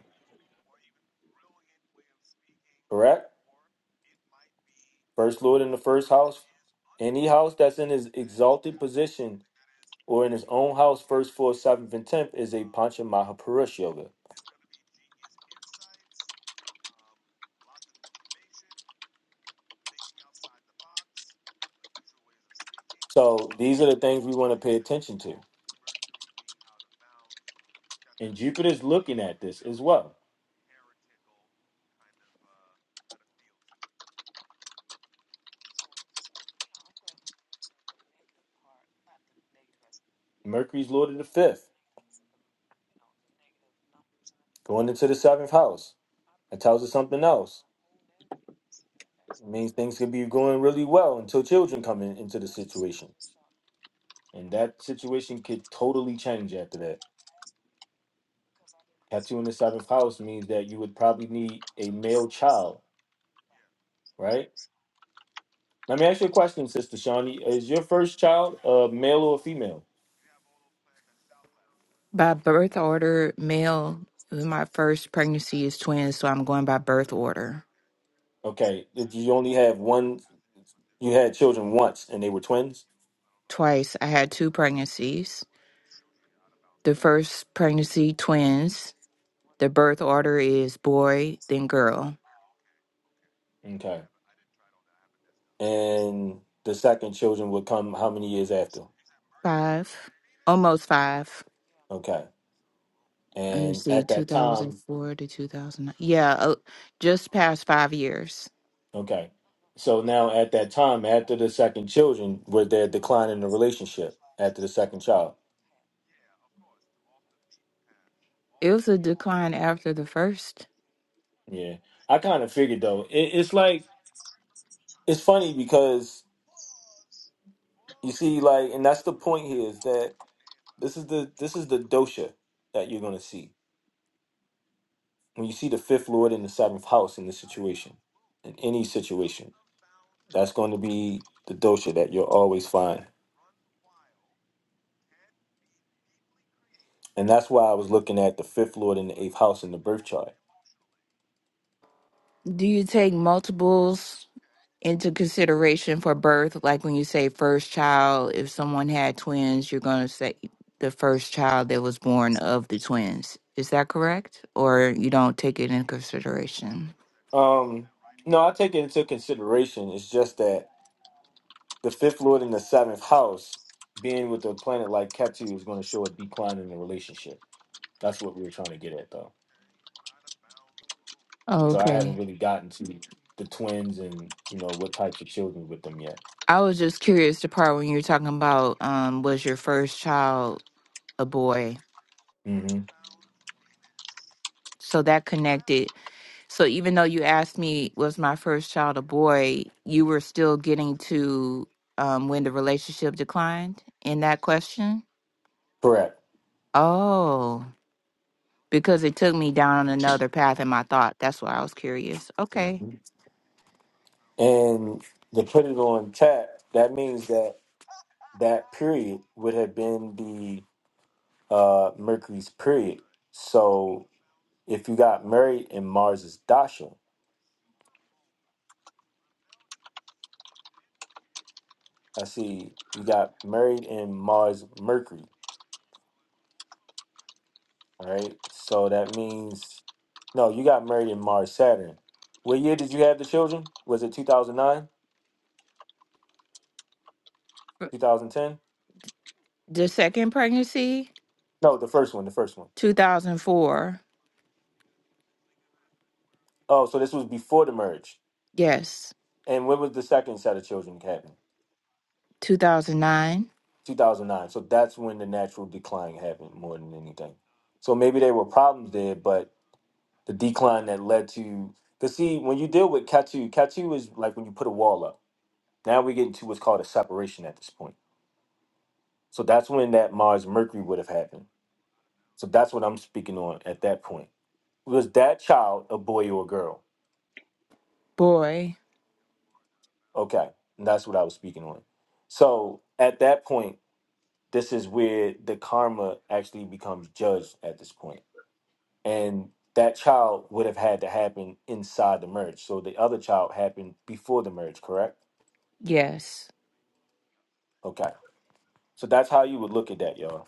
[SPEAKER 1] correct? First lord in the first house. Any house that's in his exalted position or in his own house, first, fourth, seventh, and tenth is a Panchamaha Purush Yoga. So these are the things we want to pay attention to. And Jupiter's looking at this as well. Mercury's lord of the fifth, going into the seventh house. That tells us something else. It means things could be going really well until children come in, into the situation. And that situation could totally change after that. Tattoo in the seventh house means that you would probably need a male child, right? Let me ask you a question, Sister Shawnee. Is your first child a male or a female?
[SPEAKER 3] By birth order, male. My first pregnancy is twins, so I'm going by birth order.
[SPEAKER 1] Okay, did you only have one? You had children once, and they were twins.
[SPEAKER 3] Twice I had two pregnancies. The first pregnancy, twins. The birth order is boy, then girl.
[SPEAKER 1] Okay, and the second children would come how many years after?
[SPEAKER 3] Five, almost five.
[SPEAKER 1] Okay,
[SPEAKER 3] Let me
[SPEAKER 1] and
[SPEAKER 3] see,
[SPEAKER 1] at that time,
[SPEAKER 3] 2004 to 2009. Yeah, uh, just past five years.
[SPEAKER 1] okay, so now at that time, after the second children, were there decline in the relationship after the second child?
[SPEAKER 3] Ilsa declined after the first.
[SPEAKER 1] Yeah, I kind of figured though. It, it's like it's funny because you see, like, and that's the point here is that this is the this is the dosha that you're gonna see when you see the fifth lord in the seventh house in this situation, in any situation, that's going to be the dosha that you'll always find. And that's why I was looking at the fifth lord in the eighth house in the birth chart.
[SPEAKER 3] Do you take multiples into consideration for birth? Like when you say first child, if someone had twins, you're going to say the first child that was born of the twins. Is that correct? Or you don't take it in consideration?
[SPEAKER 1] Um, no, I take it into consideration. It's just that the fifth lord in the seventh house, being with a planet like Ketu, is going to show a decline in the relationship. That's what we were trying to get at, though. So I haven't
[SPEAKER 3] Okay.
[SPEAKER 1] really gotten to the twins and you know what types of children with them yet.
[SPEAKER 3] I was just curious the part when you were talking about um, was your first child a boy?
[SPEAKER 1] hmm
[SPEAKER 3] So that connected So even though you asked me, was my first child a boy, you were still getting to um, when the relationship declined in that question?
[SPEAKER 1] Correct.
[SPEAKER 3] Oh, because it took me down another path in my thought. That's why I was curious. Okay.
[SPEAKER 1] Mm-hmm. and to put it on tap, that means that that period would have been the uh, Mercury's period. So if you got married in Mars's dasha, I see you got married in Mars Mercury. All right, so that means no, you got married in Mars Saturn. What year did you have the children? Was it two thousand nine,
[SPEAKER 3] R-
[SPEAKER 1] two thousand ten?
[SPEAKER 3] The second pregnancy,
[SPEAKER 1] No, the first one, the first one.
[SPEAKER 3] 2004.
[SPEAKER 1] Oh, so this was before the marriage.
[SPEAKER 3] Yes.
[SPEAKER 1] And when was the second set of children, Captain?
[SPEAKER 3] 2009.
[SPEAKER 1] 2009. So that's when the natural decline happened more than anything. So maybe there were problems there, but the decline that led to. Because, see, when you deal with Katu, Katu is like when you put a wall up. Now we get into what's called a separation at this point. So that's when that Mars Mercury would have happened. So that's what I'm speaking on at that point. Was that child a boy or a girl?
[SPEAKER 3] Boy,
[SPEAKER 1] Okay. And that's what I was speaking on. So at that point, this is where the karma actually becomes judged at this point and that child would have had to happen inside the merge. So the other child happened before the merge, correct?
[SPEAKER 3] yes.
[SPEAKER 1] Okay. So that's how you would look at that, y'all.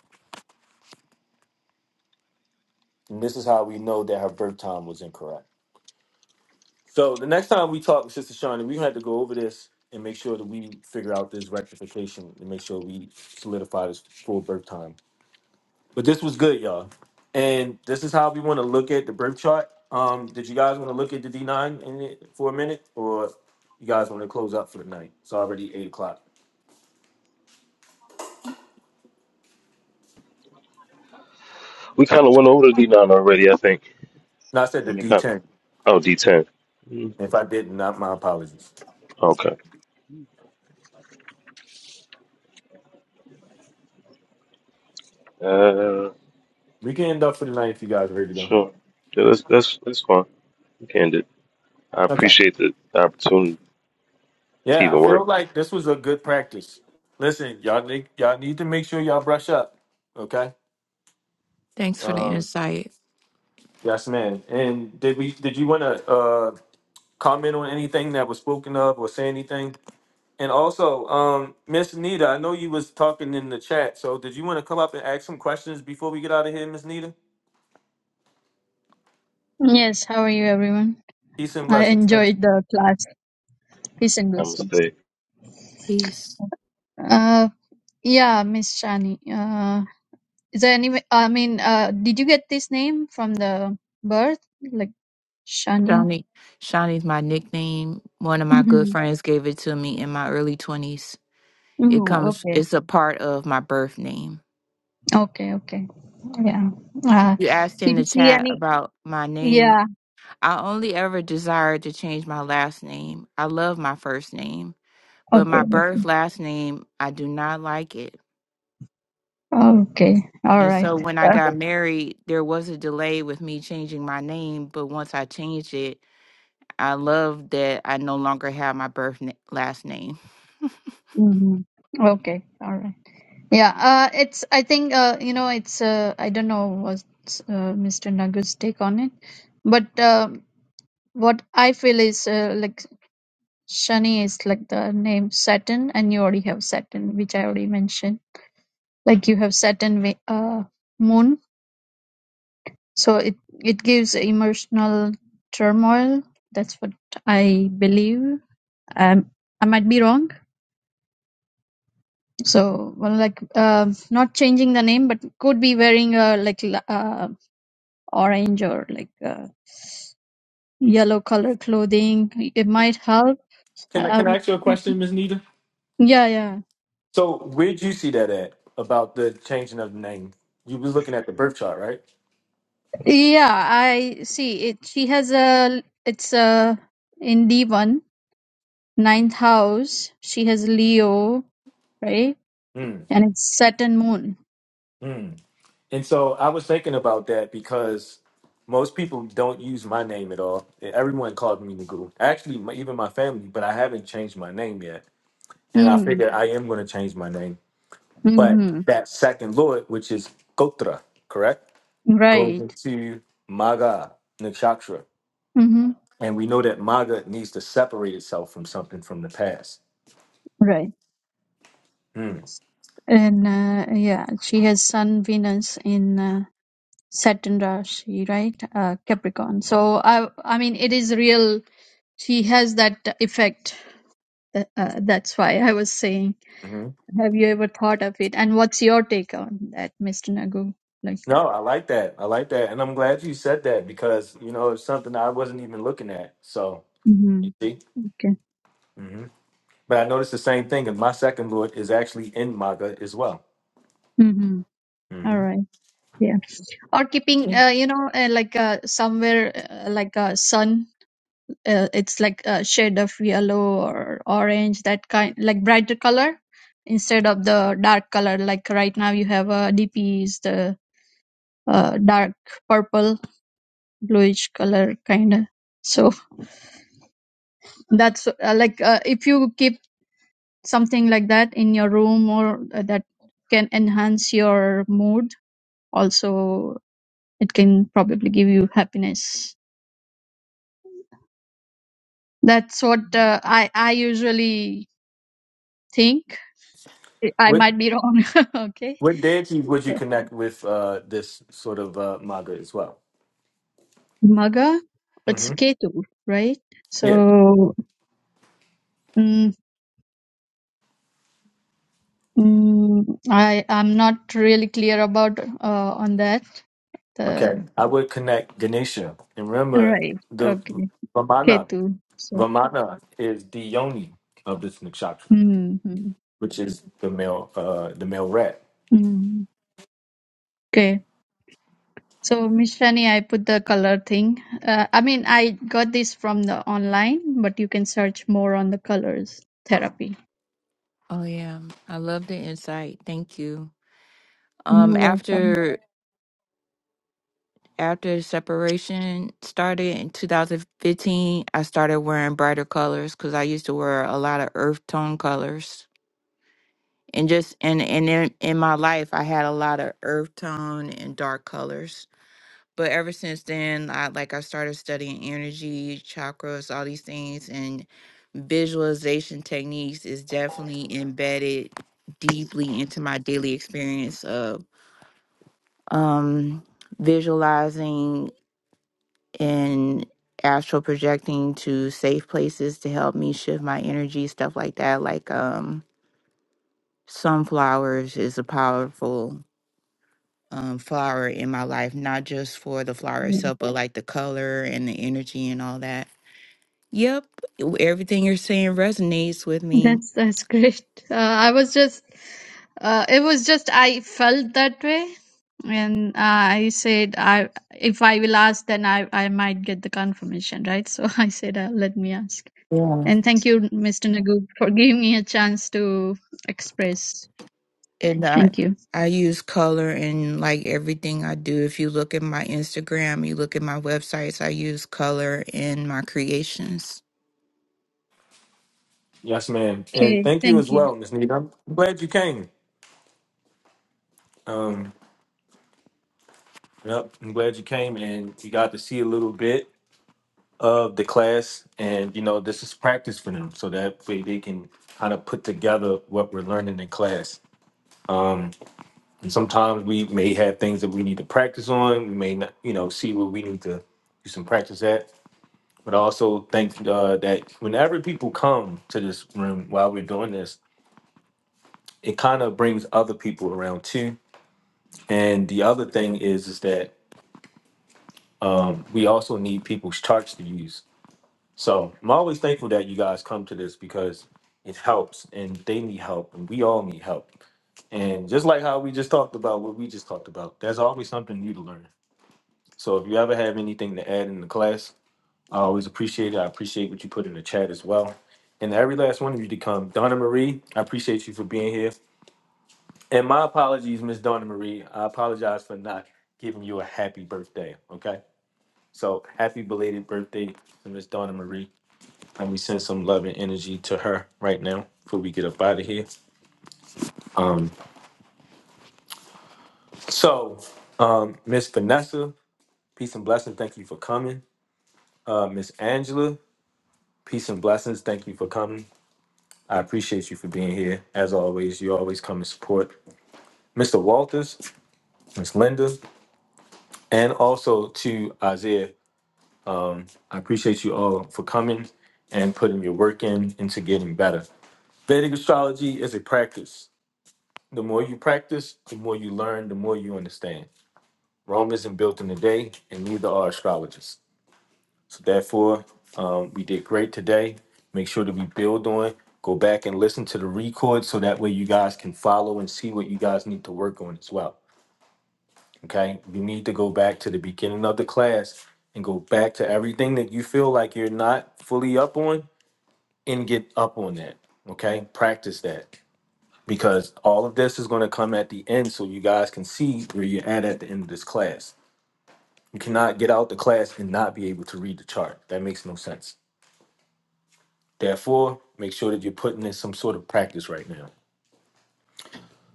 [SPEAKER 1] And this is how we know that her birth time was incorrect. So the next time we talk, with Sister Shawnee, we had to go over this and make sure that we figure out this rectification and make sure we solidify this full birth time But this was good, y'all. And this is how we want to look at the birth chart. Um, did you guys want to look at the D nine in it for a minute, or you guys want to close up for the night? It's already eight o'clock.
[SPEAKER 4] We kind of went over the D9 already, I think.
[SPEAKER 1] No, I said the
[SPEAKER 4] Let me
[SPEAKER 1] D
[SPEAKER 4] kind of,
[SPEAKER 1] ten.
[SPEAKER 4] oh, D10. Mm,
[SPEAKER 1] If I didn't, not my apologies.
[SPEAKER 4] Okay. Uh,
[SPEAKER 1] We can end up for the night if you guys are ready to go.
[SPEAKER 4] sure. Yeah, that's that's that's fine. We can do. I
[SPEAKER 1] Okay.
[SPEAKER 4] appreciate the opportunity to
[SPEAKER 1] Yeah, I
[SPEAKER 4] even
[SPEAKER 1] feel
[SPEAKER 4] work.
[SPEAKER 1] like this was a good practice. Listen, y'all need y'all need to make sure y'all brush up. Okay.
[SPEAKER 3] Thanks for the
[SPEAKER 1] Um,
[SPEAKER 3] insight.
[SPEAKER 1] yes, man. And did we? Did you want to uh, comment on anything that was spoken of or say anything? And also, um, Miss Nita, I know you was talking in the chat. So did you want to come up and ask some questions before we get out of here, Miss Nita?
[SPEAKER 7] Yes, how are you, everyone?
[SPEAKER 1] Peace and
[SPEAKER 7] I
[SPEAKER 1] blessings. Thank you.
[SPEAKER 7] enjoyed the class. Peace and
[SPEAKER 4] I
[SPEAKER 7] blessings.
[SPEAKER 4] Namaste.
[SPEAKER 3] Peace.
[SPEAKER 7] Uh, yeah, Miss Shani. Uh, is there any? I mean, uh, did you get this name from the birth, like Shani?
[SPEAKER 3] Shawnee. Shawnee's my nickname. One of my good
[SPEAKER 7] Mm-hmm.
[SPEAKER 3] friends gave it to me in my early 20s. It
[SPEAKER 7] Mm-hmm.
[SPEAKER 3] comes,
[SPEAKER 7] Okay.
[SPEAKER 3] it's a part of my birth name.
[SPEAKER 7] Okay. Okay. Yeah. Uh,
[SPEAKER 3] You asked in
[SPEAKER 7] did you
[SPEAKER 3] the
[SPEAKER 7] see
[SPEAKER 3] chat
[SPEAKER 7] any?
[SPEAKER 3] about my name
[SPEAKER 7] Yeah.
[SPEAKER 3] I only ever desired to change my last name. I love my first name, but
[SPEAKER 7] Okay.
[SPEAKER 3] my
[SPEAKER 7] Okay.
[SPEAKER 3] birth last name, I do not like it.
[SPEAKER 7] Okay. All
[SPEAKER 3] And
[SPEAKER 7] right.
[SPEAKER 3] so when I
[SPEAKER 7] Uh,
[SPEAKER 3] got married, there was a delay with me changing my name, but once I changed it, I love that I no longer have my birth na- last name.
[SPEAKER 7] mhm. Okay. All right. Yeah, uh, it's, I think, uh, you know, it's, uh, I don't know what's uh, Mr. Nagu's take on it, but uh, what I feel is uh, like Shani is like the name Saturn, and you already have Saturn, which I already mentioned. Like you have Saturn ve- uh, moon, so it it gives emotional turmoil. That's what I believe. Um, I might be wrong. So, well, like, um not changing the name, but could be wearing a like la- uh, orange or like uh, yellow color clothing. It might help.
[SPEAKER 1] Can I
[SPEAKER 7] Uh,
[SPEAKER 1] can I ask you a question, Miss Nita?
[SPEAKER 7] yeah, yeah,
[SPEAKER 1] So where'd you see that at about the changing of the name? You was looking at the birth chart, right?
[SPEAKER 7] yeah. I see it. She has a. It's a in D one ninth house. She has Leo, right?
[SPEAKER 1] Mm,
[SPEAKER 7] And it's Saturn moon.
[SPEAKER 1] mm. And so I was thinking about that because most people don't use my name at all. Everyone called me the guru. Actually, my, even my family, but I haven't changed my name yet. And I
[SPEAKER 7] Mm.
[SPEAKER 1] figured I am going to change my name. But
[SPEAKER 7] Hmm.
[SPEAKER 1] that second lord, which is Gotra, correct, goes
[SPEAKER 7] Right.
[SPEAKER 1] into Maga Nakshatra.
[SPEAKER 7] Hmm.
[SPEAKER 1] And we know that Maga needs to separate itself from something from the past.
[SPEAKER 7] Right. And uh, yeah, she has Sun Venus in uh, Saturn Rashi, right? Uh, Capricorn. So I. I mean, it is real She has that effect. Th- Uh, that's why I was saying,
[SPEAKER 1] Mm-hmm.
[SPEAKER 7] have you ever thought of it? And what's your take on that, Mr. Nagu? Like,
[SPEAKER 1] No, I like that. I like that. And I'm glad you said that because, you know, it's something I wasn't even looking at. So, you
[SPEAKER 7] hmm
[SPEAKER 1] see?
[SPEAKER 7] okay,
[SPEAKER 1] hmm But I noticed the same thing. And my second lord is actually in Maga as well.
[SPEAKER 7] hmm all
[SPEAKER 1] hmm
[SPEAKER 7] right, yeah. Or keeping,
[SPEAKER 3] Thank-
[SPEAKER 7] uh, you know, uh, like uh, somewhere uh, like a sun, uh, it's like a shade of yellow or orange, that kind, like brighter color instead of the dark color. Like right now, you have a DP is the uh, dark purple, bluish color kind of. So that's uh, like uh, if you keep something like that in your room or uh, that can enhance your mood also it can probably give you happiness that's what uh, i i usually think i
[SPEAKER 1] What,
[SPEAKER 7] might be wrong okay
[SPEAKER 1] what deity would you connect with uh, this sort of uh, Maga as well?
[SPEAKER 7] maga it's
[SPEAKER 1] hmm
[SPEAKER 7] ketu right so
[SPEAKER 1] Yeah.
[SPEAKER 7] mm, mm, i i'm not really clear about uh, on that the
[SPEAKER 1] Okay, I would connect Ganesha. And remember,
[SPEAKER 7] right
[SPEAKER 1] the
[SPEAKER 7] okay
[SPEAKER 1] Vamana,
[SPEAKER 7] ketu so
[SPEAKER 1] Vamana is the yoni of this nakshatra,
[SPEAKER 7] mm
[SPEAKER 1] which is the male, uh, the male rat.
[SPEAKER 7] Mm, okay. So, Miss Shani, I put the color thing. Uh, I mean, I got this from the online, but you can search more on the colors therapy.
[SPEAKER 3] oh yeah, I love the insight. Thank you.
[SPEAKER 7] You're
[SPEAKER 3] Um
[SPEAKER 7] welcome.
[SPEAKER 3] after after separation started in 2015, I started wearing brighter colors because I used to wear a lot of earth tone colors. And just and and in, in my life, I had a lot of earth tone and dark colors. But ever since then, I like I started studying energy, chakras, all these things, and visualization techniques is definitely embedded deeply into my daily experience of um visualizing and astral projecting to safe places to help me shift my energy, stuff like that. Like um sunflowers is a powerful um flower in my life, not just for the flower
[SPEAKER 7] Yeah.
[SPEAKER 3] itself, but like the color and the energy and all that. Yep. Everything you're saying resonates with me.
[SPEAKER 7] That's that's great. Uh, I was just, uh, it was just I felt that way, and I said, I if I will ask, then I I might get the confirmation, right? So I said, uh, let me ask.
[SPEAKER 3] Yeah.
[SPEAKER 7] And thank you, Mr. Nagu, for giving me a chance to express.
[SPEAKER 3] And I
[SPEAKER 7] Thank you.
[SPEAKER 3] I use color in like everything I do. If you look at my Instagram, you look at my websites, I use color in my creations.
[SPEAKER 1] Yes, ma'am. And
[SPEAKER 7] Okay,
[SPEAKER 1] thank you
[SPEAKER 7] thank
[SPEAKER 1] as
[SPEAKER 7] you.
[SPEAKER 1] well, Miss Nita. I'm glad you came. Um, yep, I'm glad you came, and you got to see a little bit of the class. And you know, this is practice for them, so that way they can kind of put together what we're learning in class. And sometimes we may have things that we need to practice on. We may not, you know, see where we need to do some practice at. But I also think uh, that whenever people come to this room while we're doing this, it kind of brings other people around too. And the other thing is, is that um, we also need people's charts to use. So I'm always thankful that you guys come to this because it helps, and they need help, and we all need help. And just like how we just talked about what we just talked about, there's always something new to learn. So if you ever have anything to add in the class, I always appreciate it. I appreciate what you put in the chat as well. And to every last one of you to come. Donna Marie, I appreciate you for being here. And my apologies, Miss Donna Marie. I apologize for not giving you a happy birthday. Okay. So happy belated birthday to Miss Donna Marie. And we send some love and energy to her right now before we get up out of here. Um, so um, Miss Vanessa, peace and blessings. Thank you for coming. Uh, Miss Angela, peace and blessings. Thank you for coming. I appreciate you for being here. As always, you always come and support Mr. Walters, Miss Linda, and also to Isaiah. I appreciate you all for coming and putting your work in into getting better. Vedic astrology is a practice. The more you practice, the more you learn, the more you understand. Rome isn't built in a day, and neither are astrologers. So therefore, um, we did great today. Make sure that we build on. Go back and listen to the record so that way you guys can follow and see what you guys need to work on as well. Okay, you need to go back to the beginning of the class and go back to everything that you feel like you're not fully up on and get up on that. Okay, practice that because all of this is going to come at the end so you guys can see where you're at at the end of this class. You cannot get out the class and not be able to read the chart. That makes no sense. Therefore, make sure that you're putting in some sort of practice right now.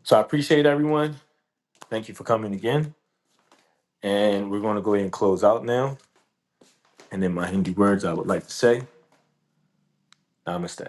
[SPEAKER 1] So I appreciate everyone. Thank you for coming again. And we're going to go ahead and close out now. And in my Hindi words, I would like to say, Namaste.